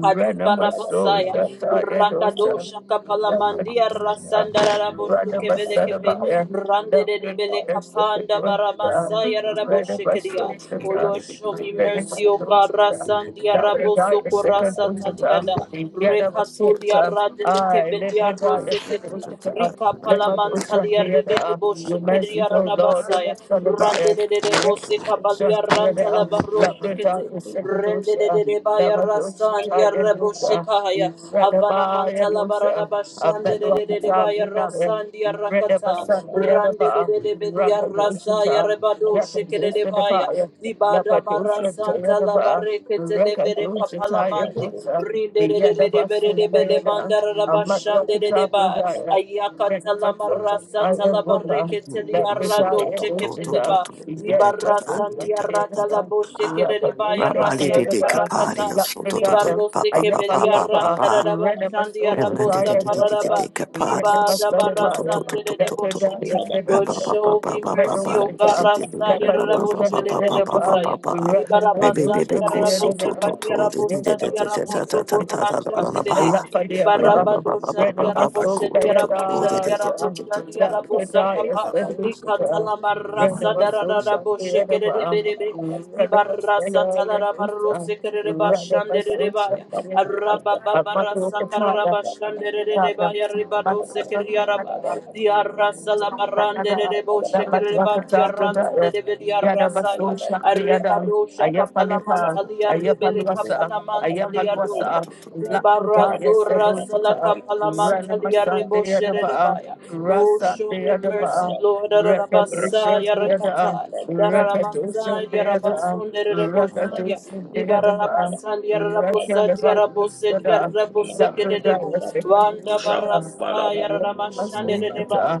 Speaker 6: Kadiba Rabosaya, Rakadosha Kapalamandia
Speaker 1: Satayadosa,
Speaker 6: Rasandara
Speaker 1: let
Speaker 6: Rabosheke Velekepe, Rande de Belekapanda Baramasaya Raboshekeria, O Lord, show me mercy, O God, Rasandia Raboso Korasa Taliada.
Speaker 3: you.
Speaker 6: Rekatolia radeleke belia rosekete. Rika
Speaker 1: my ocean
Speaker 6: palamantalia
Speaker 1: hear the
Speaker 6: rededebo
Speaker 1: um, your mercy,
Speaker 6: shekeria
Speaker 1: O Lord, let
Speaker 6: radabasaya.
Speaker 1: us turn about
Speaker 6: rande
Speaker 1: us. Let my
Speaker 6: seka
Speaker 1: ocean
Speaker 6: balia
Speaker 1: hear the
Speaker 6: rantala
Speaker 1: um, let my
Speaker 6: barosekete.
Speaker 1: ocean
Speaker 3: Rabali
Speaker 1: second ocean, let
Speaker 6: Rendedebaya
Speaker 1: my ocean
Speaker 6: rasandia
Speaker 1: tie and do
Speaker 6: rebo
Speaker 1: the
Speaker 6: shekaya. Avana mantala
Speaker 1: Radabaya I met the one time
Speaker 6: baradabashandedebaya
Speaker 1: in that
Speaker 6: rasandia
Speaker 1: read the
Speaker 6: rakata.
Speaker 1: Basan, the other
Speaker 6: rande
Speaker 1: bar,
Speaker 6: Randedebelia
Speaker 1: Rampa, the
Speaker 6: rasaya
Speaker 1: Ishita,
Speaker 6: rebado
Speaker 1: Yaka, the Ishita, the
Speaker 6: shekedebaya.
Speaker 1: fire,
Speaker 6: Dibada
Speaker 1: Lapa, the Usha, the
Speaker 6: barasanta
Speaker 1: other
Speaker 6: la
Speaker 1: bar,
Speaker 6: barekete
Speaker 1: raka the
Speaker 6: levere
Speaker 1: Ushita, the
Speaker 6: kapalamandi.
Speaker 1: Uta,
Speaker 6: Rinde de
Speaker 1: the
Speaker 6: de
Speaker 1: other
Speaker 6: de de bere
Speaker 1: Basu,
Speaker 6: de
Speaker 1: the
Speaker 6: bele
Speaker 1: other,
Speaker 6: mandara la
Speaker 1: I met the one
Speaker 6: bashande de de
Speaker 1: time in
Speaker 6: ba.
Speaker 1: that
Speaker 6: Ayaka
Speaker 1: read the
Speaker 6: tala
Speaker 1: Basan, the
Speaker 6: marasa
Speaker 1: other
Speaker 6: tala
Speaker 1: water,
Speaker 6: bareke teli
Speaker 1: that we
Speaker 6: arado
Speaker 1: die, the
Speaker 6: cheke pele
Speaker 1: Ushita,
Speaker 6: ba.
Speaker 1: the other
Speaker 6: Libara
Speaker 1: Basu,
Speaker 6: sandi
Speaker 1: the
Speaker 6: arada la boshe kere de ba yara
Speaker 3: de
Speaker 6: sandi
Speaker 3: de capari,
Speaker 6: arakata.
Speaker 3: so to to to,
Speaker 6: Libaro
Speaker 3: pa pa
Speaker 6: seke
Speaker 1: other,
Speaker 3: pa
Speaker 1: raka
Speaker 3: pa
Speaker 6: beli
Speaker 3: pa pa
Speaker 1: Rapper,
Speaker 3: pa.
Speaker 6: arantara la
Speaker 1: Rena
Speaker 6: bashandi
Speaker 3: Rabba
Speaker 1: Masosa
Speaker 6: arabosa
Speaker 1: Taya
Speaker 6: kararaba.
Speaker 1: Dosa, Rena
Speaker 6: Liba da bara
Speaker 1: Masadavaya,
Speaker 6: sande de de boshe
Speaker 1: Lepredaya
Speaker 6: dia. Lord,
Speaker 1: Sedis,
Speaker 6: show me
Speaker 1: let
Speaker 6: mercy,
Speaker 1: those
Speaker 6: O
Speaker 1: into
Speaker 6: God,
Speaker 1: us, let
Speaker 6: Rasaya
Speaker 1: by those that
Speaker 6: Raboshe de
Speaker 1: the
Speaker 6: de
Speaker 1: other bar,
Speaker 6: Bosaya.
Speaker 1: we
Speaker 6: Di
Speaker 1: read about, we read them
Speaker 6: barra
Speaker 1: as those and they read about. Let for the above, read them as those that are thus, uh, let for the yes, that we should have. Read them as those and they read about. Read them as the Lord, read them as those and they read A month of us, the other bar. Rather by social change, a
Speaker 6: sala
Speaker 1: muscle for
Speaker 6: barrande de
Speaker 1: Tata,
Speaker 6: de debo shekere ba di
Speaker 1: Namatwakatabudaya, Yadabaso Shakriadam,
Speaker 3: Hallelujah.
Speaker 1: Ayapalifa, Ayapaluasa, Ayapaluasa, Lakudaya Sedutita, Ranamasan Deadaba,
Speaker 6: Lord,
Speaker 1: Rasa
Speaker 6: show me mercy,
Speaker 1: Deadaba,
Speaker 6: Lord.
Speaker 1: Rekadushan Deada, Rekadushan Deada, Rekadushan Deadaba, Rekadushan Deada, Lakudaya
Speaker 6: Wanda
Speaker 5: telemakusha
Speaker 1: Sedutita,
Speaker 6: barasa
Speaker 1: I'm
Speaker 6: yaramashandeba.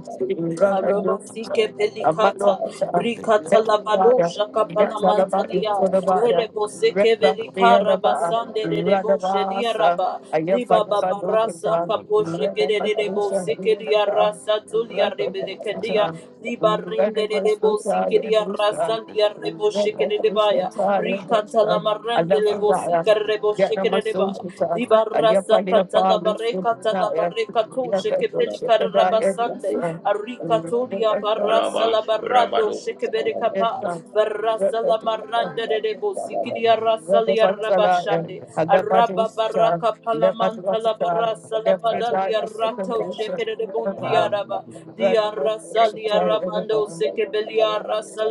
Speaker 6: Arabasike pelikata, rikata labado shaka palamantalia, verebo seke velikara basande de debo shedia raba, riba babarasa kapo sheke de de debo seke dia rasa tulia rebeleke dia, riba rinde de debo sike dia rasa dia rebo sheke de debaya, rikata
Speaker 1: Thank
Speaker 6: lamarende levo
Speaker 3: Thank
Speaker 1: you.
Speaker 6: sika rebo sheke de deba,
Speaker 1: Yanamasoshita,
Speaker 6: riba rasa
Speaker 1: Ayafale
Speaker 6: kata
Speaker 1: Apollo Subhanaya,
Speaker 6: labareka to
Speaker 1: Yakato
Speaker 6: shekebeli
Speaker 1: Shekadaya
Speaker 6: karabasande
Speaker 1: Dosa,
Speaker 6: arikatodia barasa
Speaker 5: palabam
Speaker 6: la barado
Speaker 5: rabado
Speaker 6: shekebeli kapa
Speaker 1: Redabasada,
Speaker 6: barasa la
Speaker 1: Redabasada,
Speaker 6: de debo sikidia rasa li
Speaker 1: Redabasalaya,
Speaker 6: arabashande araba
Speaker 1: Alabadosita,
Speaker 6: baraka palamanta la
Speaker 1: Lebadwakata,
Speaker 6: barasa la badalia
Speaker 1: Lefredaya
Speaker 6: rato
Speaker 1: Sekadosha,
Speaker 6: shekere de bondi
Speaker 1: Redabasada,
Speaker 6: araba dia rasa li arabando sekebeli arasa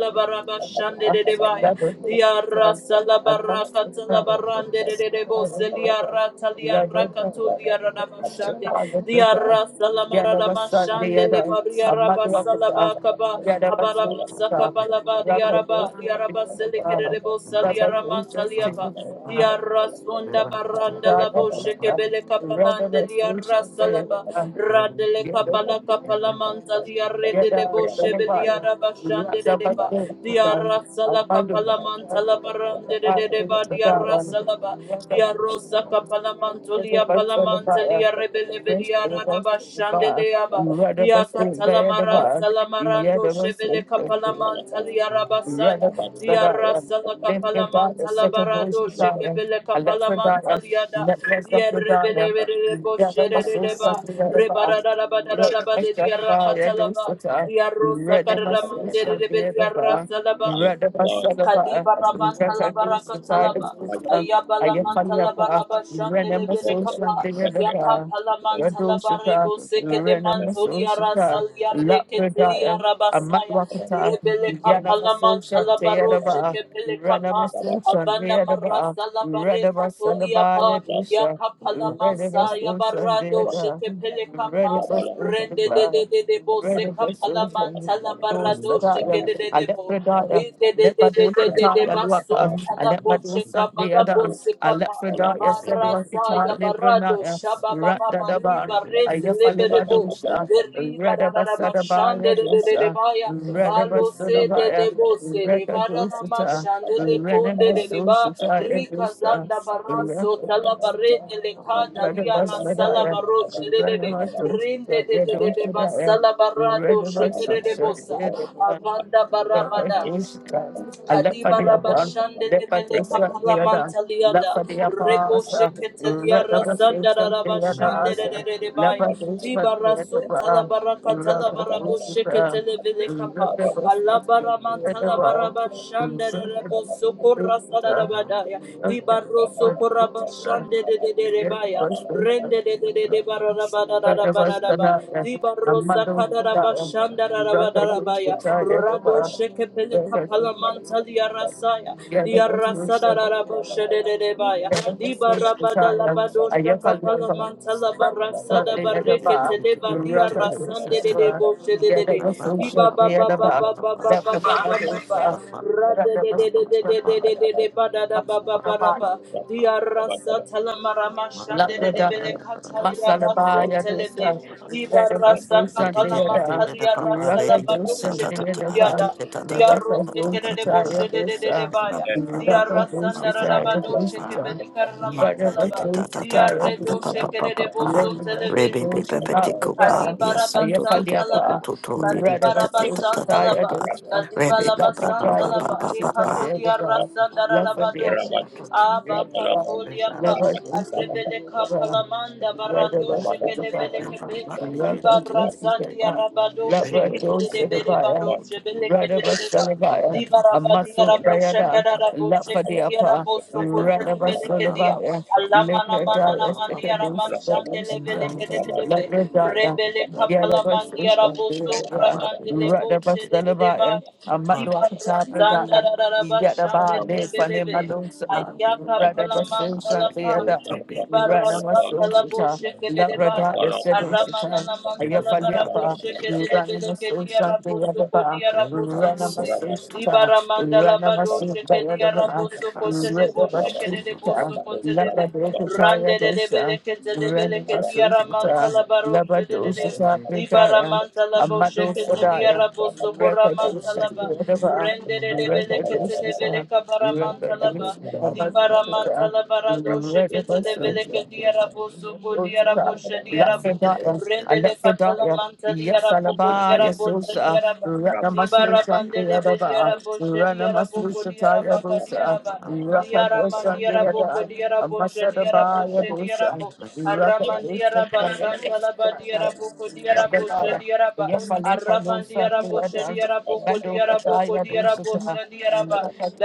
Speaker 6: de debaya
Speaker 1: Redabasada,
Speaker 6: dia
Speaker 1: Redabasada,
Speaker 6: rasa la
Speaker 1: Revolution,
Speaker 6: baraka de debo selia Kalia Rakatulia Radabashande, Diara Salamaradamashande, Lebaria Rabasalabakaba, Abarabasaka Balaba, Diaraba, Diaraba Selekerebo Salia Ramantaliaba, Diara Sonda Baranda Laboshe Kebele
Speaker 1: revolution,
Speaker 6: Kapalande, Liara Salaba,
Speaker 1: revolution,
Speaker 6: Radele Kabala Kapalamanta, Liare
Speaker 1: Yet
Speaker 6: de
Speaker 1: there are
Speaker 6: Leboshe
Speaker 1: seven
Speaker 6: Belia
Speaker 1: partners. We are
Speaker 6: Rabashande de
Speaker 1: seven
Speaker 6: Deba,
Speaker 1: things to God.
Speaker 6: Diara
Speaker 1: I
Speaker 6: Salaka
Speaker 1: find them.
Speaker 6: Palamanta Labarande
Speaker 1: God
Speaker 6: de Deba.
Speaker 1: things
Speaker 6: Reba
Speaker 1: to
Speaker 6: dia
Speaker 1: God.
Speaker 6: Rasalaba,
Speaker 1: We are seven
Speaker 6: dia
Speaker 1: things to
Speaker 6: Rosa
Speaker 1: God. We
Speaker 6: Capalamantolia
Speaker 1: are seven things to God.
Speaker 6: Palamantelia
Speaker 1: Grace
Speaker 6: Rebelevelia
Speaker 1: to the bus
Speaker 6: Radaba
Speaker 1: the bar.
Speaker 6: Shandeleaba,
Speaker 1: We are the
Speaker 6: dia
Speaker 1: bus to the other
Speaker 6: Catalamaran
Speaker 1: bar. We
Speaker 6: Salamarando
Speaker 1: the bus
Speaker 6: Chevele
Speaker 1: to the bar.
Speaker 6: Capalamantalia Rabasaya, dia
Speaker 1: Radabasada,
Speaker 6: Rasala
Speaker 1: Lefreda, the second
Speaker 6: Capalamantalabarado
Speaker 1: Radabasaraya,
Speaker 6: Shekepele
Speaker 1: Lefredaya, Sekadoshitaya,
Speaker 6: Capalamantaliada, dia
Speaker 1: Alepredaya,
Speaker 6: Rebele
Speaker 1: Netlesafredaya,
Speaker 6: Rebo Shereba,
Speaker 1: Yadamasosakiyadaba,
Speaker 6: Rebarabadaba de dia
Speaker 1: Radabasharabaya
Speaker 6: Rakatalaba,
Speaker 1: dosata,
Speaker 6: dia Rosa Caramande Rebelia
Speaker 1: Radamasosakiyadaba,
Speaker 6: Rasalaba.
Speaker 1: Radabasarabaya,
Speaker 6: Kadiba rabanta la baraka
Speaker 1: Yakadositaya
Speaker 6: talaba.
Speaker 3: you.
Speaker 1: sota,
Speaker 6: Ayaba la manta
Speaker 3: Thank
Speaker 1: Ayafaliapa,
Speaker 6: kapa.
Speaker 1: Renamasosakiyadaba,
Speaker 6: Yakapa la manta la
Speaker 1: Yadoshita,
Speaker 6: barimo seke le mantoli arasa
Speaker 1: Renamasosita,
Speaker 6: liare ketili
Speaker 1: Lapredaya,
Speaker 6: arabasaya.
Speaker 1: Amatwakata,
Speaker 6: Rebele kapa la manta
Speaker 1: Yanamasocha,
Speaker 6: la baro
Speaker 1: Tayadaba,
Speaker 6: sheke kapa.
Speaker 1: Ranamasocha,
Speaker 6: Avana
Speaker 1: Tayadaba,
Speaker 6: marasa la bare katoli
Speaker 1: Radabasalabaya
Speaker 6: apa.
Speaker 1: Dusha,
Speaker 6: Yakapala Masaya
Speaker 1: Redavasocha,
Speaker 6: Barado
Speaker 1: Deada,
Speaker 6: Shekepele Kapa Rende de
Speaker 1: Redavasocha,
Speaker 6: de de de bo Sekapala
Speaker 1: Renamasosita,
Speaker 6: Mantala Barado Sheke de de de bo Re de de de de de de de Bason Talabo Shekabala Bo Sekapa Barasaya Barado Shababa Bariba Res Leberebo Erida da da da de de de de baya. Balo se de le bo se de barana ma
Speaker 1: Renamasosita,
Speaker 6: le konde de de ba. Rika zanda baraso tala bare de le ka dia rasala
Speaker 1: Renamasosita,
Speaker 6: baro shere de de. Rinde de de de de
Speaker 1: Renamasosita,
Speaker 6: basala
Speaker 1: Thank
Speaker 6: barado shekere de bosa. Avanda barabada. Kadiba raba shande levele kapala mantaliada rebo sheketelia rasanda raba shande re re re re baya liba rasun tala baraka tala barabo sheketele vele kapa ala bara mantala baraba shande re rebo sokorra sada raba daya liba roso koraba shande re re re re baya
Speaker 1: you.
Speaker 6: rende re re re
Speaker 1: Rakabasada,
Speaker 6: Dibarosa
Speaker 1: Amado
Speaker 6: Kadaraba
Speaker 1: Sada,
Speaker 6: Shandarabaya
Speaker 1: Rakabusada,
Speaker 6: Rado
Speaker 1: Yadaba,
Speaker 6: Shekepele Kapala
Speaker 1: Rakabusada,
Speaker 6: Mantalia Rasaya
Speaker 1: Yadabasada,
Speaker 6: Diarasadarabo Shedebaya Dibarabada Labado Shakapala
Speaker 1: Ayafaliaba,
Speaker 6: Mantala Barasada
Speaker 1: Bakasada, Yadaba,
Speaker 6: Bareke Televa Diarasande de
Speaker 1: Rakabusada,
Speaker 6: Boshe
Speaker 1: Yadabasada,
Speaker 6: Baba Baba
Speaker 1: Yadaba,
Speaker 6: Baba Baba Baba
Speaker 1: Bakasada,
Speaker 6: Baba De de de de de
Speaker 1: Rakabusada,
Speaker 6: de de de de de de ba da da ba ba ba ra
Speaker 1: Yadaba,
Speaker 6: ba
Speaker 3: you.
Speaker 6: da da ra
Speaker 3: Rebbe,
Speaker 6: debele
Speaker 1: Lakrada,
Speaker 6: katalia rasun
Speaker 1: Masalabaya
Speaker 6: telebe.
Speaker 1: dosa,
Speaker 6: di Dibarasa
Speaker 1: Redimasosa
Speaker 6: kapala
Speaker 1: deada,
Speaker 6: mantalia rasa la
Speaker 1: Rakadosa
Speaker 6: baduche
Speaker 1: deadava,
Speaker 6: kepiliada. Diarose kere
Speaker 1: Rakadosa
Speaker 6: de
Speaker 1: taya
Speaker 6: boshe de de de de
Speaker 1: dosa,
Speaker 6: baya.
Speaker 1: Rakadosa
Speaker 6: Diarasanda
Speaker 1: taya
Speaker 6: rabadoche
Speaker 1: dosa,
Speaker 6: kebeli karla mantalaba.
Speaker 1: Redimasosa taya
Speaker 6: Diarre doche
Speaker 1: dosa,
Speaker 6: kere de bosun telebe.
Speaker 1: Redimasosa tapagaya,
Speaker 6: Kadibaraba
Speaker 1: Ayafaliapa,
Speaker 6: Santalaba, Kadibaraba
Speaker 1: Redimasosa taya
Speaker 6: Santalaba,
Speaker 1: dosa,
Speaker 6: Kadibalaba
Speaker 1: Lakadaya
Speaker 6: Santalaba,
Speaker 1: dosa taya
Speaker 6: Rikatolia
Speaker 1: dava, Lafadiapa
Speaker 6: Rasandarabadoshe, Abba
Speaker 1: dosa
Speaker 6: Katolia Pa,
Speaker 1: Love us, we
Speaker 6: Rebeleka Palamanda Barandoshe
Speaker 3: Bye.
Speaker 6: Kedevelekepe, Libara Sandia Rabadoshe Kedebere Badoshe, Belekedeba,
Speaker 1: Radabasalabaya, a
Speaker 6: Libarabadia
Speaker 1: muscle
Speaker 6: Raboshe
Speaker 1: diadan,
Speaker 6: Kadaraboshe
Speaker 1: Lafadiapa,
Speaker 6: Kediaraboso Kotelevelekedia,
Speaker 1: Radabasalabaya,
Speaker 6: Alamana
Speaker 1: later
Speaker 6: Manana
Speaker 1: dia
Speaker 6: Maniara
Speaker 1: secondus,
Speaker 6: Mashandele
Speaker 1: producer,
Speaker 6: de
Speaker 1: Labradaya,
Speaker 6: Rebele kapala mandia raboso
Speaker 1: Yadabasuka,
Speaker 6: rabandele boche de de de ba.
Speaker 1: Radabasalabaya, a
Speaker 6: Liba rasanda
Speaker 1: Matluakatabradaya,
Speaker 6: raraba shande
Speaker 1: Yadaba,
Speaker 6: de de
Speaker 1: Nefane
Speaker 6: belebe.
Speaker 1: Malusa,
Speaker 6: Ayaka pala
Speaker 1: Radabasusan,
Speaker 6: mantala pa. Liba rasa kala
Speaker 1: Ranamasoshita,
Speaker 6: boche de de
Speaker 1: Labrada,
Speaker 6: ba. Aramana
Speaker 1: Yasedoshita,
Speaker 6: la mantala barabo
Speaker 1: Ayafaliapa,
Speaker 6: sheke de de bele ke dia
Speaker 1: Ranamasoshante
Speaker 6: rabo soko
Speaker 1: Yadaba,
Speaker 6: dia rabo soko te. Di
Speaker 1: Ranamasoshita,
Speaker 6: baramanda la
Speaker 3: Baba,
Speaker 6: bado
Speaker 1: Ranamasuta
Speaker 6: sheke dia
Speaker 1: Yadaba,
Speaker 6: rabo soko te le bo sheke de de bo
Speaker 1: Ranamasoshita,
Speaker 6: soko te le ve.
Speaker 1: Labradokita
Speaker 6: Rande de de bele
Speaker 1: Yadosha,
Speaker 6: ke te de bele ke dia ramanta
Speaker 1: Ranamasoshita,
Speaker 6: la baro she de de de.
Speaker 1: Labradoshita
Speaker 6: Di
Speaker 1: Bredaya,
Speaker 6: baramanta la bo
Speaker 1: Amado
Speaker 6: sheke te dia
Speaker 1: Sadaya,
Speaker 6: rabo soko ramanta
Speaker 1: Rekadosha
Speaker 6: la ba.
Speaker 1: Yadaba,
Speaker 6: Rende de de bele ke te le vele
Speaker 1: Rekadoshita,
Speaker 6: ka mantalaba, dibara
Speaker 1: Rekadoshita,
Speaker 6: mantalabara doshe kete levele ke diarabo soko diarabo she diarabo, rendele katala mantali
Speaker 1: Yes,
Speaker 6: arabo ko
Speaker 1: Alaba, yes,
Speaker 6: diarabo she
Speaker 1: Osa,
Speaker 6: diaraba,
Speaker 1: Rana
Speaker 6: dibara
Speaker 1: Masuta, the
Speaker 6: bandele
Speaker 1: Adaba,
Speaker 6: beriarabo she
Speaker 1: Rana
Speaker 6: diarabo ko
Speaker 1: Masuta,
Speaker 6: diaraba ka
Speaker 1: Yabusa,
Speaker 6: diaraba,
Speaker 1: Raka
Speaker 6: Diara
Speaker 1: Yosa, the
Speaker 6: mandiara boko
Speaker 1: Ada,
Speaker 6: diara boshe diara
Speaker 1: Amasadaba,
Speaker 6: boshe diara
Speaker 1: Yabusa,
Speaker 6: bo
Speaker 1: Raka
Speaker 6: aramandiara basanta laba
Speaker 1: Yosa,
Speaker 6: diara boko diara boshe
Speaker 1: Yabba,
Speaker 6: diara ba
Speaker 1: Yafale Padosa,
Speaker 6: aramandiara
Speaker 1: the
Speaker 6: boshe
Speaker 1: Adam,
Speaker 6: diara boko
Speaker 1: Bado
Speaker 6: diara boko
Speaker 1: Kutaya
Speaker 6: diara
Speaker 1: Dusata,
Speaker 6: boshe diara ba
Speaker 1: Yakatu,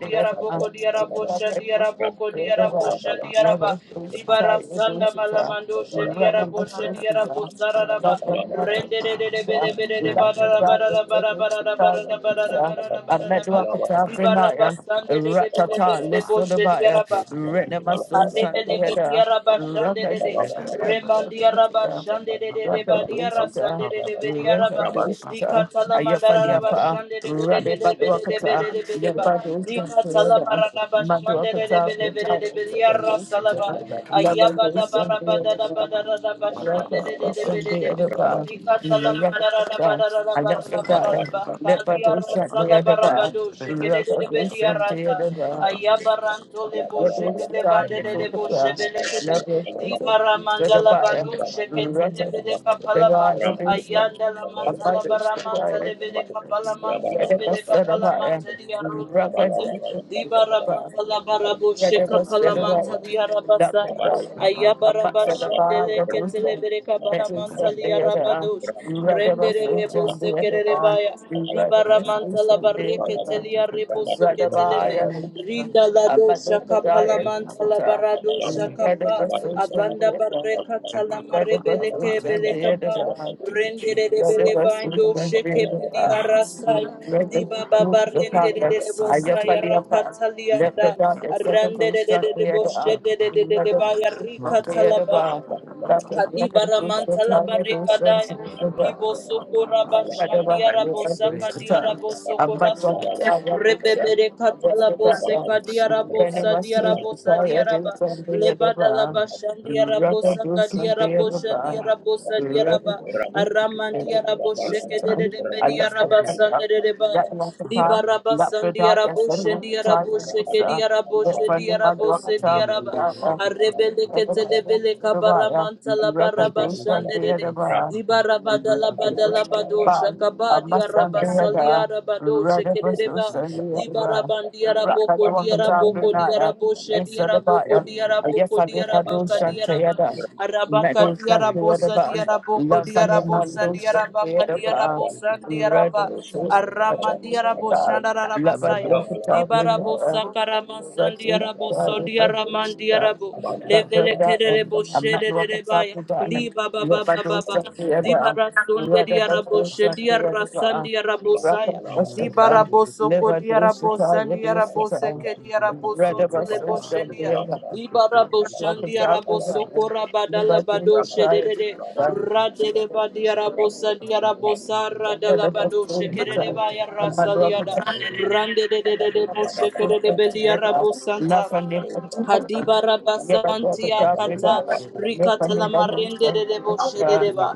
Speaker 1: the Adam,
Speaker 6: boko diara boshe
Speaker 1: Yakatu,
Speaker 6: diara boko diara boshe diara ba
Speaker 1: Level Dusata,
Speaker 6: dibara sanda
Speaker 1: Dusata,
Speaker 6: malamando she diara
Speaker 1: Ranama
Speaker 6: boshe diara
Speaker 1: Dusata,
Speaker 6: bosara raba
Speaker 1: Lapanapa
Speaker 6: Rende de de de
Speaker 1: Dusata,
Speaker 6: bele bele de barara
Speaker 1: Lapidaya
Speaker 6: barara barara barara
Speaker 1: Dusata,
Speaker 6: barara barara
Speaker 1: Dusata,
Speaker 6: barara barara ba.
Speaker 1: Amedwakata,
Speaker 6: Di
Speaker 1: Brinaya,
Speaker 6: baraba sande de de bele
Speaker 1: Ratata,
Speaker 6: bele de boş de di
Speaker 1: Listodabaya,
Speaker 6: yaraba.
Speaker 3: Thank
Speaker 1: Renama Susan, the
Speaker 6: Rebeleke
Speaker 1: Adam,
Speaker 6: diara bashande de de. Remandia raba
Speaker 1: Rakadusata,
Speaker 6: shande de de de badia
Speaker 1: Rakadoshita,
Speaker 6: rasande de de bedia raba.
Speaker 1: Rakadoshita,
Speaker 6: Dikatala mandara raba
Speaker 1: Ayafaliapa,
Speaker 6: shande de de de de de de de de de
Speaker 1: Radebaduakata,
Speaker 6: de de de ba.
Speaker 1: Yabadosha,
Speaker 6: Dikatala
Speaker 1: Theodore,
Speaker 6: mararaba shande de de
Speaker 1: Maduakata,
Speaker 6: de de de
Speaker 1: Buta,
Speaker 6: de bedia
Speaker 1: Sakadoshita,
Speaker 6: rasalaba. Ayaba da
Speaker 1: Yabadosha,
Speaker 6: baraba da da ba
Speaker 1: Theodore,
Speaker 6: da da da ba shande de de de de
Speaker 1: Rakadosha,
Speaker 6: de de de.
Speaker 1: Theodore,
Speaker 6: Dikatala mandara raba
Speaker 1: Yakata,
Speaker 6: da da da ba da da ba da da
Speaker 1: Ayafrika,
Speaker 6: ba. Kadia
Speaker 1: Lepadosha, Theodore,
Speaker 6: rasalaba
Speaker 1: Rakadosha, Theodore,
Speaker 6: Ayabaranto lebo sheke
Speaker 1: Yadushita
Speaker 6: levande de lebo
Speaker 1: Yaduka,
Speaker 6: shebele kebe.
Speaker 1: Never
Speaker 6: Di baramanda la
Speaker 1: Sedabaya,
Speaker 6: bando sheke
Speaker 1: Rata,
Speaker 6: telebele
Speaker 1: the
Speaker 6: kapalama.
Speaker 1: God of Israel,
Speaker 6: Ayanda la
Speaker 1: a
Speaker 6: manta la
Speaker 1: mother's the
Speaker 6: baramanta
Speaker 1: quiet.
Speaker 6: lebele kapalamanta lebele
Speaker 1: Yadabasarabaya,
Speaker 6: kapalamanta di arute kete. Di
Speaker 1: Rakadusarabaya,
Speaker 6: baramanta la barabo sheka palamanta
Speaker 1: Yadabasarabaya,
Speaker 6: di arabasaya.
Speaker 1: Lakudaya,
Speaker 3: you.
Speaker 6: Ayabarabashande le
Speaker 1: Amatsalabaya,
Speaker 3: Jesus.
Speaker 6: kete
Speaker 1: Dusa,
Speaker 6: lebele
Speaker 1: Medusa,
Speaker 6: kapalamanta di
Speaker 1: Deada,
Speaker 6: arabadosh. Rendere
Speaker 1: Radabasucha,
Speaker 6: lebo
Speaker 1: Deada,
Speaker 6: sekere rebaya. Ribaramanta la
Speaker 1: Radabasucha,
Speaker 6: barreke
Speaker 1: Deada,
Speaker 6: telia rebo seketeleve.
Speaker 1: Radabaya, Dusa,
Speaker 6: Rinda la do shaka
Speaker 1: Amalokadaya,
Speaker 6: palamanta la
Speaker 1: Dusa,
Speaker 6: barado shaka pa.
Speaker 1: Radabasucha,
Speaker 6: Avanda
Speaker 1: Deada,
Speaker 6: barreka talama rebeleke
Speaker 1: Radabasucha,
Speaker 6: beleka pa.
Speaker 1: Deada,
Speaker 6: Rende de de
Speaker 1: Lord, the rest of
Speaker 6: beleva do sheke pelia
Speaker 1: the
Speaker 6: rasaya.
Speaker 1: let the
Speaker 6: Diba baba
Speaker 1: truth be
Speaker 6: rende
Speaker 1: taught
Speaker 6: de
Speaker 1: that
Speaker 6: de de
Speaker 1: I
Speaker 6: bosaya rapatalia da. Rende de de de de boshe de de de de de baya rika talaba. Kadibara mantala barekadaya.
Speaker 1: Thank you.
Speaker 6: Ribo sokora
Speaker 1: Record
Speaker 6: bashandia rabo
Speaker 1: those and send me walk
Speaker 6: sakadia
Speaker 1: upon,
Speaker 6: rabo sokora
Speaker 1: and also
Speaker 6: saya. Rebebere katala bose kadia rabo sadia rabo sadia raba. Lebada la bashandia rabo sakadia rabo shandia rabo sadia raba. Aramandia rabo sheke de de de bedia raba sande de de baya. Liba raba sandia rabo shandia rabo sheke dia rabo
Speaker 1: let friend
Speaker 6: shandia
Speaker 1: of mine
Speaker 6: rabo
Speaker 1: walk
Speaker 6: sandia
Speaker 1: upon,
Speaker 6: raba. Arebele
Speaker 1: and
Speaker 6: ketele de bele
Speaker 1: the fire.
Speaker 6: kabaramanta la
Speaker 1: Rather
Speaker 6: baraba shande
Speaker 1: do
Speaker 6: de
Speaker 1: other
Speaker 6: de.
Speaker 1: bar.
Speaker 6: Zibarabada la badala badosha
Speaker 1: Bad. I
Speaker 6: kabadi
Speaker 1: must stand
Speaker 6: araba
Speaker 1: there. there.
Speaker 6: salia rabado
Speaker 1: Ready for so
Speaker 6: shekereba.
Speaker 1: stand there. there.
Speaker 6: Zibarabandi
Speaker 1: Rock at
Speaker 6: araboko
Speaker 1: the walk and talk with
Speaker 6: diaraboko
Speaker 1: Naya.
Speaker 6: diarabosha
Speaker 1: This at the
Speaker 6: diaraboko
Speaker 1: bottom. I guess
Speaker 6: diaraboko
Speaker 1: I live at
Speaker 3: Thank
Speaker 1: those
Speaker 6: diarabaka
Speaker 3: you.
Speaker 1: shan't
Speaker 6: diaraba.
Speaker 1: together. Met
Speaker 6: Arabaka
Speaker 1: those shan't together
Speaker 6: diarabosa
Speaker 1: button.
Speaker 6: diaraboko
Speaker 1: Love and in my
Speaker 6: diarabosa
Speaker 1: those shan't
Speaker 6: diarabaka
Speaker 1: together button.
Speaker 6: diarabosa
Speaker 1: We ready
Speaker 6: diaraba.
Speaker 1: for so stand there. Love at the
Speaker 6: Aramandiarabosandarabasaya.
Speaker 1: walk and talk with
Speaker 6: Libarabo
Speaker 1: Naya.
Speaker 6: sakarama
Speaker 1: Ready
Speaker 6: sandiarabo
Speaker 1: for so stand there.
Speaker 6: sondiaramandiarabo
Speaker 1: Love
Speaker 6: levele
Speaker 1: at that.
Speaker 6: kererebo
Speaker 1: I'm not walking top
Speaker 6: shederebaya
Speaker 1: with that.
Speaker 6: liba baba baba ba dibara sondediarabo shendiara sandiarabo saya dibarabo sokodiarabo sandiarabo diarabosunto leboshendia. Ibaraboshandia rabosokora badala badoshe de de de. Radele badiarabosa diarabosa radala badoshe kerere baya rasaliada. Rande de de de de boshe kerere beliarabosanta. Hadiba raba kata rikata la marende de debo shedereba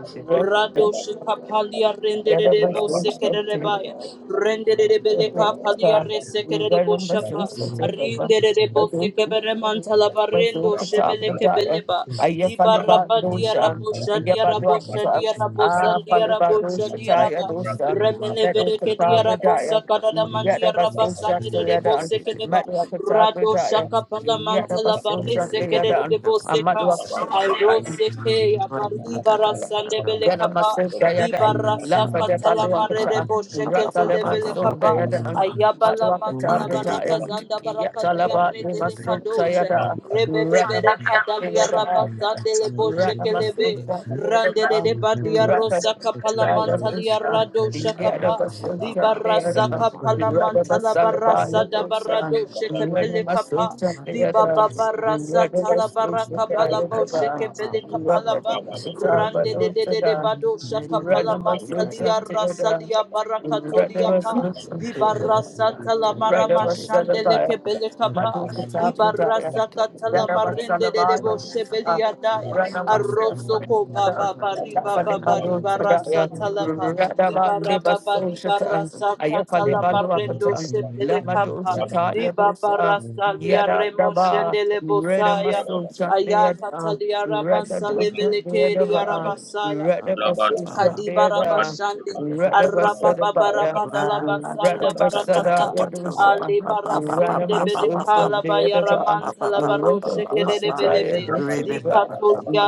Speaker 1: Never
Speaker 6: rado shekapalia rende de
Speaker 1: Yada
Speaker 6: debo
Speaker 3: Thank
Speaker 1: basu
Speaker 3: you.
Speaker 1: shakti,
Speaker 6: sekereba
Speaker 1: yada
Speaker 6: rende de debele kapalia
Speaker 9: Thank
Speaker 6: resekerebo
Speaker 1: yada
Speaker 9: you.
Speaker 1: basu
Speaker 6: shapa
Speaker 1: shakti
Speaker 6: rinde de
Speaker 1: Yada
Speaker 6: debo
Speaker 1: basu
Speaker 6: sekebere mantala
Speaker 1: basu
Speaker 6: barendo
Speaker 1: kata
Speaker 6: shebele
Speaker 1: bada ya,
Speaker 6: kebeleba
Speaker 1: ayya
Speaker 6: diba
Speaker 1: faliba
Speaker 6: raba dia
Speaker 1: dosha,
Speaker 6: rabo
Speaker 1: ayya
Speaker 6: shadia rabo
Speaker 1: badwa kata,
Speaker 6: shadia rabo
Speaker 1: ah
Speaker 6: sandia
Speaker 1: faliba
Speaker 6: rabo shadia
Speaker 1: dosha ya dosha,
Speaker 6: raba
Speaker 1: medu kata
Speaker 6: Rado
Speaker 1: bada ya, yada basu shakti yada, medu kata bada ya,
Speaker 6: shaka
Speaker 1: yada
Speaker 6: palamantala
Speaker 1: basu
Speaker 6: barise
Speaker 1: shakti
Speaker 6: kede
Speaker 1: yada,
Speaker 6: de
Speaker 1: amadu
Speaker 6: boseka.
Speaker 1: kata
Speaker 6: Airo
Speaker 1: bada ya.
Speaker 6: seke ya baribara sande bele
Speaker 1: Yana
Speaker 6: kapa.
Speaker 1: Masif
Speaker 6: Libara
Speaker 1: Dayadan,
Speaker 6: saka
Speaker 1: Lafade
Speaker 6: tala mare
Speaker 1: Paluakata,
Speaker 6: de bosheke tele
Speaker 1: Rataleman
Speaker 6: bele
Speaker 1: Sun
Speaker 6: kapa.
Speaker 1: Dayadan,
Speaker 6: Ayabala
Speaker 1: Maduakata
Speaker 6: mantala baraka
Speaker 1: Britayan,
Speaker 6: zanda baraka
Speaker 1: Yatalaba
Speaker 9: Kadieri
Speaker 6: diare dele
Speaker 9: Malaya
Speaker 1: Nimasuk
Speaker 6: kadoshe.
Speaker 9: Karatai
Speaker 1: Sayada,
Speaker 6: Rebebebere
Speaker 9: Parapatsananda
Speaker 6: kadalia
Speaker 1: Ranamasayada,
Speaker 9: Shipan
Speaker 6: rabasandele
Speaker 9: Kachandale
Speaker 1: Ranamasuk
Speaker 6: boshekelebe.
Speaker 9: Pakmanda
Speaker 6: rande de de
Speaker 9: Vinapa
Speaker 6: badia
Speaker 1: Sayada,
Speaker 6: rosa kapala
Speaker 9: Kachandale
Speaker 6: mantalia
Speaker 1: Ratalabusa,
Speaker 6: rado
Speaker 9: Pakmanda
Speaker 6: shakapa.
Speaker 1: Yadabasun
Speaker 9: Pakachanda
Speaker 6: Di barasa
Speaker 1: Sayada,
Speaker 9: Vinapa
Speaker 6: kapala
Speaker 9: Yadali
Speaker 6: mantala
Speaker 1: Radabasalaba
Speaker 9: Pakmanda
Speaker 6: barasa da
Speaker 1: Yadusa,
Speaker 6: barado shekepele kapa.
Speaker 1: Ranamasuk
Speaker 3: Baba,
Speaker 6: Di
Speaker 1: Sayada,
Speaker 6: baba
Speaker 9: Pakmanda
Speaker 6: barasa tala
Speaker 1: Radabasun
Speaker 6: baraka bala bo
Speaker 1: Sayada,
Speaker 6: shekepele kapala ba.
Speaker 9: Pakmanda
Speaker 6: rande de de de de bado shakapala mantalia rasalia barakatulia pa.
Speaker 1: Radha
Speaker 6: Libarasa talamara mashandele
Speaker 1: Radabasalabaya,
Speaker 6: kebele kapa.
Speaker 1: Madhukatapradaya,
Speaker 6: Libarasa katala marende de
Speaker 1: Radabasalabaya,
Speaker 6: debo
Speaker 9: Pakmanda
Speaker 6: shebeli adaya.
Speaker 9: Kuipokea
Speaker 6: Arroso ko
Speaker 9: kliniki ya
Speaker 1: Ranamasuraya,
Speaker 6: baba
Speaker 9: Yuda
Speaker 6: bari baba bari
Speaker 9: inayoitwa
Speaker 1: Lafalimadutadaya,
Speaker 6: barasa
Speaker 9: Vital
Speaker 6: talapa.
Speaker 9: Farms
Speaker 6: Libara baba
Speaker 1: Radabandibasoshatan,
Speaker 6: libarasa katala marendo
Speaker 9: imetangaza
Speaker 1: Ayafalibaluapatan,
Speaker 9: kama
Speaker 6: shebele
Speaker 9: mtaa
Speaker 6: kapa.
Speaker 9: mzuri wa
Speaker 1: Lamadushataya dosa,
Speaker 9: Tanzania
Speaker 6: Libarasa
Speaker 1: Yada
Speaker 6: liaremo
Speaker 1: daba,
Speaker 6: shendele bosaya.
Speaker 1: Redamasoshatayada,
Speaker 6: Ayakatalia Ramasa Levelekeri
Speaker 1: Radadushatayadaba,
Speaker 6: Arabasaya.
Speaker 1: Radabasoshatayada,
Speaker 6: Kadibarabashande,
Speaker 1: Radabasalabaya,
Speaker 3: Remember,
Speaker 6: Arabababarabadalabasanda
Speaker 1: Radabasada
Speaker 6: Barakata,
Speaker 1: Yadosa,
Speaker 6: Ali Barasunde
Speaker 1: Ranamasosa,
Speaker 6: Belekala
Speaker 1: Beadava,
Speaker 6: Bayaramanta Labaroshe
Speaker 1: Rakadosa,
Speaker 6: Kerebelebe,
Speaker 9: kuibuka
Speaker 1: Yadosa,
Speaker 9: taifa la
Speaker 6: Dikatulia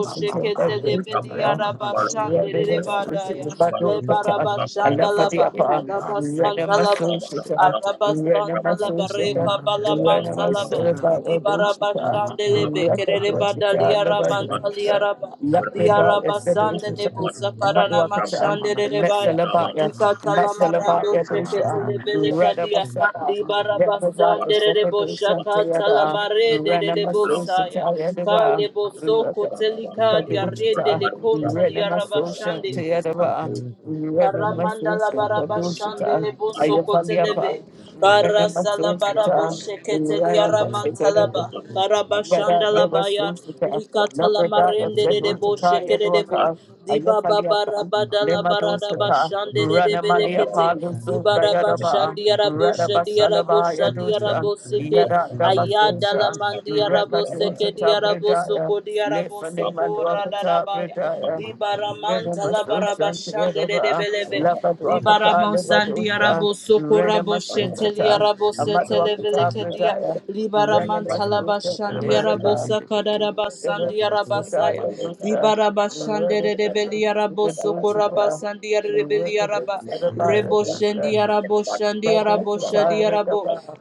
Speaker 9: pili kutokana na
Speaker 6: Ketelebelia
Speaker 1: Badosa,
Speaker 9: pakiti
Speaker 6: Rabashande
Speaker 9: mbili
Speaker 6: Rebadaya,
Speaker 9: za
Speaker 1: Radavasosa,
Speaker 9: Brazil
Speaker 1: Badokata,
Speaker 6: Lebarabashanda
Speaker 9: zilizopakwa
Speaker 6: Laba,
Speaker 1: Alafadiapa,
Speaker 6: Arabasanta Laba,
Speaker 1: Ranamasosa,
Speaker 6: Arabasanta
Speaker 1: Ranamasosa,
Speaker 6: Labareka
Speaker 9: kuchanganya damu
Speaker 6: Balamanta
Speaker 9: pakiti za
Speaker 6: Laba,
Speaker 1: Ranamasosa,
Speaker 9: mbele
Speaker 1: Badosa,
Speaker 9: iliyoitwa
Speaker 6: Libarabashandelebe,
Speaker 9: Brazil na
Speaker 6: Kerelebada
Speaker 1: Rakadosa,
Speaker 9: pakiti
Speaker 6: Liaramanta
Speaker 9: nyingine
Speaker 1: Lavadokata,
Speaker 6: Liaraba,
Speaker 9: ya dawa ya
Speaker 1: Lapida,
Speaker 9: kuongeza na
Speaker 6: Liarabashandelebo,
Speaker 1: Sedation,
Speaker 9: Brazil
Speaker 6: Sakarana
Speaker 1: Amadwakata,
Speaker 6: Mashandelebaya,
Speaker 1: Metsalabaya,
Speaker 9: iliyopakwa
Speaker 6: Likatalamarando
Speaker 1: Matsalabaya
Speaker 9: Thank
Speaker 1: Dusha,
Speaker 9: you.
Speaker 6: Sheketelebele Kadia,
Speaker 3: Thank
Speaker 1: Radabasada,
Speaker 3: you.
Speaker 1: Lepada,
Speaker 6: Libarabasandelebo
Speaker 1: Yusakadusha, Tayada,
Speaker 6: Shakatalamare delebo
Speaker 1: Ranamasosa,
Speaker 6: Saya,
Speaker 1: Tayadaba,
Speaker 6: Kalebo Soko Telikadia
Speaker 1: Kadushita,
Speaker 6: Rendele Conta
Speaker 1: Ranamasosa,
Speaker 6: Liarabashande,
Speaker 1: Tayadaba,
Speaker 6: Karamandala
Speaker 1: Ranamasosa, Kadushita,
Speaker 6: barabashandele bosokotelebe.
Speaker 1: Ayafaliapa,
Speaker 6: Barasala
Speaker 1: Ranamasosa,
Speaker 6: barabosheketelia ramantalaba.
Speaker 1: Ranamasosa, Yada,
Speaker 6: Barabashandala
Speaker 1: Never
Speaker 6: baya
Speaker 1: Susita,
Speaker 6: likatala
Speaker 1: Labrador,
Speaker 6: marendere de
Speaker 1: Settle,
Speaker 6: boshekere de bo.
Speaker 1: Tayadwaka,
Speaker 6: Diba baba
Speaker 1: Ayafaliapa.
Speaker 6: rabadala
Speaker 1: Nemadosata,
Speaker 6: baradabashandere de
Speaker 1: Ranamali
Speaker 6: belekete.
Speaker 1: Apaluso,
Speaker 6: Diba
Speaker 1: Dayadaba,
Speaker 6: rabashandia raboshadia
Speaker 1: Radabasalaba
Speaker 6: raboshadia
Speaker 1: Yadosa,
Speaker 6: raboseke.
Speaker 1: Yada
Speaker 6: Ayadala
Speaker 1: Dabasosa,
Speaker 6: mandia raboseke
Speaker 1: Rekadosata
Speaker 6: dia
Speaker 1: Bredaya,
Speaker 6: rabosoko dia
Speaker 1: Lefanema
Speaker 6: rabosoko
Speaker 1: Luakata
Speaker 6: radarabaya.
Speaker 1: Bredaya,
Speaker 6: Libaramanta la
Speaker 1: Renamasosa,
Speaker 6: barabashande de de
Speaker 1: Yadaba,
Speaker 6: beleve.
Speaker 1: Lapaduakata
Speaker 6: Libaramon sandi
Speaker 1: Levadosa,
Speaker 6: arabo soko rabo sheteli
Speaker 1: Renamasosata,
Speaker 6: arabo setele
Speaker 1: Amaduakata
Speaker 6: velekedia.
Speaker 1: Bredaya,
Speaker 6: Libaramanta
Speaker 9: Nikaya
Speaker 6: la
Speaker 1: Renamasosa,
Speaker 6: bashandi
Speaker 9: Takun
Speaker 6: arabo
Speaker 1: Yadaba,
Speaker 9: Priyan
Speaker 6: sakada rabasandi
Speaker 9: Jaga
Speaker 1: Renamasosa,
Speaker 6: arabasaya.
Speaker 1: Yadosa,
Speaker 6: Libarabashande de de
Speaker 1: Renamasosa,
Speaker 6: beli arabo
Speaker 1: the
Speaker 6: soko
Speaker 1: bullshit uh,
Speaker 6: rabasandi arabeli araba.
Speaker 1: represents everybody
Speaker 9: Nikaya
Speaker 6: Rebo
Speaker 1: at least uh
Speaker 6: shendi
Speaker 9: Takun
Speaker 6: arabo shandi
Speaker 1: brother
Speaker 6: arabo
Speaker 1: the
Speaker 6: shadi
Speaker 1: time of the
Speaker 6: arabo.
Speaker 1: bar.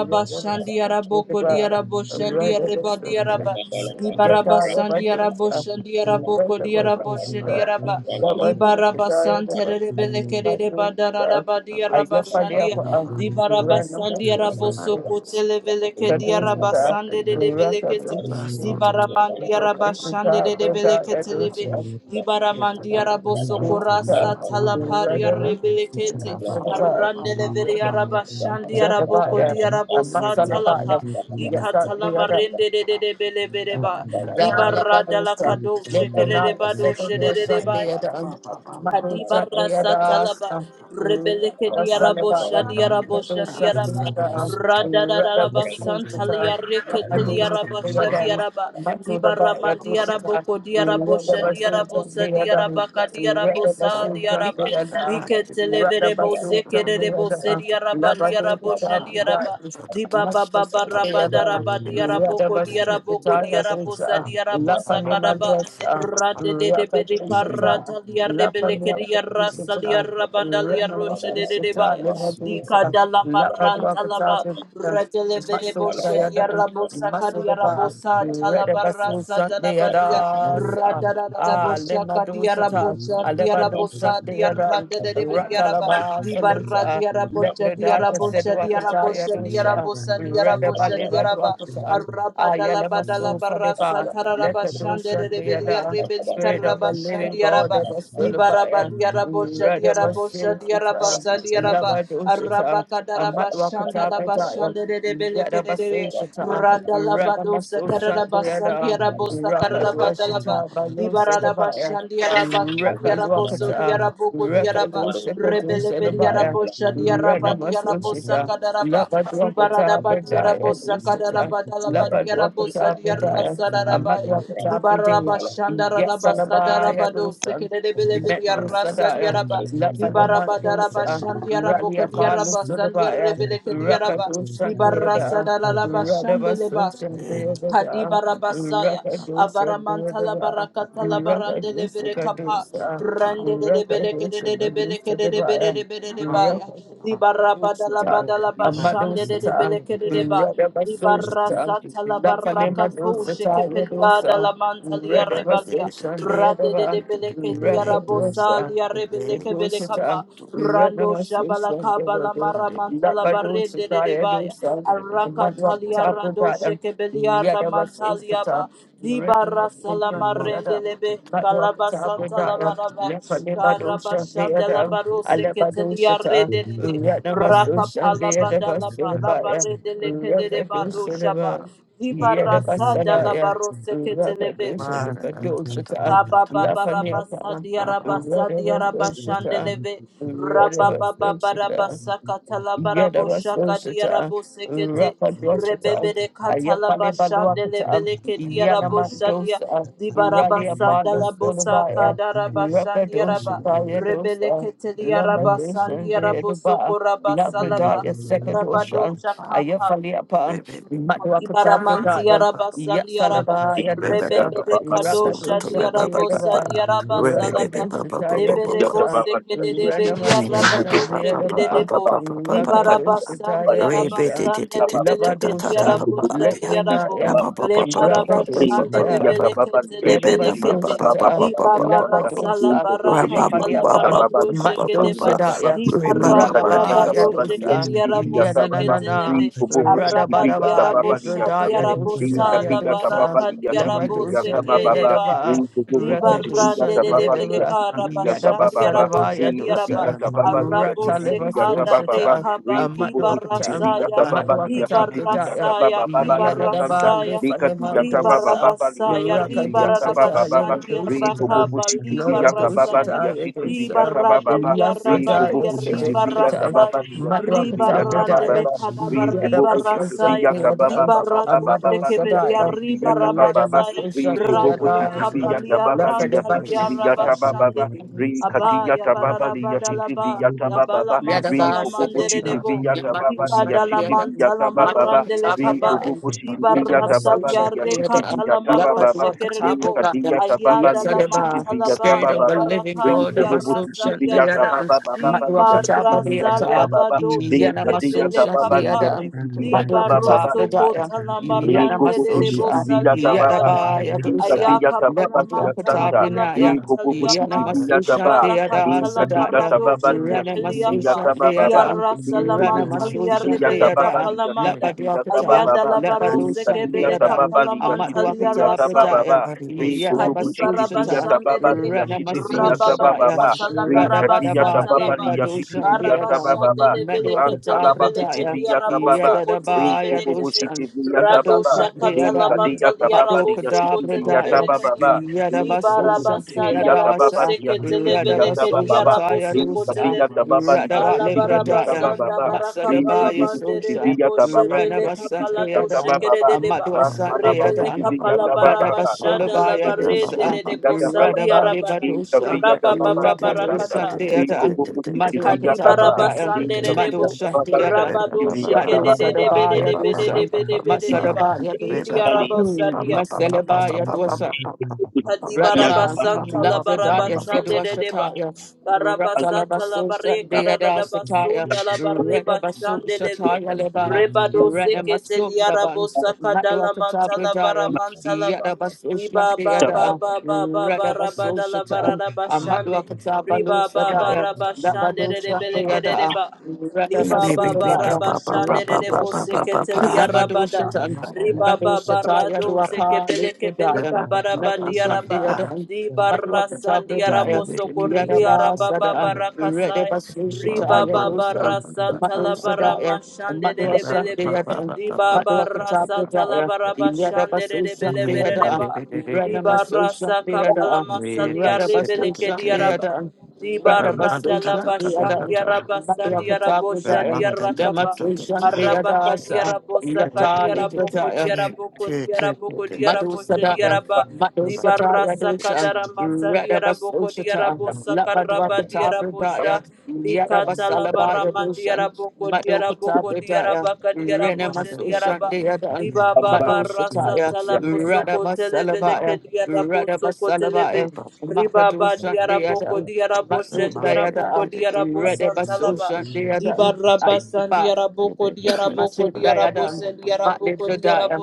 Speaker 9: Priyan
Speaker 6: arabo
Speaker 1: take the
Speaker 6: kodi
Speaker 1: bar.
Speaker 6: arabo shandi araba
Speaker 1: Revelation,
Speaker 6: diaraba.
Speaker 1: Get
Speaker 6: Libaraba
Speaker 1: out of my doors,
Speaker 6: Sandiarabo
Speaker 1: uh,
Speaker 6: Shandiarabo
Speaker 1: right about
Speaker 3: That's
Speaker 6: Kodiarabo
Speaker 1: this, uh,
Speaker 6: Shandiaraba
Speaker 1: that one thing to
Speaker 6: Libaraba
Speaker 1: die the bus, that
Speaker 6: Santerebelekere
Speaker 1: is, uh,
Speaker 6: Badaraba
Speaker 1: I
Speaker 6: Diaraba
Speaker 1: just find out,
Speaker 6: Shandia
Speaker 1: uh,
Speaker 6: Libaraba
Speaker 1: random messages,
Speaker 6: Sandiarabo
Speaker 1: uh,
Speaker 6: Soko Televeleke
Speaker 1: that is,
Speaker 6: Diaraba
Speaker 1: uh,
Speaker 6: Sande de
Speaker 1: we rest of
Speaker 6: Belekete
Speaker 1: them to- that
Speaker 6: Libaramandiaraba
Speaker 1: is,
Speaker 6: Shande
Speaker 1: uh,
Speaker 6: de
Speaker 1: that is,
Speaker 6: rebeleketelebe
Speaker 1: uh,
Speaker 6: libaramandiaraboso korasa
Speaker 1: Jessica,
Speaker 6: talaparia
Speaker 1: Redden,
Speaker 6: rebelekete
Speaker 1: Riverside,
Speaker 6: arandele veriara bashandiara boko
Speaker 9: Thank
Speaker 1: Jacobaya,
Speaker 6: diara
Speaker 9: you.
Speaker 1: and
Speaker 6: diarabosa
Speaker 9: Thank you.
Speaker 6: talapa
Speaker 1: Matsalabaya, yes, the other.
Speaker 6: ikatalamarendedededelebelebeleba
Speaker 1: Yalabadusa,
Speaker 6: libaradalakado
Speaker 1: Lebanon,
Speaker 6: shekelelebado
Speaker 1: Secondary Sunday
Speaker 6: shedelebaya
Speaker 1: at the Madu
Speaker 6: Kadiba
Speaker 1: Sunday at
Speaker 6: rasa
Speaker 1: the
Speaker 6: talaba.
Speaker 1: Asa,
Speaker 6: Rebeleke
Speaker 1: Rabba
Speaker 6: diarabo
Speaker 1: Salabaya,
Speaker 6: shadiarabo
Speaker 1: Madu Sunday
Speaker 6: shandiaraba.
Speaker 1: at the Rabba
Speaker 6: Radadadadaba
Speaker 1: Basuka,
Speaker 6: santalia
Speaker 1: Madu
Speaker 6: reketeliaraba
Speaker 1: Sunday
Speaker 3: also
Speaker 1: the
Speaker 6: shandiaraba.
Speaker 1: Madu the Baya
Speaker 6: Dibaraman
Speaker 3: Thank
Speaker 1: Dusaka,
Speaker 6: diarabo ko diarabo
Speaker 1: Rabba Basuka
Speaker 6: shandiarabo
Speaker 1: Sunday at
Speaker 6: sadiaraba
Speaker 1: the
Speaker 6: kadiarabo
Speaker 1: Rabba Basuka
Speaker 6: saliaraba.
Speaker 1: Sunday at the Rabba
Speaker 6: Diketeleverebo
Speaker 1: Basuka
Speaker 6: sekerebo
Speaker 1: the
Speaker 6: sediaraba
Speaker 1: Rabba Basuka the
Speaker 6: diarabo shandiaraba. Dibaba
Speaker 1: Madu
Speaker 6: baba
Speaker 1: Sunday the
Speaker 6: rabadaraba diarabo
Speaker 1: Rabba
Speaker 6: ko diarabosa diarabosa
Speaker 1: Lafani
Speaker 6: karaba
Speaker 1: Madrasa,
Speaker 6: rade de de belika
Speaker 1: Rakatushita,
Speaker 6: rada diarebeleke
Speaker 1: Lafani
Speaker 6: diarasa
Speaker 1: Rakatushita,
Speaker 6: diarabanda diaroshe de de de
Speaker 1: Renamasita,
Speaker 6: baya dika
Speaker 1: Levatusa,
Speaker 6: dala maranta laba
Speaker 1: Lapaduakata,
Speaker 6: rade le vede
Speaker 1: Masu
Speaker 6: boshe
Speaker 1: Dayada,
Speaker 6: diarabosa
Speaker 1: Masu Daba,
Speaker 6: kariarabosa talabarasa
Speaker 1: Redabasu
Speaker 6: dalabadia
Speaker 1: Sandayadas,
Speaker 6: rada da da da
Speaker 1: Ah,
Speaker 6: bosha
Speaker 1: Lemadusata,
Speaker 6: kadiarabosa
Speaker 1: Alebadu
Speaker 6: diarabosa
Speaker 1: Sandayadan,
Speaker 6: diarada de de diaraba
Speaker 1: Ratalaba
Speaker 6: dibarra
Speaker 1: Salita,
Speaker 6: diarabosa
Speaker 1: Legreda,
Speaker 6: diarabosha
Speaker 1: Seduakata
Speaker 6: diarabosha
Speaker 9: We
Speaker 1: Yadusa,
Speaker 9: by
Speaker 6: diarabosha
Speaker 9: the glory of
Speaker 6: diarabosha
Speaker 9: our
Speaker 1: Redabaleva
Speaker 6: diaraba
Speaker 3: you.
Speaker 9: Christian
Speaker 1: Duakata,
Speaker 9: God,
Speaker 6: araba dala
Speaker 1: Ayala
Speaker 6: badala
Speaker 1: Masu
Speaker 9: we
Speaker 6: barasa
Speaker 1: Fadeba.
Speaker 3: Thank
Speaker 9: the
Speaker 3: you.
Speaker 6: tararaba
Speaker 9: glory of
Speaker 6: shandere
Speaker 9: five
Speaker 6: rebelia
Speaker 1: Lekadoshandeyada,
Speaker 6: rebeli
Speaker 1: Spirit of
Speaker 9: percent
Speaker 1: the
Speaker 6: karaba
Speaker 1: living
Speaker 9: in
Speaker 1: God
Speaker 6: shandiaraba
Speaker 1: of
Speaker 9: the Lord, Sunday,
Speaker 6: dibaraba
Speaker 1: Asulabaya,
Speaker 9: we love you, we love our
Speaker 6: diarabosha
Speaker 9: Christian
Speaker 6: diarabosha
Speaker 9: God.
Speaker 6: diaraba
Speaker 1: Radabasilita,
Speaker 9: Shouting back
Speaker 6: sandiaraba
Speaker 9: at
Speaker 1: Labadoshita,
Speaker 6: araba kadaraba
Speaker 1: Amatwakata
Speaker 6: shandala
Speaker 1: Bredaya,
Speaker 9: the
Speaker 6: bashandere rebele kedere
Speaker 1: Yadabasishita,
Speaker 6: radala badosa karaba
Speaker 1: Radamasoshandeyada,
Speaker 9: glory of
Speaker 6: sandiarabosa
Speaker 9: green of
Speaker 6: karaba
Speaker 9: green
Speaker 6: dalaba
Speaker 9: of
Speaker 1: Rakadoshita,
Speaker 9: five percent.
Speaker 6: dibaraba
Speaker 1: Balosedabaya,
Speaker 6: shandiaraba
Speaker 9: the
Speaker 6: diaraba
Speaker 9: Lord, we
Speaker 6: sandiarabo so
Speaker 9: love
Speaker 1: Rakalwakata,
Speaker 9: our
Speaker 6: diaraboko
Speaker 9: Christian
Speaker 6: diaraba
Speaker 9: God. We love
Speaker 6: rebeleve
Speaker 9: the Lord, our Christian God. Father, I
Speaker 1: Rakadoshitadoshidabaya,
Speaker 9: love
Speaker 6: diarabo
Speaker 9: you, love our
Speaker 6: shadiaraba diarabo
Speaker 9: Christian God.
Speaker 1: Ranamasoshita,
Speaker 6: sakadaraba
Speaker 1: Labadwakata
Speaker 9: We
Speaker 6: dibaradaba
Speaker 9: by the glory
Speaker 6: diarabo
Speaker 1: Bredaya,
Speaker 9: of our Christian God. We love
Speaker 1: Dosita,
Speaker 6: sakadaraba dalaba diarabo
Speaker 1: Labadwakata
Speaker 6: sadiarra
Speaker 1: Bredaya,
Speaker 9: the
Speaker 6: sadarabaya
Speaker 1: Amadya
Speaker 9: Lord,
Speaker 1: Patabride,
Speaker 6: dibaraba
Speaker 9: our
Speaker 6: shandaraba
Speaker 1: Yasalabaya
Speaker 6: sadaraba do
Speaker 1: Dosan,
Speaker 6: sekedebeleve
Speaker 9: Christian God.
Speaker 1: Medo
Speaker 6: diarra
Speaker 1: Sadaya,
Speaker 9: Thank
Speaker 6: sadiaraba
Speaker 9: you.
Speaker 1: Lapanaman
Speaker 6: dibaraba daraba
Speaker 1: Dosa,
Speaker 6: shandiarabo
Speaker 1: Ralia Palo
Speaker 6: kadiaraba
Speaker 1: Sodabaya,
Speaker 6: sandiarrebeleke diaraba
Speaker 1: Rakadosha
Speaker 6: dibarra
Speaker 1: Deada,
Speaker 6: sadaraba
Speaker 1: Radabasosha Deada,
Speaker 6: Kadibarabasaya,
Speaker 1: Rakadosha
Speaker 6: Avaramantala
Speaker 1: Deada,
Speaker 6: Barakatala Barande
Speaker 1: Rakadosha
Speaker 6: Levere Kapa,
Speaker 1: Dosa,
Speaker 6: Rande de Beleke de
Speaker 1: Rakadosha Medusa
Speaker 6: Beleke de
Speaker 1: Debaya,
Speaker 6: Beleke de Bede de Baya, Dibarabadala
Speaker 1: Rakadosha
Speaker 6: Badala Bashande de
Speaker 1: Amadosha,
Speaker 6: Beleke de Ba,
Speaker 1: Radabasosha.
Speaker 6: Dibarasata la
Speaker 1: Nafanema
Speaker 6: Barakato,
Speaker 1: dosa taya
Speaker 6: Shekepeliada
Speaker 1: dosa.
Speaker 6: la Mantalia
Speaker 1: Redeva
Speaker 3: Rabbi,
Speaker 6: Rebalia,
Speaker 1: station
Speaker 6: Rade
Speaker 1: deadava.
Speaker 6: de Beleke
Speaker 1: Repa
Speaker 6: diarabosa,
Speaker 1: dosa.
Speaker 6: lia Rebeleke
Speaker 1: Kedusita,
Speaker 6: Belekapa, Shabala
Speaker 1: Renamasusam,
Speaker 6: Kabala
Speaker 1: Devadu,
Speaker 6: Maramantala Barinde de
Speaker 1: Labadusitaya
Speaker 6: Baya,
Speaker 1: Dusam,
Speaker 6: Arakatalia
Speaker 1: Amadwakta
Speaker 6: Rado
Speaker 1: Pradayam,
Speaker 6: Shekebelia Ramantaliaba,
Speaker 1: Yadavasusita,
Speaker 6: Diba
Speaker 1: Renamasusam,
Speaker 6: Rasala Marende
Speaker 1: Adam,
Speaker 6: Lebe, Kalaba
Speaker 1: Madwakta
Speaker 6: Santa
Speaker 1: Pradaya,
Speaker 6: Labaraba,
Speaker 1: Lepanibadusha, the
Speaker 6: Karabasha de la
Speaker 1: Adam,
Speaker 6: Barose Ketelia
Speaker 1: Alabadusita,
Speaker 6: Rede,
Speaker 1: Renamasusam,
Speaker 6: Rakapala
Speaker 1: the
Speaker 6: Badalaba,
Speaker 1: Adavasilabaya,
Speaker 6: Labarede Lekede Bado
Speaker 1: Rakadusilaba,
Speaker 6: Shaba, Diba Rasa de la
Speaker 1: Yadavasalaya,
Speaker 6: Barose Ketelebe.
Speaker 1: Rakadusilabadusita, Lafaniapa. Red of us, O Sita.
Speaker 6: Kabababarabasadiyarabasadiyarabashandeleve.
Speaker 1: Red of us, O Sita. Yedarasosata,
Speaker 6: Rababababarabasakatalabaraboshakadiyarabosekete.
Speaker 1: Rapadwasata, Ayapalibadwakata,
Speaker 6: Rebeberekatalabashandelevelekediyaraboshadia.
Speaker 1: Yanamandosa,
Speaker 9: Thank
Speaker 1: Rally upon the Solovaya,
Speaker 6: Dibarabasandalabosakadarabashandiyaraba.
Speaker 1: Rakadoshata Yadosa, Lamadoshan Dedaba,
Speaker 6: Rebeleketeliarabasandiarabosokorabasalaba.
Speaker 1: Lapradaya Sekadosha,
Speaker 6: Labadosha kapa.
Speaker 1: Ayafali upon
Speaker 3: Remember,
Speaker 1: Matwakata
Speaker 6: Kadibaraman
Speaker 1: Dada,
Speaker 6: Tiaraba Sandiaraba
Speaker 1: Yasalaba Yadosa,
Speaker 4: yata
Speaker 6: rebebe
Speaker 4: baba.
Speaker 6: Kadosha
Speaker 1: Rakadosha
Speaker 6: Diarabo
Speaker 1: Dedaba,
Speaker 6: Sadiaraba Salaba
Speaker 1: Rakadoshata
Speaker 6: Deberebo
Speaker 1: Yadosa,
Speaker 4: Yatabara Sinte,
Speaker 6: Sekedebelia
Speaker 4: We
Speaker 6: Rabado
Speaker 1: Ranamasoshan Dedaba.
Speaker 6: Shekedebo
Speaker 4: Yatababa
Speaker 6: Dibaraba
Speaker 4: Yashinte,
Speaker 1: Rakadosha
Speaker 4: Yataba,
Speaker 6: Sandiaraba
Speaker 1: Tayadosa,
Speaker 4: Yataba,
Speaker 6: Sandelebeleke
Speaker 1: Labadosha,
Speaker 6: Diarabo Shadiarabo
Speaker 1: Leprinaya,
Speaker 4: Baba ya
Speaker 6: Lebarabashande
Speaker 1: Rakadosha
Speaker 6: levelekete levelekete.
Speaker 1: Yadabasosata,
Speaker 6: Di babara sala
Speaker 1: Labadosa,
Speaker 6: baraka sala
Speaker 1: Ayafaliapa,
Speaker 6: barando shekedeba.
Speaker 1: Matdosadaya,
Speaker 6: Di barada
Speaker 1: Ralaba
Speaker 6: labado
Speaker 1: Yadosa,
Speaker 6: shekedi arabo sekete
Speaker 1: Yananana,
Speaker 6: leve. Araba
Speaker 3: Thank
Speaker 6: di
Speaker 1: Radabadaba,
Speaker 6: arabo sha di
Speaker 1: Libradaya
Speaker 6: arabo
Speaker 1: Dosata
Speaker 6: sala
Speaker 1: Yadosa,
Speaker 6: baraka di arabo
Speaker 1: Lamadosa,
Speaker 6: sekedeba ya.
Speaker 1: Yadaba,
Speaker 6: Di
Speaker 1: Rakadosa,
Speaker 6: barande de de beleka
Speaker 1: Yadaba,
Speaker 6: araba shandi arabo
Speaker 1: Yadabasadaba
Speaker 6: shadi araba.
Speaker 1: Yadosa,
Speaker 6: Arabo
Speaker 9: you.
Speaker 6: sekada
Speaker 1: Ratalebasosata,
Speaker 6: reka bali
Speaker 4: Rico Bobo
Speaker 9: Thank you.
Speaker 4: City
Speaker 1: Amaduakata,
Speaker 6: barasaya.
Speaker 4: Vigata Baba Liga
Speaker 1: Amaduakata
Speaker 4: City
Speaker 1: Bradaya,
Speaker 4: Vigata
Speaker 6: Ribarasaya,
Speaker 4: Baba Baba Liga Santa
Speaker 1: Yadaba,
Speaker 6: Ribarasaya,
Speaker 4: Bika
Speaker 1: Lifanema
Speaker 4: Vigata Baba
Speaker 1: dosa.
Speaker 4: Baba Liga
Speaker 6: Ribarabasaya,
Speaker 4: City Vigata Baba
Speaker 1: Rakadosata,
Speaker 4: Baba
Speaker 6: Ribarabashandia
Speaker 4: Rico
Speaker 1: Lemadosata,
Speaker 4: Bobo
Speaker 6: Rakaba,
Speaker 4: City Vigata Baba
Speaker 6: Ribarasaya,
Speaker 1: Loradosata,
Speaker 4: Liga City
Speaker 1: Yadosa,
Speaker 4: Vigata Baba Baba
Speaker 6: Ribaradelia
Speaker 4: Rico
Speaker 1: Lafrada,
Speaker 6: Rabadia,
Speaker 4: Bobo City Vigata
Speaker 1: Yasidosata,
Speaker 4: Baba
Speaker 6: Ribarasaya,
Speaker 4: Liga City
Speaker 1: Matwakata,
Speaker 4: Vigata Baba
Speaker 1: Bredaya,
Speaker 6: Ribarandele
Speaker 4: Baba
Speaker 6: Kadaba,
Speaker 4: Rico Bobo City
Speaker 1: Yadamasosha,
Speaker 6: Ribarasaya,
Speaker 4: Vigata Baba
Speaker 1: Theodam,
Speaker 4: Baba
Speaker 3: you.
Speaker 6: Ribarado
Speaker 4: Baba
Speaker 1: Amado
Speaker 4: Baba Liga
Speaker 6: Shekebelia,
Speaker 1: Sadaya,
Speaker 4: City
Speaker 3: Thank
Speaker 4: Vigata Baba Baba
Speaker 6: Ribarabasaya,
Speaker 1: Redamasosha,
Speaker 4: Rico Bobo
Speaker 6: Randele
Speaker 4: City
Speaker 1: Theodam,
Speaker 4: Vigata
Speaker 6: Kapalia,
Speaker 4: Baba
Speaker 1: Lafrada,
Speaker 4: Liga City
Speaker 6: Rantalia
Speaker 4: Vigata
Speaker 1: Badosata.
Speaker 4: Baba Baba
Speaker 6: Rabashandehi.
Speaker 4: Rikadiya
Speaker 6: Abaya
Speaker 4: tababa liya siti
Speaker 6: bararabadalaba
Speaker 4: biya tababa
Speaker 6: abala
Speaker 1: Yadaba
Speaker 6: mansala
Speaker 4: Rikobobo
Speaker 1: Sadosha,
Speaker 6: debo.
Speaker 4: Shitiviya
Speaker 1: Yamatu
Speaker 4: Tababa
Speaker 6: Dika dalaman
Speaker 1: Satyada,
Speaker 4: Yashitiviya
Speaker 1: Matu
Speaker 4: Tababa
Speaker 6: talamarandele kaba.
Speaker 1: Katabragayam,
Speaker 4: Rikobobo Shitiviya
Speaker 6: Dibarra
Speaker 4: Tababa
Speaker 6: salia
Speaker 1: Yadamasosha
Speaker 6: reka
Speaker 1: Kriyada,
Speaker 4: Yashitiviya
Speaker 6: talamaro
Speaker 4: Tababa
Speaker 1: Lapadua
Speaker 6: shekerebo.
Speaker 4: Linkadiya
Speaker 1: Katabragayam,
Speaker 4: Tababa
Speaker 6: Ayada laman
Speaker 1: Yasadaba,
Speaker 4: Yashitiviya
Speaker 6: talaba
Speaker 1: Spirit
Speaker 6: ya
Speaker 1: of
Speaker 4: Tababa
Speaker 1: the Living
Speaker 6: baraka
Speaker 1: God,
Speaker 4: Rikobobo
Speaker 6: diarra
Speaker 1: Abasosha
Speaker 6: salia
Speaker 4: Shitiviya
Speaker 6: da.
Speaker 1: Kriyada,
Speaker 4: Tababa
Speaker 6: Di
Speaker 4: Baba
Speaker 1: Matua
Speaker 4: Yashitiviya
Speaker 6: marasa
Speaker 1: Katabragayata,
Speaker 4: Tababa
Speaker 6: labado
Speaker 4: Linkadiya
Speaker 6: shekepele
Speaker 1: Yadamasosha
Speaker 4: Tababa
Speaker 6: kapaya.
Speaker 1: Kriyada,
Speaker 9: Lipa
Speaker 6: Di
Speaker 4: Yashitiviya
Speaker 1: Matu
Speaker 9: yada
Speaker 4: Tababa
Speaker 6: barroso
Speaker 9: lipa
Speaker 1: Katabragayam,
Speaker 9: sati,
Speaker 4: we
Speaker 6: kotalamarande de
Speaker 4: kububu
Speaker 6: debo
Speaker 4: siti
Speaker 9: lipa
Speaker 1: Yadamasosha,
Speaker 4: biya
Speaker 6: salia
Speaker 9: yada
Speaker 4: tababa.
Speaker 6: rada.
Speaker 9: lipa
Speaker 1: Yadaba
Speaker 9: yada
Speaker 4: Li
Speaker 1: Yadusa,
Speaker 4: kabiya
Speaker 6: Ayaka
Speaker 4: tababa liya
Speaker 1: Lepatua
Speaker 9: sati
Speaker 6: palamantala
Speaker 4: santa.
Speaker 9: na
Speaker 1: Katabrinaya,
Speaker 4: Li kububu
Speaker 6: palapantaliapa.
Speaker 4: siti biya
Speaker 1: Yadamasosha
Speaker 4: taba.
Speaker 9: lipa yada
Speaker 1: Kriyada
Speaker 9: lipa
Speaker 4: Li
Speaker 6: Dibalakatala
Speaker 4: katiya
Speaker 1: Sadaya,
Speaker 6: parado
Speaker 4: tababa
Speaker 6: shete
Speaker 4: liya
Speaker 1: Rana
Speaker 4: siti biya
Speaker 6: peliapa,
Speaker 1: Masusha
Speaker 9: yada
Speaker 1: the
Speaker 4: tababa
Speaker 1: other
Speaker 4: ba.
Speaker 1: and
Speaker 6: liara
Speaker 9: in
Speaker 4: Li
Speaker 1: Rana
Speaker 4: kububu
Speaker 6: salamanta
Speaker 4: siti
Speaker 6: liare
Speaker 1: Masusha
Speaker 4: biya
Speaker 1: the
Speaker 6: beleka
Speaker 4: tababa
Speaker 1: other
Speaker 4: liya siti
Speaker 6: palamanda,
Speaker 4: biya
Speaker 1: Labaduakata
Speaker 4: tababa
Speaker 6: ayada
Speaker 4: ba.
Speaker 6: la
Speaker 4: Li
Speaker 6: barose
Speaker 1: Labadusha
Speaker 6: ke
Speaker 1: the
Speaker 4: katiya
Speaker 1: other
Speaker 6: beleka
Speaker 1: and
Speaker 4: tababa liya
Speaker 3: you.
Speaker 6: palamanta
Speaker 4: siti biya
Speaker 6: liara
Speaker 1: Amaduakata
Speaker 4: tababa
Speaker 6: saya,
Speaker 4: ba.
Speaker 1: Bradaya
Speaker 3: Body or
Speaker 4: Li
Speaker 1: Yada
Speaker 3: soul
Speaker 4: kububu
Speaker 3: that
Speaker 6: kadiba
Speaker 3: could
Speaker 4: siti biya
Speaker 3: go,
Speaker 1: Basusha
Speaker 6: rabashande
Speaker 4: tababa
Speaker 9: the
Speaker 6: de,
Speaker 4: liya
Speaker 9: name of
Speaker 1: Rana
Speaker 4: siti
Speaker 3: they
Speaker 4: biya
Speaker 3: bond to
Speaker 1: Masusha
Speaker 9: Jesus.
Speaker 4: tababa
Speaker 1: Daya
Speaker 3: do
Speaker 6: rababarakata la
Speaker 3: the
Speaker 1: Rada
Speaker 9: Shabbat,
Speaker 4: Rikadiya
Speaker 9: Lili,
Speaker 1: Badaba
Speaker 6: barabasanta
Speaker 4: Tababa
Speaker 6: laba,
Speaker 4: Liya City
Speaker 9: Pakanda,
Speaker 3: they have
Speaker 1: Limbadusha
Speaker 4: Via
Speaker 1: the
Speaker 3: a
Speaker 1: other
Speaker 4: Tababa
Speaker 6: barabashande
Speaker 9: Lila,
Speaker 6: le beleke
Speaker 9: Pakanda,
Speaker 6: te
Speaker 1: Maduakata
Speaker 4: Rantalaba
Speaker 3: bond of
Speaker 6: beleke
Speaker 4: City
Speaker 1: Bradaya
Speaker 3: the
Speaker 4: Via
Speaker 6: diara
Speaker 4: Tababa
Speaker 1: Yada
Speaker 6: kote le
Speaker 1: Dabaya
Speaker 6: beleke
Speaker 4: Rikububu
Speaker 6: te,
Speaker 4: City
Speaker 1: Dushan
Speaker 4: Via
Speaker 6: rado
Speaker 3: they
Speaker 4: Tababa
Speaker 1: Madusha the
Speaker 6: shakata
Speaker 1: other
Speaker 6: la
Speaker 1: and
Speaker 6: manta
Speaker 4: Rikadiya
Speaker 6: liara
Speaker 4: Tababa Liya
Speaker 1: Madokada
Speaker 4: City
Speaker 6: kote le
Speaker 4: Via
Speaker 6: beleke
Speaker 1: Bradaya
Speaker 9: Pakanda,
Speaker 6: dia.
Speaker 4: Tababa
Speaker 1: Yada
Speaker 4: Rikububu
Speaker 1: Basusha
Speaker 4: City
Speaker 1: the
Speaker 6: Libarabasada
Speaker 4: Via
Speaker 1: other
Speaker 4: Tababa Liya
Speaker 6: laboseke
Speaker 4: City Via
Speaker 1: Radaba
Speaker 6: televeleke
Speaker 4: Tababa
Speaker 1: Sosata
Speaker 6: diarabosoko
Speaker 1: Yadusa,
Speaker 4: Rikadiya
Speaker 6: televe.
Speaker 4: Tababa Liya
Speaker 1: Radaba
Speaker 9: Pakanda,
Speaker 4: City Via
Speaker 6: Alabarabasanda
Speaker 1: Lebradayan,
Speaker 4: Tababa
Speaker 9: Pakanda,
Speaker 6: baraka
Speaker 1: Matsadabaya
Speaker 4: Rikububu City
Speaker 1: Sosa,
Speaker 6: palabanderere
Speaker 4: Via
Speaker 6: boshe
Speaker 4: Tababa Liya
Speaker 1: Ranaba
Speaker 6: beleka
Speaker 4: City Via
Speaker 6: palado
Speaker 1: Satyadan,
Speaker 4: Tababa
Speaker 9: Thank
Speaker 6: shekerereba.
Speaker 1: Amadua
Speaker 9: you.
Speaker 4: Rantalaba City
Speaker 1: Satyadan,
Speaker 6: Rebeleka
Speaker 4: Via
Speaker 1: Radaba
Speaker 4: Tababa
Speaker 6: palabarabashada
Speaker 1: Solabaya
Speaker 4: Rikububu
Speaker 6: dalabare
Speaker 1: Dusa,
Speaker 4: City Via
Speaker 6: bosali
Speaker 4: Tababa
Speaker 1: dosa
Speaker 6: arabada.
Speaker 4: in
Speaker 1: Lebadusa,
Speaker 4: via
Speaker 3: do
Speaker 4: tababa ya
Speaker 3: it in
Speaker 4: shanda.
Speaker 1: Rabadusa
Speaker 6: Rababababarakata.
Speaker 4: Inko
Speaker 1: Deadan,
Speaker 4: bubu titi
Speaker 1: Madua
Speaker 4: taba.
Speaker 6: Kadibaraba
Speaker 1: Katabradayan,
Speaker 4: in
Speaker 3: the body.
Speaker 4: via
Speaker 6: sanderebo
Speaker 4: tababa
Speaker 3: Ba
Speaker 1: Deadan,
Speaker 3: ba
Speaker 6: rabado
Speaker 4: ya titi
Speaker 10: Thank
Speaker 4: via taba
Speaker 6: shekede
Speaker 1: Madusa
Speaker 3: ba
Speaker 6: de de
Speaker 4: taba.
Speaker 6: de de
Speaker 1: Dabaya
Speaker 6: de de de de de de de
Speaker 4: Inka
Speaker 6: de ba
Speaker 1: Matsadabaya
Speaker 4: via
Speaker 6: kiri
Speaker 1: Dusa,
Speaker 4: bali ya
Speaker 6: arabo
Speaker 4: titi
Speaker 6: sadia
Speaker 1: Masalabaya Dosa.
Speaker 4: bubu titi ya
Speaker 1: Radaba,
Speaker 4: tababa
Speaker 6: Kadibarabasanta
Speaker 4: ya
Speaker 6: la
Speaker 1: Lapradaya,
Speaker 4: titi.
Speaker 1: Sedua
Speaker 6: barabashande de deba.
Speaker 1: Shataya,
Speaker 4: Alta
Speaker 6: Barabasata la
Speaker 1: Ratalabaso
Speaker 6: bareka
Speaker 4: tabu
Speaker 6: da da
Speaker 1: Shandeada Shataya,
Speaker 6: basunda la bareba
Speaker 1: Redabaso
Speaker 6: shande
Speaker 4: titi
Speaker 6: leve.
Speaker 1: Shataya Leba,
Speaker 6: Reba do
Speaker 4: taba
Speaker 6: seke
Speaker 1: Redamaso
Speaker 6: teliara
Speaker 1: Daban,
Speaker 6: bosaka da
Speaker 1: Madua
Speaker 6: la manta
Speaker 4: titi
Speaker 6: vara
Speaker 1: Katabradaya,
Speaker 6: mantala la va.
Speaker 1: Yadabaso
Speaker 6: Diba ba
Speaker 4: taba
Speaker 6: ba
Speaker 1: Shandeada,
Speaker 6: ba ba ba ba raba
Speaker 1: Redabaso
Speaker 6: da la vara
Speaker 1: Shatan, Amadua
Speaker 6: bashande.
Speaker 1: Katabalu
Speaker 6: Riba ba ba
Speaker 1: Sadaya,
Speaker 6: raba shande
Speaker 1: Labado
Speaker 6: de de de
Speaker 1: Shandeada,
Speaker 6: deba. Liba
Speaker 1: Redabaso
Speaker 6: baba
Speaker 1: Dabaya,
Speaker 6: raba shandere de de
Speaker 1: Rakadua
Speaker 6: bo
Speaker 3: ba
Speaker 1: Shatan,
Speaker 6: sekete liya
Speaker 1: Namado
Speaker 6: rabada.
Speaker 1: Shatan,
Speaker 6: Riba
Speaker 1: Mado
Speaker 6: baba
Speaker 1: Shataya
Speaker 6: rado seke
Speaker 1: Duapa,
Speaker 6: bele ke belika
Speaker 1: Lipidaya.
Speaker 6: ka baraba diya
Speaker 1: Medicine the
Speaker 6: raba.
Speaker 1: other and
Speaker 6: Di barra
Speaker 1: Matwakata
Speaker 6: sandiya
Speaker 1: Bredaya,
Speaker 6: rabo soko riya
Speaker 1: Yadaba
Speaker 6: raba
Speaker 1: Sada,
Speaker 6: baba
Speaker 1: Redeba
Speaker 6: rakasaya. Riba
Speaker 1: Sushitaya
Speaker 6: baba
Speaker 1: Dosan,
Speaker 6: rasan
Speaker 1: Matu
Speaker 6: talabara
Speaker 3: ba
Speaker 1: Sadaya,
Speaker 6: mashandere de
Speaker 1: Matwa
Speaker 6: de
Speaker 3: Reminded
Speaker 1: Shanti
Speaker 6: belebe.
Speaker 1: Yada,
Speaker 6: Di baba
Speaker 1: Matwakata
Speaker 6: rasa
Speaker 1: Bredaya,
Speaker 6: talabara
Speaker 1: Yadaba
Speaker 6: bashandere de de
Speaker 1: Sushanti
Speaker 6: belebe de de
Speaker 1: Yada,
Speaker 6: ba. Di
Speaker 1: Renama
Speaker 6: barra
Speaker 1: Sushanti
Speaker 6: saka
Speaker 1: Yada,
Speaker 6: palamasaliya
Speaker 1: Radaba
Speaker 6: rebele ke diya
Speaker 1: Sushanti
Speaker 6: raba.
Speaker 1: Yada,
Speaker 6: Di
Speaker 4: taba
Speaker 1: Radaba
Speaker 6: barra dalla
Speaker 1: Sushanti Yada,
Speaker 6: bashandi arabasandi
Speaker 1: Matwakata
Speaker 6: arabosha di
Speaker 1: Bredaya, Dema
Speaker 6: arakapa.
Speaker 1: Sushanti Yada,
Speaker 6: Arabaka di arabosa ka di
Speaker 1: Yata
Speaker 6: araboko
Speaker 1: Libredaya,
Speaker 6: di araboko di araboko di arabosha
Speaker 1: Madusada,
Speaker 6: di
Speaker 1: and
Speaker 6: araba. Di
Speaker 1: Madusata,
Speaker 6: barra saka
Speaker 1: Yadusa,
Speaker 6: daramasandi araboko di
Speaker 1: Radabasosata,
Speaker 4: taba
Speaker 6: arabosa karaba di
Speaker 1: Labadwakata, Bredaya,
Speaker 6: arabosha. Likata la
Speaker 1: Yadabasalaba,
Speaker 6: barraman di
Speaker 1: Yadushan,
Speaker 6: araboko di
Speaker 1: Madukata,
Speaker 6: araboko di
Speaker 1: Bredaya,
Speaker 9: Thank
Speaker 6: arabaka di arabosha di
Speaker 1: Renamasosha,
Speaker 6: araba.
Speaker 1: Deadan,
Speaker 6: Di baba
Speaker 4: taba
Speaker 6: barra
Speaker 1: Madusataya,
Speaker 6: sata la
Speaker 4: ya
Speaker 6: bosoko televe leke
Speaker 1: Radabasalabaya,
Speaker 6: di arabosoko
Speaker 1: Radabasalabaya,
Speaker 6: televe. Ribaba
Speaker 1: Makadusha,
Speaker 6: diaraboko
Speaker 1: Deadan, Masu
Speaker 6: diaraboshe diaraboko
Speaker 1: Dayada,
Speaker 6: diarabo santalaba.
Speaker 1: Radabasosha,
Speaker 6: Dibaraba
Speaker 1: Deadan,
Speaker 6: sandiaraboko diaraboko diaraboko
Speaker 1: Masih Dayadan,
Speaker 6: diarabose
Speaker 1: Mak
Speaker 6: diaraboko
Speaker 1: Daya,
Speaker 6: diarabo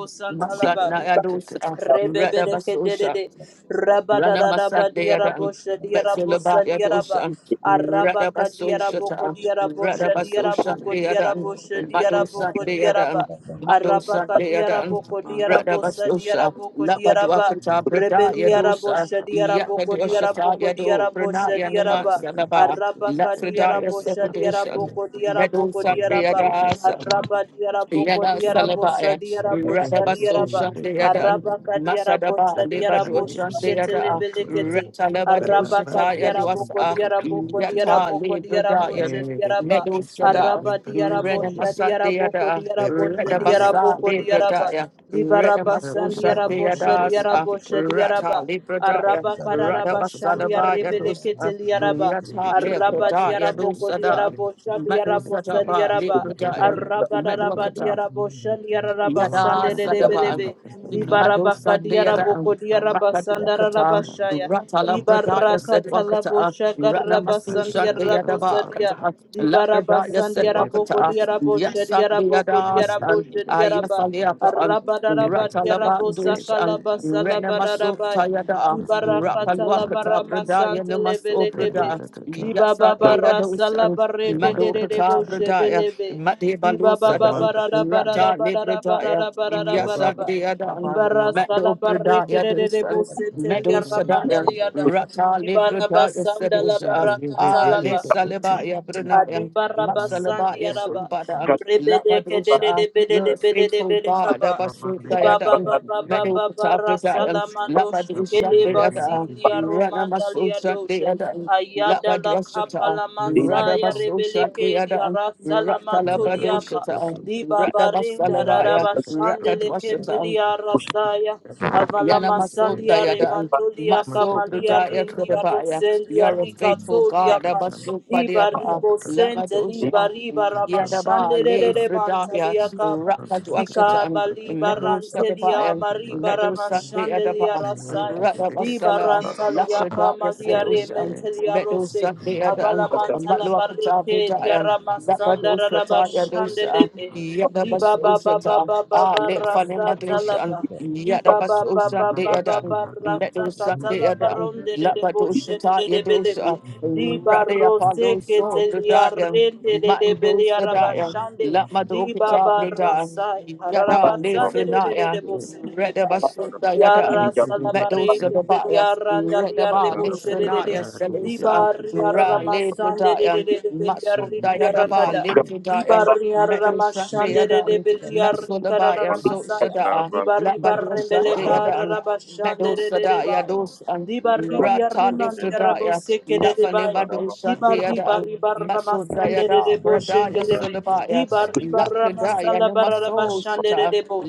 Speaker 4: titi
Speaker 1: Masat
Speaker 6: santalaba.
Speaker 4: taba
Speaker 1: Nayadosa, Rada Basosha,
Speaker 6: Rebebelekedede,
Speaker 1: Rana Masat
Speaker 6: rabadadadaba,
Speaker 1: Dayadan,
Speaker 6: diarabosha, diarabosa,
Speaker 1: Betsilabaya
Speaker 6: diaraba,
Speaker 1: Dosa,
Speaker 4: titi
Speaker 1: Rada
Speaker 6: arabaka,
Speaker 1: Basosha,
Speaker 6: diaraboko,
Speaker 1: Rada
Speaker 6: diarabosha,
Speaker 1: Basosha
Speaker 6: diaraboko,
Speaker 1: Dayadan,
Speaker 6: diarabosha,
Speaker 1: Madosa
Speaker 6: diaraboko, diaraba,
Speaker 1: Dayadan, Madosa
Speaker 6: arabaka,
Speaker 1: Dayadan,
Speaker 6: diaraboko,
Speaker 1: Rada
Speaker 3: Thank
Speaker 6: diarabosa,
Speaker 1: Basosha,
Speaker 6: diaraboko, diaraba,
Speaker 1: Labaduakata Bradaya Dosa,
Speaker 6: rebeliarabosha, diaraboko,
Speaker 1: Yakadosha
Speaker 6: diaraboko,
Speaker 1: Yado,
Speaker 6: diarabosha,
Speaker 1: Pranaya Nama
Speaker 6: diaraba,
Speaker 1: Sanaba,
Speaker 6: Arabaka
Speaker 1: Lafredaya
Speaker 6: diarabo
Speaker 1: Separation,
Speaker 6: shadiaraboko diaraboko
Speaker 1: Medosa
Speaker 6: diaraba.
Speaker 1: Dayadasa.
Speaker 6: Araba diaraboko
Speaker 1: Yada
Speaker 6: diarabo
Speaker 1: Salabaya,
Speaker 6: sadiarabo
Speaker 1: Radaba
Speaker 6: shadiaraba.
Speaker 1: Sosha Deadan,
Speaker 6: Arabaka
Speaker 9: you.
Speaker 6: diarabo
Speaker 1: Masadaba, Libadu
Speaker 6: shadiarabo shikete
Speaker 1: Shandeada,
Speaker 3: you.
Speaker 6: lebelekete.
Speaker 1: Retalabadu
Speaker 3: Thank
Speaker 6: Arabaka
Speaker 1: Shataya
Speaker 6: diaraboko
Speaker 1: Duasa,
Speaker 6: diaraboko
Speaker 1: Yata
Speaker 6: diaraboko diarabo
Speaker 1: Libradayan,
Speaker 6: shadiaraba.
Speaker 1: Medu Sada,
Speaker 6: Araba diarabo
Speaker 1: Renamasa
Speaker 6: shadiaraboko
Speaker 1: Deada,
Speaker 6: diarabo
Speaker 1: Redabasa
Speaker 6: shadiaraboko diaraba.
Speaker 1: Libradaya,
Speaker 6: Dibaraba
Speaker 1: Renamasusha
Speaker 6: sandiarabo
Speaker 1: Deadas,
Speaker 6: shadiarabo shadiaraba.
Speaker 1: Rata Libradaya,
Speaker 6: Araba kararaba shandia
Speaker 1: Radabasadaba
Speaker 6: rebele
Speaker 1: Yadus,
Speaker 6: keteliaraba.
Speaker 1: Rata
Speaker 6: Araba
Speaker 4: taba titi
Speaker 1: Libradaya
Speaker 6: diaraboko
Speaker 1: Dusada,
Speaker 6: diarabo
Speaker 1: Medu
Speaker 6: shadiarabo
Speaker 1: Sadaba
Speaker 6: sadiaraba.
Speaker 4: taba titi
Speaker 1: Libradayan.
Speaker 4: taba titi taba
Speaker 6: Araba daraba
Speaker 1: Medwakata,
Speaker 6: diarabo shandiaraba
Speaker 1: Yada
Speaker 4: taba titi
Speaker 1: Sadaba,
Speaker 6: sandelebelebe.
Speaker 1: Mado
Speaker 6: Dibaraba
Speaker 1: Sunday Yada,
Speaker 6: kadiaraboko diaraba sandaraba
Speaker 1: Makadwakata,
Speaker 6: shaya.
Speaker 4: titi
Speaker 1: Ratala Bradaya
Speaker 6: Dibaraka
Speaker 1: said
Speaker 6: talabo
Speaker 1: Wakata, Rana
Speaker 6: shakaraba
Speaker 1: Masu Shante
Speaker 6: sandiarabo
Speaker 1: Yadaba
Speaker 6: sadia.
Speaker 1: Kata,
Speaker 6: Dibaraba
Speaker 1: Labradaya said
Speaker 6: Sandiaraboko
Speaker 1: Wakata,
Speaker 6: Diarabo
Speaker 3: you.
Speaker 1: Yasandi
Speaker 6: Shediaraboko
Speaker 3: Remember
Speaker 1: Yadas,
Speaker 6: Diarabo
Speaker 9: Thank
Speaker 1: and
Speaker 6: Shediaraba
Speaker 1: Ayafaliapa,
Speaker 6: Arabadaraba
Speaker 1: Ratalaba
Speaker 6: Diarabo
Speaker 1: Dush, and
Speaker 6: Sakalaba
Speaker 1: Rena Masu
Speaker 6: Salabadarabaya
Speaker 1: Tayada,
Speaker 6: Dibarakata
Speaker 1: Rapalwakata,
Speaker 6: Labarama
Speaker 1: Bradaya
Speaker 6: Sante
Speaker 1: Namasu
Speaker 6: Levelekebe
Speaker 1: Brada, Yasandi
Speaker 4: taba titi taba
Speaker 6: Dibababara
Speaker 1: Yados, and
Speaker 6: Salabareke
Speaker 1: Madokata
Speaker 6: Dedebo
Speaker 1: Bradaya,
Speaker 6: Shebeleve
Speaker 1: Made Balusa Rata Libradaya,
Speaker 6: Dibababarabarabarabarabarabarabarabaraba
Speaker 1: Yasandeadan,
Speaker 6: Libara
Speaker 1: Meadow
Speaker 6: salabareke
Speaker 1: Bradaya
Speaker 6: de de de bo
Speaker 1: Dusan,
Speaker 6: sentelia
Speaker 1: Meadow
Speaker 6: ramanda
Speaker 1: Sadaya,
Speaker 6: liada.
Speaker 1: Rata
Speaker 6: Libara
Speaker 1: Libradaya
Speaker 6: basanda la
Speaker 1: Sedusa,
Speaker 6: baraka
Speaker 1: Ale
Speaker 6: talaba.
Speaker 1: Salabaya Brunaya,
Speaker 6: Kadiba raba sandi
Speaker 1: Matsalabaya
Speaker 6: araba.
Speaker 1: Sumbada,
Speaker 6: Rebede kedede
Speaker 1: Labadusa,
Speaker 6: de bede
Speaker 1: you're
Speaker 6: de
Speaker 1: a
Speaker 6: bede de
Speaker 1: faithful
Speaker 6: bede
Speaker 1: God,
Speaker 6: kaba. Diba baba
Speaker 1: Abasudayadan.
Speaker 6: baba baba
Speaker 1: Meadow
Speaker 6: ba ba ba
Speaker 1: Pata
Speaker 6: rasa
Speaker 1: Bradaya,
Speaker 6: la mando
Speaker 1: Labadusha
Speaker 6: shekele
Speaker 1: Deada,
Speaker 6: basindi
Speaker 1: Rana
Speaker 6: aromanda lia
Speaker 1: Masusha
Speaker 6: doshe.
Speaker 1: Deada,
Speaker 6: Ayada la kapa
Speaker 1: Labadusha,
Speaker 6: la
Speaker 1: Rada
Speaker 6: masaya
Speaker 1: Basusha
Speaker 6: rebele di
Speaker 1: Deada,
Speaker 6: arasa la
Speaker 1: Rata
Speaker 6: mantuliapa.
Speaker 1: Labadusha.
Speaker 6: Diba barinda
Speaker 1: Radabasalabaya,
Speaker 6: raraba
Speaker 4: titi
Speaker 6: shandele
Speaker 1: Rakadwasata,
Speaker 6: kepeli arasaya.
Speaker 3: Thank
Speaker 1: Yana
Speaker 6: Avala
Speaker 1: Maso
Speaker 6: Malia
Speaker 1: Dayada and
Speaker 6: Remantolia
Speaker 1: Maso
Speaker 6: Camalia
Speaker 1: Brudaya
Speaker 6: Rindia
Speaker 1: Fedabaya. You
Speaker 6: Rosendia
Speaker 1: are a faithful
Speaker 6: Ricatolia
Speaker 1: God,
Speaker 6: Pa
Speaker 1: Abasu
Speaker 6: Riba
Speaker 1: Badiapa
Speaker 6: Ribo Sente Liba
Speaker 1: Lamadusha
Speaker 6: Riba
Speaker 1: Yadaba
Speaker 6: Ramachandere
Speaker 1: Le Fredaya
Speaker 6: Remantalia Capa
Speaker 1: Rakaduashata
Speaker 6: Dicaba Liba
Speaker 1: Medu
Speaker 6: Rantelia
Speaker 1: Sadabaya.
Speaker 6: Mariba
Speaker 1: Medu Sandi
Speaker 6: Ramachandelia
Speaker 1: Adaba
Speaker 6: Rasaya Riba
Speaker 1: Radabasala
Speaker 6: Rantalia
Speaker 1: Lapredaya
Speaker 6: Camalia
Speaker 1: Sedusha
Speaker 6: Rementelia
Speaker 1: Medu
Speaker 6: Rose
Speaker 1: Sandi Adam
Speaker 6: Avalamantala
Speaker 1: Matluakata
Speaker 6: Barreke Dia
Speaker 1: Vidaya.
Speaker 6: Ramasanda
Speaker 1: Labadusha Yadusha
Speaker 6: Rabashandelebe Diba Baba
Speaker 1: Yadabasusha
Speaker 6: Baba
Speaker 1: Ah
Speaker 6: Baba
Speaker 1: Le
Speaker 6: Rasa
Speaker 1: Fanemadusha
Speaker 6: Talaba Diba ba
Speaker 1: Yadabaso
Speaker 6: ba ba
Speaker 1: Sunday
Speaker 6: ba ba
Speaker 1: Adam,
Speaker 6: ba ra ta
Speaker 1: Metal
Speaker 6: ta
Speaker 1: Sunday Adam,
Speaker 6: de de de de
Speaker 1: Labadosata
Speaker 6: de de be de be.
Speaker 1: Yadosa,
Speaker 6: Diba
Speaker 1: Rade
Speaker 6: ro se
Speaker 1: Apollo
Speaker 6: ke te
Speaker 1: So
Speaker 6: li a
Speaker 1: Bradaya,
Speaker 6: de de de be
Speaker 1: Mando
Speaker 6: li a ra ba
Speaker 1: Sadaya,
Speaker 6: shan de. Diba
Speaker 1: Lamadokata
Speaker 6: ba ra
Speaker 1: Brada,
Speaker 6: sa e
Speaker 1: Yada
Speaker 11: Thank
Speaker 6: de de de de de
Speaker 1: Lefrenaya,
Speaker 6: bo se de de ba ya.
Speaker 1: Redabasunda
Speaker 6: Ya
Speaker 1: Yada,
Speaker 6: la ba
Speaker 1: Metal
Speaker 4: taba
Speaker 6: ke
Speaker 3: you.
Speaker 6: te li
Speaker 1: Sababaya,
Speaker 6: a ra
Speaker 3: Everybody,
Speaker 1: Redaba
Speaker 6: de de de.
Speaker 1: Lefrenaya
Speaker 6: Diba
Speaker 1: Selusa,
Speaker 6: ri a ra ra
Speaker 1: Ra
Speaker 6: ma de de de
Speaker 1: Lebradaya,
Speaker 6: de de be li
Speaker 1: Masunda Yadaba
Speaker 6: Di
Speaker 1: Lefredaya,
Speaker 6: barriar
Speaker 1: Metal Sunday
Speaker 6: ramashandere de
Speaker 1: Adam,
Speaker 6: beliar ricarara
Speaker 1: Matsudabaya So
Speaker 4: titi taba titi taba titi taba titi taba titi
Speaker 6: ramasaya.
Speaker 1: Shada.
Speaker 6: Di barri
Speaker 1: Labadosha
Speaker 6: barrembele
Speaker 1: Deadan,
Speaker 6: carara bashandere de
Speaker 1: Medosadaya
Speaker 6: rebaya.
Speaker 1: dosan,
Speaker 6: Di
Speaker 4: taba
Speaker 6: barri
Speaker 4: titi
Speaker 6: di
Speaker 1: Rata
Speaker 6: arrimandi
Speaker 1: Lifredaya,
Speaker 6: arraboseke de rebaya. Di
Speaker 1: Lafanibadosha
Speaker 6: barri
Speaker 1: Deadan,
Speaker 6: barri barra
Speaker 1: Maso
Speaker 6: masandere de
Speaker 1: Dayada,
Speaker 6: boshe
Speaker 1: Bradaya
Speaker 6: be Di
Speaker 1: Sulabaya,
Speaker 4: Ikubu
Speaker 6: barri barra
Speaker 1: Lakadaya
Speaker 6: masala barra
Speaker 1: Namaso
Speaker 6: bashandere
Speaker 1: Sata,
Speaker 6: de bo.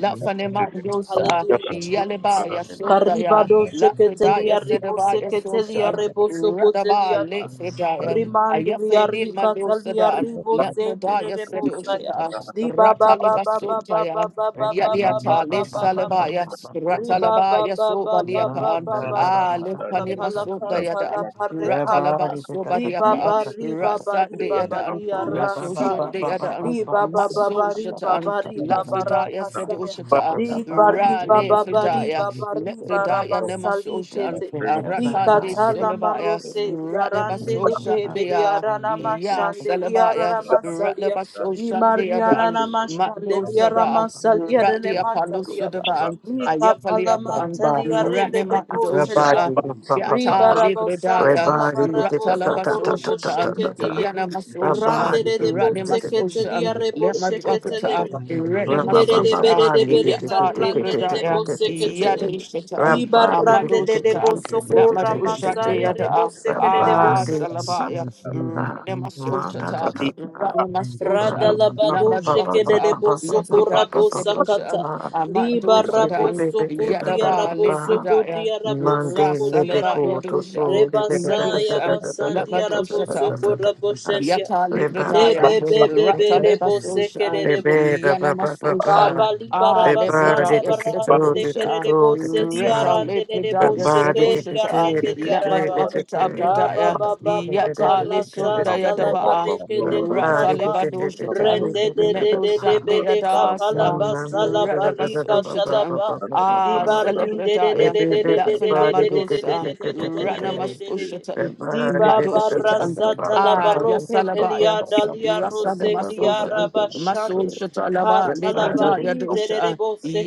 Speaker 9: you.
Speaker 6: Hallelujah, Jesus.
Speaker 1: Yalibaya Sundaya,
Speaker 6: Caribado
Speaker 9: Thank
Speaker 1: Lakadaya
Speaker 6: seketelia rebo
Speaker 1: Sedabaya
Speaker 6: seketelia
Speaker 1: Soshan,
Speaker 6: rebo
Speaker 1: Radaba
Speaker 6: sokotelia da.
Speaker 1: Lifredaya,
Speaker 6: Rimandilia
Speaker 1: Ayafini
Speaker 6: rikatalia
Speaker 1: Mandosada,
Speaker 6: rebo sekere
Speaker 1: Lakadaya
Speaker 6: rebo saya.
Speaker 1: Sedoshata,
Speaker 6: Di ba ba
Speaker 1: Ratale
Speaker 6: ba ba ba ba
Speaker 1: Basotaya,
Speaker 6: ba ba ba ba ba ba
Speaker 1: Yaliata,
Speaker 6: ba ba ba ba.
Speaker 1: Lesalabaya,
Speaker 6: Riba ba
Speaker 1: Ratalabaya,
Speaker 6: ba ba ba ba
Speaker 1: Sobadiapaan,
Speaker 6: ba ba ba
Speaker 1: Ah,
Speaker 6: ba.
Speaker 1: Lepanima
Speaker 6: Kapala katala
Speaker 1: Sodayadan,
Speaker 6: pare kapa.
Speaker 1: Ratalaba
Speaker 6: Di
Speaker 1: Sobadiapa,
Speaker 6: baba ri baba
Speaker 1: Rasan de
Speaker 6: baba
Speaker 1: Yadan,
Speaker 6: ri
Speaker 3: Rabbi,
Speaker 1: Maso Shun
Speaker 6: arasaya.
Speaker 1: de Yadan,
Speaker 6: Di baba
Speaker 1: Maso
Speaker 6: baba ri
Speaker 1: Shatan,
Speaker 6: baba baba
Speaker 1: Lafredaya said
Speaker 6: rakasaya.
Speaker 1: Ushata,
Speaker 6: Di bari
Speaker 1: Ra
Speaker 6: baba bari
Speaker 1: Lefredaya,
Speaker 6: baba ri
Speaker 1: Lefredaya Nemaso
Speaker 6: barabasali
Speaker 1: Shan,
Speaker 6: kete. Di
Speaker 1: Ratan de
Speaker 6: katala
Speaker 1: Solabaya,
Speaker 6: marose di arande
Speaker 1: Radebaso
Speaker 6: le
Speaker 1: Shat
Speaker 6: kebe di
Speaker 1: dea,
Speaker 6: arana
Speaker 1: Ya
Speaker 6: mashande di
Speaker 1: Salabaya,
Speaker 6: arana masalia.
Speaker 1: Radebaso
Speaker 6: Di
Speaker 1: Shat
Speaker 6: mariana
Speaker 1: deadan.
Speaker 6: na mashande
Speaker 1: Madosa
Speaker 6: di arana
Speaker 1: sada,
Speaker 6: masalia
Speaker 1: Radi Apaloso de
Speaker 6: mantaliaba.
Speaker 1: Ban,
Speaker 6: Rika
Speaker 1: Ayafali Apan,
Speaker 6: palamantalia
Speaker 1: Rani
Speaker 6: rebele
Speaker 1: Mando
Speaker 6: konteliaba.
Speaker 1: sada, Yata
Speaker 6: Ribarabo santa
Speaker 1: Libredaya,
Speaker 6: labarabo sokorobo
Speaker 1: Ratalabasosha,
Speaker 6: sheketelebe.
Speaker 1: Yana Masosha,
Speaker 6: Randerebo
Speaker 1: Rani Masosha,
Speaker 6: seketelia
Speaker 9: you.
Speaker 6: rebo
Speaker 1: Lema Duakata,
Speaker 6: sheketelebe.
Speaker 9: Thank
Speaker 1: Rene
Speaker 3: Monday,
Speaker 1: Masosha,
Speaker 6: Rinderebere
Speaker 1: Yata Libredaya,
Speaker 6: karanderebo seketelebe.
Speaker 1: Yadishita,
Speaker 6: Diba randerebo
Speaker 1: Amadosita, Lema
Speaker 6: sokora
Speaker 1: Dosha,
Speaker 6: masaya rebo
Speaker 1: Yada,
Speaker 6: sekerebo
Speaker 1: Ah, Salabaya. Renemasoshata, Ranemasosha,
Speaker 6: Radalabado
Speaker 1: Namaduapata,
Speaker 6: shekerebo soko
Speaker 1: Lepridaya
Speaker 6: rabo sakata.
Speaker 1: Sedusha, Amando
Speaker 6: Liba rabo
Speaker 1: Sadan,
Speaker 6: soko dia
Speaker 1: Yadaba,
Speaker 6: rabo soko
Speaker 1: Lefridaya,
Speaker 6: dia rabo soko dia
Speaker 1: Rasalaba
Speaker 6: raba.
Speaker 3: Libico, to
Speaker 1: Yedusha,
Speaker 3: go, the
Speaker 6: Reba saya
Speaker 1: Medusa,
Speaker 6: basandia rabo
Speaker 1: Lamadushata,
Speaker 6: soko rabo shendia.
Speaker 1: Yata Libradaya,
Speaker 6: Lebe be be be
Speaker 1: Rata
Speaker 6: rebo
Speaker 1: Lebasosha,
Speaker 6: sekerebo.
Speaker 3: Rebaba, Rebaba,
Speaker 1: Yanamasosha,
Speaker 6: Abali
Speaker 1: Ah
Speaker 3: the body
Speaker 6: barabasanda
Speaker 1: Libradaya
Speaker 3: to the
Speaker 6: barande lekere
Speaker 3: toe,
Speaker 6: de
Speaker 3: the to
Speaker 1: Sefadosha,
Speaker 6: kerere
Speaker 3: toe, the
Speaker 6: bose
Speaker 3: to
Speaker 6: li
Speaker 3: toe.
Speaker 1: Reta
Speaker 6: arande de de
Speaker 3: The
Speaker 1: Libradaya
Speaker 6: boshe ke
Speaker 3: body to
Speaker 6: li
Speaker 3: the toe,
Speaker 1: Sedoshata,
Speaker 6: arende
Speaker 3: the
Speaker 6: di
Speaker 3: to
Speaker 6: liarende
Speaker 1: Lama
Speaker 3: toe, the
Speaker 6: liarabaya.
Speaker 3: to
Speaker 1: Dwakata
Speaker 3: toe.
Speaker 6: Daba
Speaker 1: Bradaya,
Speaker 3: The
Speaker 6: baba
Speaker 3: mind to
Speaker 6: baba
Speaker 3: the
Speaker 1: Yata Lisundaya
Speaker 6: rasanta la
Speaker 1: Daba,
Speaker 6: bareke de le
Speaker 1: Rata
Speaker 6: kapa.
Speaker 3: to the to the to the. The body to the to the to
Speaker 1: Libadoshata,
Speaker 3: the
Speaker 6: Rende de
Speaker 3: to the
Speaker 6: de
Speaker 3: to
Speaker 1: Medo
Speaker 6: de de
Speaker 9: you.
Speaker 3: the.
Speaker 1: Shandaya
Speaker 6: bele kapa
Speaker 1: Das,
Speaker 9: Thank
Speaker 6: la
Speaker 3: Hmm. I'm
Speaker 6: basa
Speaker 3: da da
Speaker 6: la
Speaker 1: Rata
Speaker 3: da da da da
Speaker 6: barika
Speaker 3: ba ba
Speaker 1: Basoshata,
Speaker 3: ba
Speaker 6: talaba.
Speaker 3: ba ba ba
Speaker 1: Ah
Speaker 3: ba.
Speaker 6: Dibarin de de
Speaker 3: We
Speaker 6: de
Speaker 1: Celebradaya,
Speaker 6: de
Speaker 3: do
Speaker 6: de
Speaker 3: the
Speaker 6: de de
Speaker 1: Lafina
Speaker 6: de de de de de
Speaker 3: body to the to
Speaker 6: de
Speaker 1: Malusa,
Speaker 3: the to the to
Speaker 1: Rana
Speaker 6: de de
Speaker 3: the.
Speaker 6: de de
Speaker 3: The
Speaker 1: Masoshata,
Speaker 3: body
Speaker 6: Diba
Speaker 3: to the to the to
Speaker 1: Madoshata.
Speaker 3: the ba
Speaker 6: barasata
Speaker 3: ba
Speaker 6: la
Speaker 1: Ah,
Speaker 3: ba ba ba
Speaker 1: yes,
Speaker 6: baroque
Speaker 3: ba ba ba ba
Speaker 1: Alabaya.
Speaker 6: pelia
Speaker 3: ba
Speaker 6: dalia
Speaker 3: ba
Speaker 1: Rasa de
Speaker 3: ba
Speaker 6: rose
Speaker 3: ba ba ba. ba.
Speaker 6: diara
Speaker 1: Masosha,
Speaker 6: bashande
Speaker 1: Masosha Talaba,
Speaker 3: The
Speaker 1: Libra,
Speaker 3: body
Speaker 6: katalabari de de de
Speaker 1: Yadosha,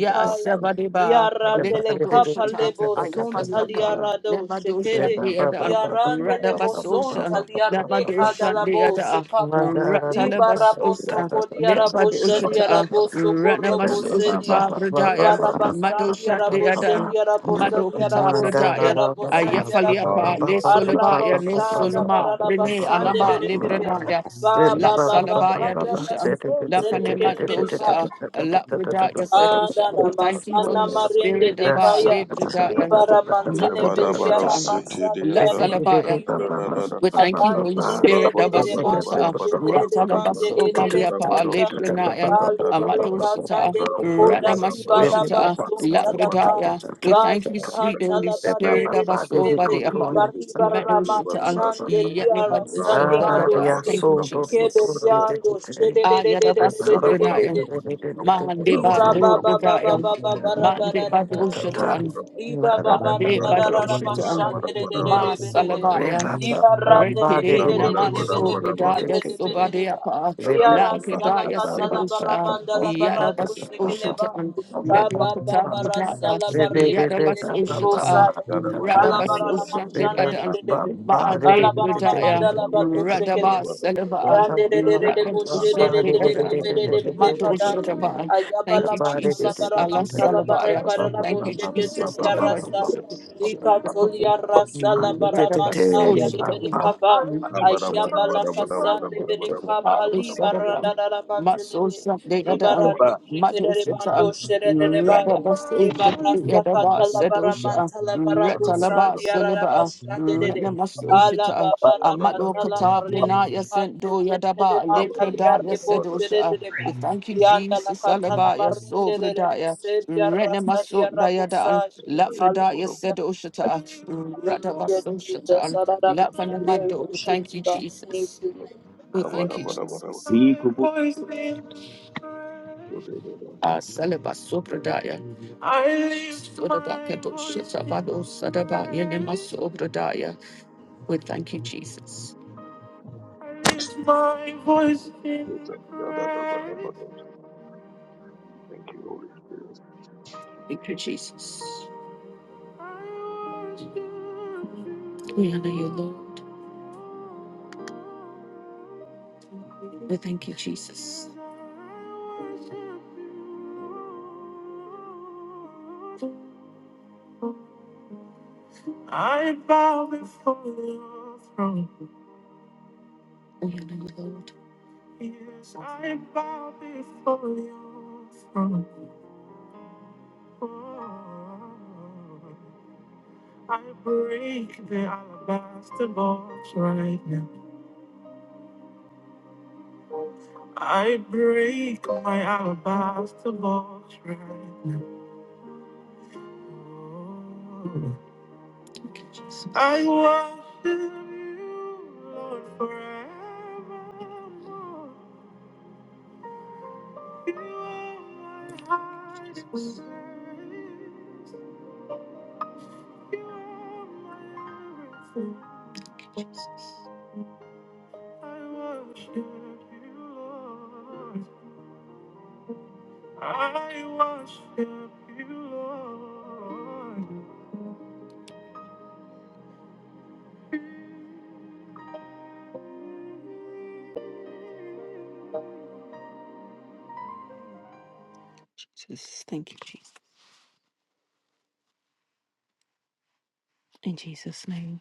Speaker 3: to the.
Speaker 6: diarandele
Speaker 3: Mandara
Speaker 6: kapale
Speaker 1: Nikudosha,
Speaker 6: boson
Speaker 1: Ayafaliapan,
Speaker 6: taliara do
Speaker 1: Nemadosha,
Speaker 6: shekede
Speaker 1: the other,
Speaker 6: diarandele
Speaker 1: Radabasosha,
Speaker 6: Zonta Liareka
Speaker 1: Namadosha, the
Speaker 6: Dalabo
Speaker 1: other,
Speaker 6: Sekaba. Diba Rabo
Speaker 1: Ratalabasosha,
Speaker 6: Soko Diarabo Shedia
Speaker 1: Nibadosha,
Speaker 6: Rabo Soko Robo Sedia.
Speaker 1: Ranamasosha,
Speaker 6: Diba
Speaker 1: Bradaya,
Speaker 6: Rabasan
Speaker 1: Madosha, the
Speaker 6: Diarabo
Speaker 1: other,
Speaker 6: Shedia Rabo Sedia
Speaker 1: Madokata,
Speaker 6: Rabo
Speaker 1: Bradaya.
Speaker 6: Sedia Rabo Sedia Rabo.
Speaker 1: Ayafaliapa, Le
Speaker 6: Arabo
Speaker 1: Solabaya, No
Speaker 6: Shada
Speaker 1: Soloma, Brene,
Speaker 6: Barabasande
Speaker 1: Anaba,
Speaker 6: Bereke.
Speaker 1: Libranaya,
Speaker 6: Ba
Speaker 1: La
Speaker 6: Ba Ba Ba
Speaker 1: Salabaya
Speaker 6: Ba Ba
Speaker 9: you.
Speaker 6: Ba
Speaker 1: Dushan, La
Speaker 6: Sonte
Speaker 1: Fanema
Speaker 11: you.
Speaker 1: Dosa, La Bradaya Sedusha.
Speaker 6: Adana
Speaker 1: We thank
Speaker 11: Rabba
Speaker 1: you,
Speaker 6: masana
Speaker 1: Holy
Speaker 6: marende
Speaker 1: Spirit,
Speaker 6: de
Speaker 1: Aba,
Speaker 3: Yes.
Speaker 6: kaya
Speaker 1: Le Bradaya,
Speaker 6: libara manzele velia
Speaker 1: Makadoshata, La
Speaker 6: mamansalia de
Speaker 1: Salabaya.
Speaker 6: belinde
Speaker 1: We thank you,
Speaker 6: avande
Speaker 1: Holy
Speaker 6: le
Speaker 1: Spirit.
Speaker 6: kede de remando
Speaker 1: Dabasonsa,
Speaker 6: shere de de mande de
Speaker 1: Ratalabaso,
Speaker 6: de de
Speaker 1: Baliapa,
Speaker 6: mandia
Speaker 1: Lebranaya,
Speaker 6: kale bele
Speaker 1: Amadosata,
Speaker 6: kazande le koda riba da
Speaker 1: Radamasosata,
Speaker 6: basun talapa
Speaker 1: Labradaya. We thank
Speaker 6: bali
Speaker 1: you, sweet Holy
Speaker 6: katala bare
Speaker 1: Spirit.
Speaker 6: de le
Speaker 1: Dabaso,
Speaker 6: pepe li
Speaker 1: Badiapa,
Speaker 6: bari barama
Speaker 1: Medosata,
Speaker 6: chande li ara
Speaker 1: Yalibaduso,
Speaker 6: salia
Speaker 3: Ah,
Speaker 6: do
Speaker 1: Dayada.
Speaker 3: yeah,
Speaker 6: fe
Speaker 1: Thank you,
Speaker 3: so
Speaker 1: Jesus.
Speaker 6: kebeliando shere de de de de de
Speaker 1: Ayadabaso,
Speaker 6: de de de
Speaker 1: Branaya,
Speaker 6: de
Speaker 10: Baba
Speaker 1: Mandeba,
Speaker 6: Riba ba ba ba ba ba
Speaker 1: Lobradaya,
Speaker 6: ba ba ra ba ra ra ba ra ba.
Speaker 1: Mandeba,
Speaker 6: Riba ba ba ra
Speaker 1: Bade
Speaker 6: ba ra ra ra ba shan
Speaker 1: Badoshita,
Speaker 6: de de de de
Speaker 1: Ma
Speaker 6: de de de de.
Speaker 1: Salabaya,
Speaker 6: Riba ra de ne
Speaker 9: Mikayati
Speaker 6: ke
Speaker 1: Rekide
Speaker 11: Thank
Speaker 6: de de de de
Speaker 9: mikayati
Speaker 6: de de
Speaker 1: Namaso
Speaker 6: de de de
Speaker 1: Bridaya
Speaker 6: de de de de ba.
Speaker 1: Sobadeapa,
Speaker 6: Ya ra sa la
Speaker 1: Lakidaya
Speaker 6: ka ta la ba ra ba
Speaker 1: Sedosha,
Speaker 6: nda la ba ra du
Speaker 1: Yadabas
Speaker 6: se ke le
Speaker 1: Oshita,
Speaker 6: ba. Ba ba
Speaker 9: yatobhati
Speaker 6: ba
Speaker 1: Netwapata
Speaker 6: ba ra
Speaker 3: Baba
Speaker 9: yanti mikayati
Speaker 6: sa
Speaker 1: Bridaya,
Speaker 6: la ba re ke de de
Speaker 1: Yadabas
Speaker 6: de de bo
Speaker 9: mikayati
Speaker 6: sa
Speaker 1: Oshita,
Speaker 6: ya.
Speaker 9: mikayati
Speaker 1: Radabas
Speaker 6: Kalabarana
Speaker 1: Ushan de
Speaker 6: mashande de
Speaker 1: Oshandiadan,
Speaker 6: de de de.
Speaker 1: Baade
Speaker 6: Kalabarana
Speaker 1: Bridaya,
Speaker 6: mandala bado shekelebe.
Speaker 1: radabas
Speaker 3: Yes.
Speaker 1: Salaba,
Speaker 6: Rande de de de de boshe de
Speaker 1: Radabusha
Speaker 6: de
Speaker 1: de
Speaker 6: de de de
Speaker 1: Deadan,
Speaker 6: de de de
Speaker 9: mikayati
Speaker 6: de de
Speaker 1: Mato
Speaker 6: kadaya.
Speaker 1: Shadaba. Thank
Speaker 6: Ayabala
Speaker 1: you,
Speaker 6: mantala
Speaker 1: Jesus.
Speaker 6: bara
Speaker 1: Allah
Speaker 9: lati
Speaker 6: mantala bare
Speaker 1: Salabaya.
Speaker 6: karana
Speaker 1: Thank you,
Speaker 9: katsandu
Speaker 6: boshe
Speaker 1: Jesus,
Speaker 6: keteli
Speaker 1: for the
Speaker 9: katsandu
Speaker 1: guidance
Speaker 6: arasaya.
Speaker 1: of the nation,
Speaker 6: Dika
Speaker 1: the breath of
Speaker 6: toli
Speaker 1: the Lord.
Speaker 6: arasa bara
Speaker 1: Rather, but so
Speaker 6: mantaya
Speaker 1: she
Speaker 6: rebele
Speaker 1: can.
Speaker 6: kaba.
Speaker 1: Mother, she can.
Speaker 6: Ayabala
Speaker 1: She can. She
Speaker 6: kasande bere
Speaker 1: can. Hardly
Speaker 6: kapali
Speaker 1: said about.
Speaker 6: baranda dara
Speaker 1: Muscle,
Speaker 6: mantelebe
Speaker 1: something
Speaker 6: di
Speaker 1: other. um,
Speaker 6: barando
Speaker 1: Mother,
Speaker 6: şekere
Speaker 1: she can.
Speaker 6: bando şerere
Speaker 1: Rather,
Speaker 6: baya
Speaker 1: but
Speaker 6: di
Speaker 1: so she can. The
Speaker 6: barasa
Speaker 1: other bar
Speaker 6: katala
Speaker 1: said, oh,
Speaker 6: bara
Speaker 1: she can.
Speaker 6: mantala bara busa
Speaker 1: Retalaba,
Speaker 9: katsandu
Speaker 6: di arara
Speaker 1: Sulaba,
Speaker 6: başlande dede
Speaker 1: Retnamas
Speaker 9: Thank
Speaker 6: bala
Speaker 1: Ushita,
Speaker 6: babara
Speaker 1: Amado
Speaker 6: katala
Speaker 1: Katabrina,
Speaker 6: marende
Speaker 1: Yasent
Speaker 6: kanto
Speaker 1: do
Speaker 6: şekere
Speaker 1: Yadaba,
Speaker 6: mantali
Speaker 1: Lekroda,
Speaker 6: arre bo
Speaker 1: Yasedosha.
Speaker 6: şerere de ba
Speaker 1: We thank you,
Speaker 6: di andala
Speaker 1: Jesus,
Speaker 6: katala
Speaker 1: Alaba,
Speaker 6: marende dede
Speaker 1: Yasobradaya.
Speaker 6: buse di arasa di
Speaker 1: Renemasunda Yadaan,
Speaker 6: arabusa
Speaker 1: Lafrida Yased
Speaker 6: Hallelujah.
Speaker 1: Ushata,
Speaker 6: Hallelujah,
Speaker 1: Radavasun
Speaker 6: Jesus.
Speaker 1: Shataan,
Speaker 6: Sarabashandi, I
Speaker 1: Lafanimando. We
Speaker 6: worship
Speaker 1: thank
Speaker 6: you,
Speaker 1: you,
Speaker 6: God. Thank
Speaker 1: Jesus.
Speaker 6: you. Lord.
Speaker 1: We thank you, Jesus. Ah, Salabasopradaya.
Speaker 9: you.
Speaker 1: Sodabakato
Speaker 9: Thank
Speaker 1: Shatabado Sadaba Yenemasobradaya. We thank you, Jesus. Thank
Speaker 11: you, Holy Spirit.
Speaker 1: you, Jesus. We honor you, Lord. We thank you, Jesus. I bow before your throne. Oh, yeah, you, Lord. Yes, I bow before your throne. I break the alabaster box right now. I break my alabaster box right now. I worship you, Lord, forevermore. You are my hiding place. You are my everything. I worship you, Lord. I worship you, Lord. Jesus, thank you, Jesus. In Jesus' name,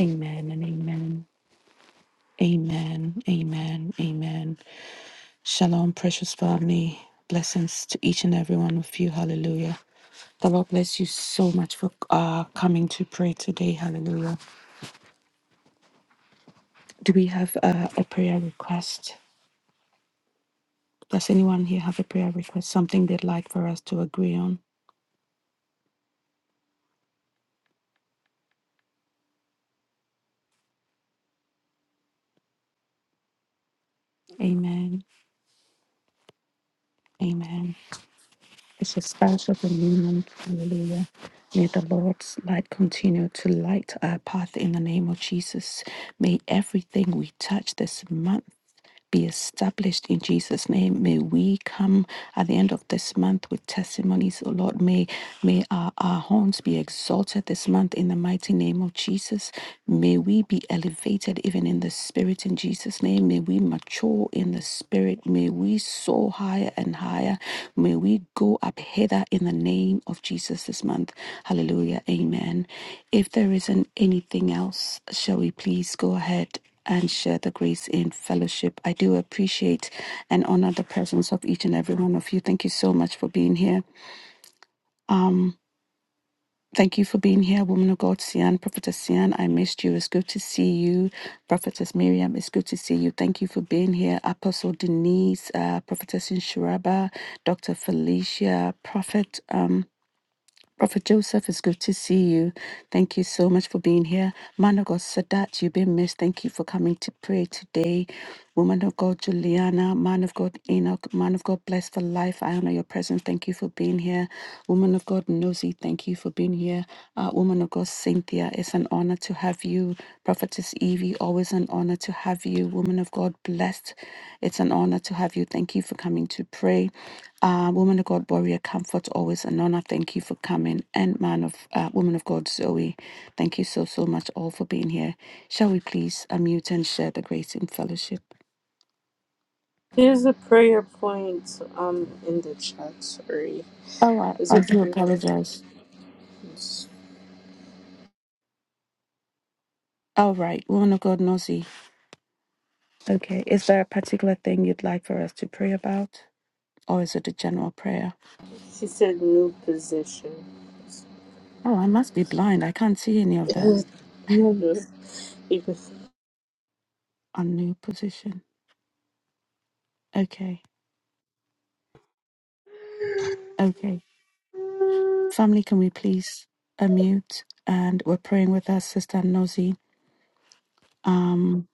Speaker 1: amen and amen. Amen, amen, amen. Shalom, precious family. Blessings to each and every one of you. Hallelujah. The Lord bless you so much for uh, coming to pray today. Hallelujah. Do we have uh, a prayer request? Does anyone here have a prayer request? Something they'd like for us to agree on? Amen. Amen. It's a special agreement. Hallelujah. May the Lord's light continue to light our path in the name of Jesus. May everything we touch this month be established in Jesus' name. May we come at the end of this month with testimonies, oh Lord. May may our, our horns be exalted this month in the mighty name of Jesus. May we be elevated even in the spirit in Jesus' name. May we mature in the spirit. May we soar higher and higher. May we go up hither in the name of Jesus this month. Hallelujah. Amen. If there isn't anything else, shall we please go ahead? and share the grace in fellowship. I do appreciate and honor the presence of each and every one of you. Thank you so much for being here. Um, thank you for being here, woman of God, Sian, Prophetess Sian. I missed you. It's good to see you, Prophetess Miriam. It's good to see you. Thank you for being here, Apostle Denise, uh, Prophetess Inshiraba, Dr. Felicia, Prophet. Um, Prophet Joseph, it's good to see you. Thank you so much for being here. Man of God, Sadat, you've been missed. Thank you for coming to pray today. Woman of God, Juliana, man of God, Enoch, man of God, blessed for life. I honor your presence. Thank you for being here. Woman of God, Nosy, thank you for being here. Uh, woman of God, Cynthia, it's an honor to have you. Prophetess Evie, always an honor to have you. Woman of God, blessed. It's an honor to have you. Thank you for coming to pray. Uh, woman of God, warrior comfort, always an honor. Thank you for coming. And man of uh, woman of God, Zoe, thank you so so much all for being here. Shall we please unmute and share the grace in fellowship?
Speaker 6: Here's a prayer point um in the chat, sorry.
Speaker 1: All right,
Speaker 6: It's
Speaker 1: I
Speaker 6: a
Speaker 1: do
Speaker 6: prayer point.
Speaker 1: apologize.
Speaker 6: She
Speaker 1: All right, woman of God, Nosy. Okay, is there a particular thing you'd like for us to pray about, or is it a general prayer?
Speaker 6: said new position.
Speaker 1: Oh, I must be blind. I can't see any of that
Speaker 6: Just even
Speaker 1: on new position. Okay. Okay. Family, can we please unmute? And we're praying with our sister Nosy. Um,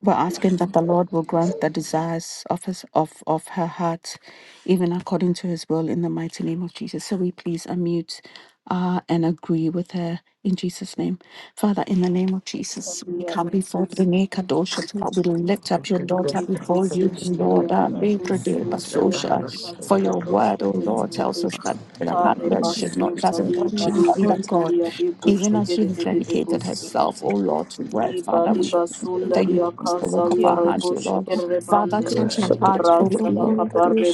Speaker 1: We're asking that the Lord will grant the desires of his of, of her heart, even according to his will in the mighty name of Jesus. So we please unmute uh, and agree with her in Jesus' name. Father, in the name of
Speaker 6: tell
Speaker 1: Jesus, we come before Brene Kadoshata. We lift up your daughter before you,
Speaker 6: Repositia
Speaker 1: Lord. uh, Lady Day
Speaker 6: raposuria
Speaker 1: Basosha. For your word, oh Lord, tells
Speaker 6: recatalabosheketebe
Speaker 1: us that the heart that should not doesn't
Speaker 6: parepasutali
Speaker 1: work shouldn't be God.
Speaker 6: barikotalia
Speaker 1: Even as she has dedicated herself,
Speaker 6: riboshekeredededebusekete
Speaker 1: O Lord, to work, Father, we pray that you
Speaker 6: dibadibasularia
Speaker 1: bless the work of
Speaker 6: kazalia
Speaker 1: our hands, O Lord. Father,
Speaker 6: reboshekerebande
Speaker 2: Thank
Speaker 1: touch her heart, O Lord.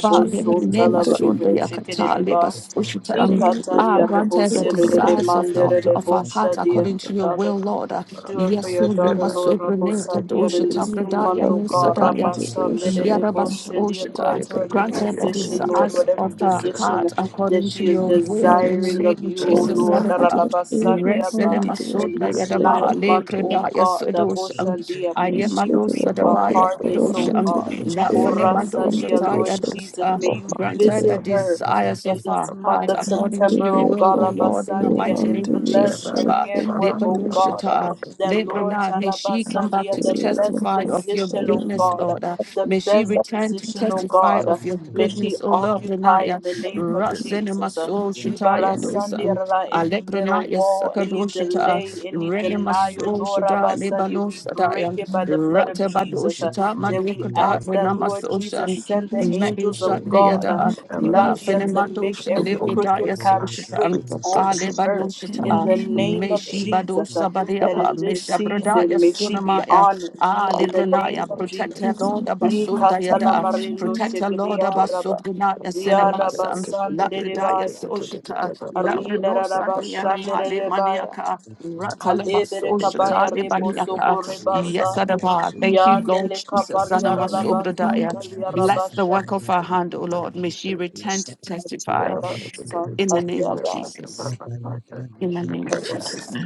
Speaker 1: Father, in the name of Shonda Yakata, Leba Soshita, um, ah,
Speaker 6: dikatalia
Speaker 1: grant us the desires of the of our heart
Speaker 6: reboserededemanderedeboshadia
Speaker 1: according to your will, Lord. Uh,
Speaker 6: do it for
Speaker 1: Yes,
Speaker 6: your
Speaker 1: you
Speaker 6: daughter,
Speaker 1: must
Speaker 6: Lord
Speaker 1: sobrene
Speaker 6: Rabosadia, in
Speaker 1: kadoshita
Speaker 6: this
Speaker 1: bradaya
Speaker 6: month, O God.
Speaker 1: nusadaya.
Speaker 6: Rabasa,
Speaker 9: you.
Speaker 1: Yadabas
Speaker 6: Nedeboshin, dear,
Speaker 9: Thank
Speaker 6: grant
Speaker 1: Oshita,
Speaker 9: you.
Speaker 6: her a new
Speaker 1: grant her the
Speaker 6: position, Lord,
Speaker 1: desires
Speaker 6: whatever
Speaker 1: of her
Speaker 6: position
Speaker 1: heart
Speaker 6: that
Speaker 1: according to
Speaker 6: she is
Speaker 1: your will in the
Speaker 6: desiring of
Speaker 1: name of
Speaker 6: you, O
Speaker 1: Jesus.
Speaker 6: Lord.
Speaker 1: Yadaba,
Speaker 6: Darabasandia, uh,
Speaker 3: Thank
Speaker 6: In
Speaker 1: Reselemasoda
Speaker 3: you.
Speaker 6: this
Speaker 1: Yadaba,
Speaker 6: ninth month, O
Speaker 1: Lekredaya
Speaker 6: God,
Speaker 1: Sedosha,
Speaker 6: Daboshandia, may she
Speaker 1: Ayamalo
Speaker 6: reap a
Speaker 1: Sadabaya
Speaker 6: harvest, O God.
Speaker 1: not for
Speaker 6: O
Speaker 1: name and
Speaker 6: Rasa, dear
Speaker 1: Ushatai
Speaker 6: Lord
Speaker 1: and
Speaker 6: Jesus,
Speaker 1: Usha.
Speaker 6: may you
Speaker 1: Grant her the
Speaker 6: visit her
Speaker 1: desires
Speaker 6: in
Speaker 1: of our
Speaker 6: this month
Speaker 1: heart
Speaker 6: of
Speaker 1: according to
Speaker 6: September,
Speaker 1: your
Speaker 6: O
Speaker 1: will,
Speaker 6: God,
Speaker 1: O Lord, in the
Speaker 6: Abasandia,
Speaker 1: mighty
Speaker 6: and
Speaker 1: name of
Speaker 6: bless
Speaker 1: Jesus.
Speaker 6: her
Speaker 1: Abba.
Speaker 6: handwork, O God
Speaker 1: Lepanushata,
Speaker 6: that Lord
Speaker 1: Lebrana. May she come back
Speaker 6: Tarabasandia,
Speaker 1: to
Speaker 6: the best
Speaker 1: testify of your
Speaker 6: position, oh
Speaker 1: goodness,
Speaker 6: God,
Speaker 1: Lord. Uh,
Speaker 6: the
Speaker 1: May she
Speaker 6: best
Speaker 1: return to
Speaker 6: position, oh
Speaker 1: testify
Speaker 6: God,
Speaker 1: of your
Speaker 6: may she
Speaker 1: goodness, O Lord.
Speaker 6: occupy in
Speaker 1: Pranaya.
Speaker 6: the name of Jesus. Uh,
Speaker 1: Rasenemaso Shataya
Speaker 6: Libarasandia,
Speaker 1: Dosan.
Speaker 6: Ra- Any middle
Speaker 1: Alepranaya
Speaker 6: wall, any
Speaker 1: Sakadoshata.
Speaker 6: delay, any denial,
Speaker 1: Renemaso
Speaker 6: Lord
Speaker 1: Shada
Speaker 6: Abasandia, we break
Speaker 1: Lebanosada.
Speaker 6: it by the blood of
Speaker 9: In
Speaker 6: Jesus.
Speaker 9: the
Speaker 6: Uh,
Speaker 1: Ratabadoshata
Speaker 9: name
Speaker 6: Then we
Speaker 1: Madokada
Speaker 6: ask that
Speaker 9: of
Speaker 6: Lord Jesus,
Speaker 1: Renamasoshan
Speaker 6: send the angels
Speaker 1: Medushat
Speaker 6: of God, uh,
Speaker 1: Deada
Speaker 3: Have a
Speaker 1: La
Speaker 2: you.
Speaker 6: Libadia,
Speaker 3: mercy.
Speaker 6: to
Speaker 3: Oh, no,
Speaker 6: make
Speaker 1: Fenemadosh
Speaker 6: every
Speaker 1: Alebredaya
Speaker 6: crooked
Speaker 3: don't come
Speaker 6: path
Speaker 3: on.
Speaker 1: Soshatan
Speaker 3: We
Speaker 6: straight
Speaker 3: can do the
Speaker 1: Ale
Speaker 3: hand
Speaker 6: onto
Speaker 9: Jesus.
Speaker 6: her
Speaker 3: claps. No,
Speaker 6: in
Speaker 9: Thank
Speaker 1: Badoshata
Speaker 6: the
Speaker 3: that's
Speaker 9: you, Lord.
Speaker 6: name of
Speaker 1: Meshi
Speaker 9: Thank
Speaker 6: Jesus.
Speaker 9: you,
Speaker 6: uh,
Speaker 1: Badosa
Speaker 8: Thank
Speaker 6: that
Speaker 1: Badiapa
Speaker 6: in this
Speaker 1: Mesha
Speaker 3: part
Speaker 1: Bradaya
Speaker 6: season may she be
Speaker 1: Sunamaya
Speaker 6: honored
Speaker 1: Ale
Speaker 6: in the name
Speaker 1: Pranaya
Speaker 6: of
Speaker 1: Protect her
Speaker 6: Jesus.
Speaker 1: Lord
Speaker 6: Rika
Speaker 1: Abasundayada
Speaker 6: talamarindo
Speaker 1: Protect her
Speaker 3: of
Speaker 1: Lord
Speaker 6: shekedia
Speaker 3: the
Speaker 6: raba.
Speaker 1: Abasubrinaya
Speaker 3: Lord,
Speaker 6: Ria
Speaker 3: Lord,
Speaker 6: raba
Speaker 1: Cinemasan La Pradaya
Speaker 6: sanderebaya.
Speaker 1: Soshata La
Speaker 6: Rida
Speaker 1: Brenosa
Speaker 6: raba
Speaker 1: Nianamale
Speaker 6: sanderebaya.
Speaker 1: Maniaka
Speaker 9: Lord.
Speaker 6: Halebere kabaya
Speaker 1: Ratalabasoshata Le
Speaker 6: rebo
Speaker 1: baniaka.
Speaker 6: soko
Speaker 8: you.
Speaker 9: Thank
Speaker 6: rebasa.
Speaker 1: Yes,
Speaker 8: God of
Speaker 1: Adaba. Thank
Speaker 8: Abraham,
Speaker 1: you, Lord
Speaker 6: Yadele
Speaker 1: Jesus.
Speaker 6: kabaria rabason
Speaker 1: Sanamasobrodaya.
Speaker 6: talia
Speaker 1: Bless the
Speaker 6: rabasha.
Speaker 1: work of our
Speaker 8: David,
Speaker 1: hand, O
Speaker 8: and
Speaker 1: Lord. May she
Speaker 8: Francis, David,
Speaker 1: return to
Speaker 6: Kadima
Speaker 1: testify
Speaker 8: for
Speaker 6: rabasa
Speaker 1: in
Speaker 8: us
Speaker 1: the name
Speaker 6: talia
Speaker 1: of
Speaker 6: da
Speaker 1: Jesus.
Speaker 9: you,
Speaker 1: In the name of
Speaker 6: rabosa.
Speaker 1: Jesus.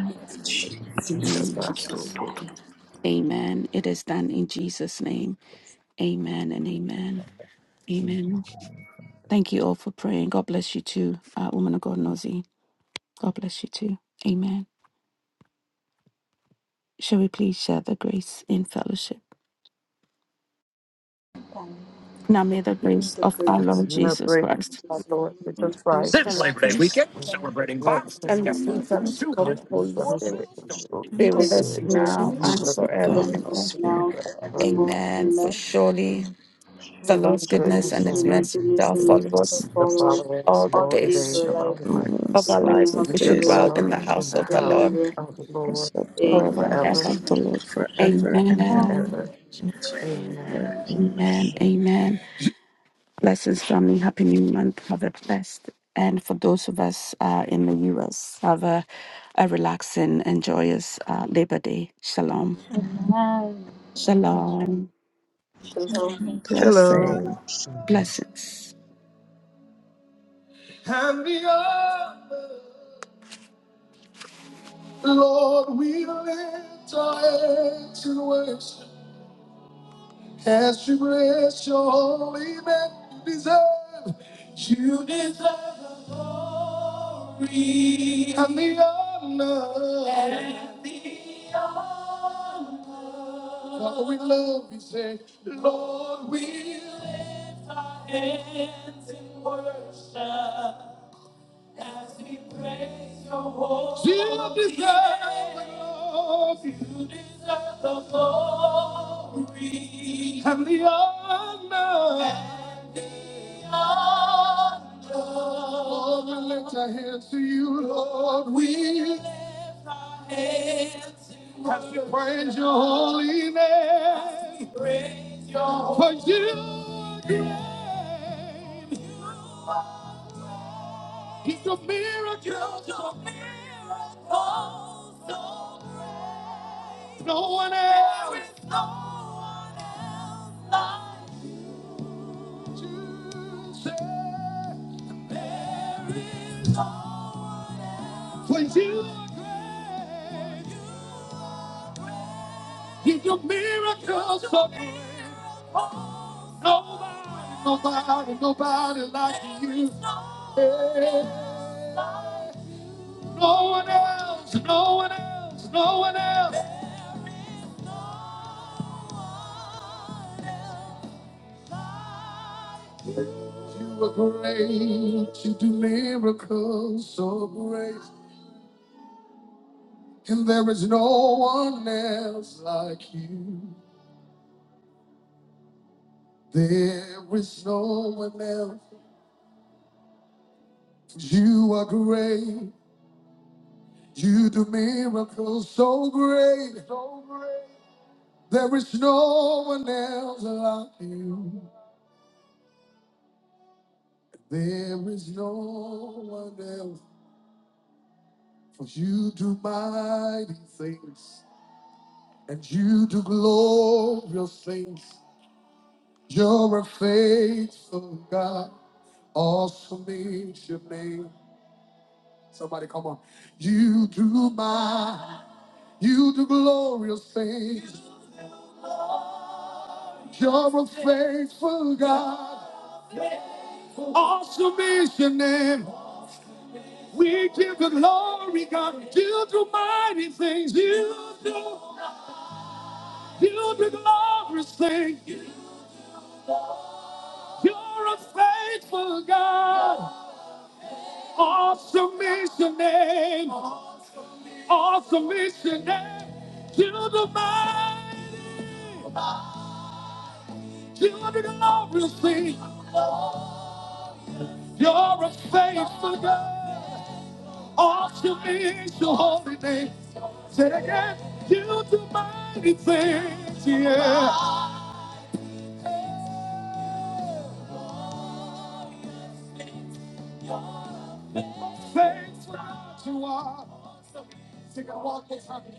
Speaker 1: In the
Speaker 8: and
Speaker 1: name of Jesus. Amen. It is done in Jesus' name. Amen and amen.
Speaker 8: Thank you,
Speaker 1: Amen.
Speaker 8: Heavenly Father.
Speaker 1: Thank you all for praying. God bless you too, uh, woman of God, Nozi. God bless you too. Amen. Shall we please share the grace in fellowship?
Speaker 6: And
Speaker 1: Now may the
Speaker 6: in
Speaker 1: grace
Speaker 6: the
Speaker 1: of our
Speaker 6: grace
Speaker 1: Lord Jesus Christ
Speaker 6: of the Lord
Speaker 2: Lord
Speaker 3: Jesus Christ,
Speaker 2: Jesus Christ,
Speaker 3: and love
Speaker 1: and
Speaker 2: the
Speaker 1: the fruits
Speaker 2: love
Speaker 1: of
Speaker 2: of
Speaker 3: and
Speaker 2: God,
Speaker 3: this
Speaker 1: the
Speaker 3: new
Speaker 1: Holy
Speaker 3: fellowship
Speaker 1: Spirit
Speaker 3: of the Holy
Speaker 1: be
Speaker 2: and the
Speaker 1: with
Speaker 6: Holy
Speaker 1: us
Speaker 3: Spirit
Speaker 2: sweet
Speaker 6: Spirit,
Speaker 1: now
Speaker 3: be
Speaker 1: and
Speaker 2: fellowship
Speaker 3: with us
Speaker 2: of the
Speaker 6: be
Speaker 3: now
Speaker 6: with
Speaker 2: Holy
Speaker 1: forevermore.
Speaker 6: us
Speaker 2: Spirit,
Speaker 3: and
Speaker 6: now and
Speaker 3: forever.
Speaker 9: Thank
Speaker 6: forevermore.
Speaker 1: Amen.
Speaker 9: you.
Speaker 1: For
Speaker 6: Amen.
Speaker 1: surely the
Speaker 6: Surely,
Speaker 3: Holy
Speaker 1: Lord's goodness
Speaker 6: surely,
Speaker 3: goodness
Speaker 1: and
Speaker 9: She
Speaker 1: his
Speaker 3: and
Speaker 6: surely,
Speaker 3: mercy
Speaker 1: mercy
Speaker 6: goodness
Speaker 9: performs
Speaker 1: shall
Speaker 6: and mercy
Speaker 1: follow
Speaker 9: faithful
Speaker 2: rest
Speaker 6: shall
Speaker 1: us
Speaker 2: and
Speaker 3: shall
Speaker 9: service
Speaker 2: mercy
Speaker 6: follow
Speaker 9: to
Speaker 6: us
Speaker 3: follow us
Speaker 1: all
Speaker 9: the
Speaker 1: the
Speaker 9: world
Speaker 6: all
Speaker 3: all
Speaker 6: the
Speaker 3: the
Speaker 6: days of
Speaker 3: days
Speaker 1: days
Speaker 3: of
Speaker 2: shall
Speaker 6: our
Speaker 3: our
Speaker 6: life
Speaker 3: life.
Speaker 9: in
Speaker 2: follow
Speaker 1: of
Speaker 6: to
Speaker 2: us
Speaker 1: our
Speaker 9: her
Speaker 6: dwell
Speaker 2: all
Speaker 6: in the
Speaker 1: lives,
Speaker 2: the
Speaker 1: and
Speaker 6: house
Speaker 3: We
Speaker 1: we
Speaker 6: of the
Speaker 3: shall
Speaker 1: shall
Speaker 2: days of
Speaker 1: dwell
Speaker 6: Lord
Speaker 2: our
Speaker 3: dwell
Speaker 1: in the
Speaker 2: life,
Speaker 3: in
Speaker 1: house
Speaker 3: the
Speaker 1: of the
Speaker 3: house
Speaker 1: Lord
Speaker 6: Amen.
Speaker 3: of the
Speaker 2: and
Speaker 3: Lord
Speaker 2: shall dwell in
Speaker 1: forever
Speaker 2: the
Speaker 6: Amen.
Speaker 1: and
Speaker 2: house
Speaker 3: forever
Speaker 2: of
Speaker 1: ever.
Speaker 2: the Lord forever and
Speaker 3: and
Speaker 2: ever.
Speaker 6: Shalom.
Speaker 1: Amen.
Speaker 3: ever.
Speaker 2: In Jesus'
Speaker 3: Amen.
Speaker 2: name, amen.
Speaker 1: Amen.
Speaker 3: Amen.
Speaker 1: Amen. Blessings, family. Happy New Month. Have a blessed. And for those of us uh, in the US, have a, a relaxing and joyous uh, Labor Day. Shalom. Shalom.
Speaker 6: Shalom.
Speaker 3: Shalom.
Speaker 2: Blessing.
Speaker 1: Blessings. and the earth. Lord, we lift our hands in worship as you bless your holy name. You deserve, you deserve the glory and the, and the honor. Lord, we lift, Lord, we lift our hands in worship. As we praise your holy name, You deserve the glory. You deserve the glory. And honor. the honor. Lord, we lift our hands to you, Lord. We lift our hands to you. As we praise your holy name. As we praise your holy name. For you are great. He's a miracle. He's a miracle so great. No one else. There is no one else like you. Jesus. There is no For you. He's a miracle so great. Nobody, nobody, nobody like you. Yeah. No one else, no one else, no one else. You are great. You do miracles so great. And there is no one else like you. There is no one else. You are great. You do miracles so great. So great. There is no one else like you. There is no one else. For you do mighty things. And you do glorious things. You're a faithful God. Awesome is your name. Somebody come on. You do my, you do glorious things. You're a faithful God. Awesome is your name. We give you glory, God. You do mighty things. You do, you do glorious things. You're a faithful God. Awesome is your name. all submission and to the mighty. Children of the see you're a faithful God. Awesome is Your holy name. Say it again, you do mighty things, yeah. Faithful God you are. Sing it one more time.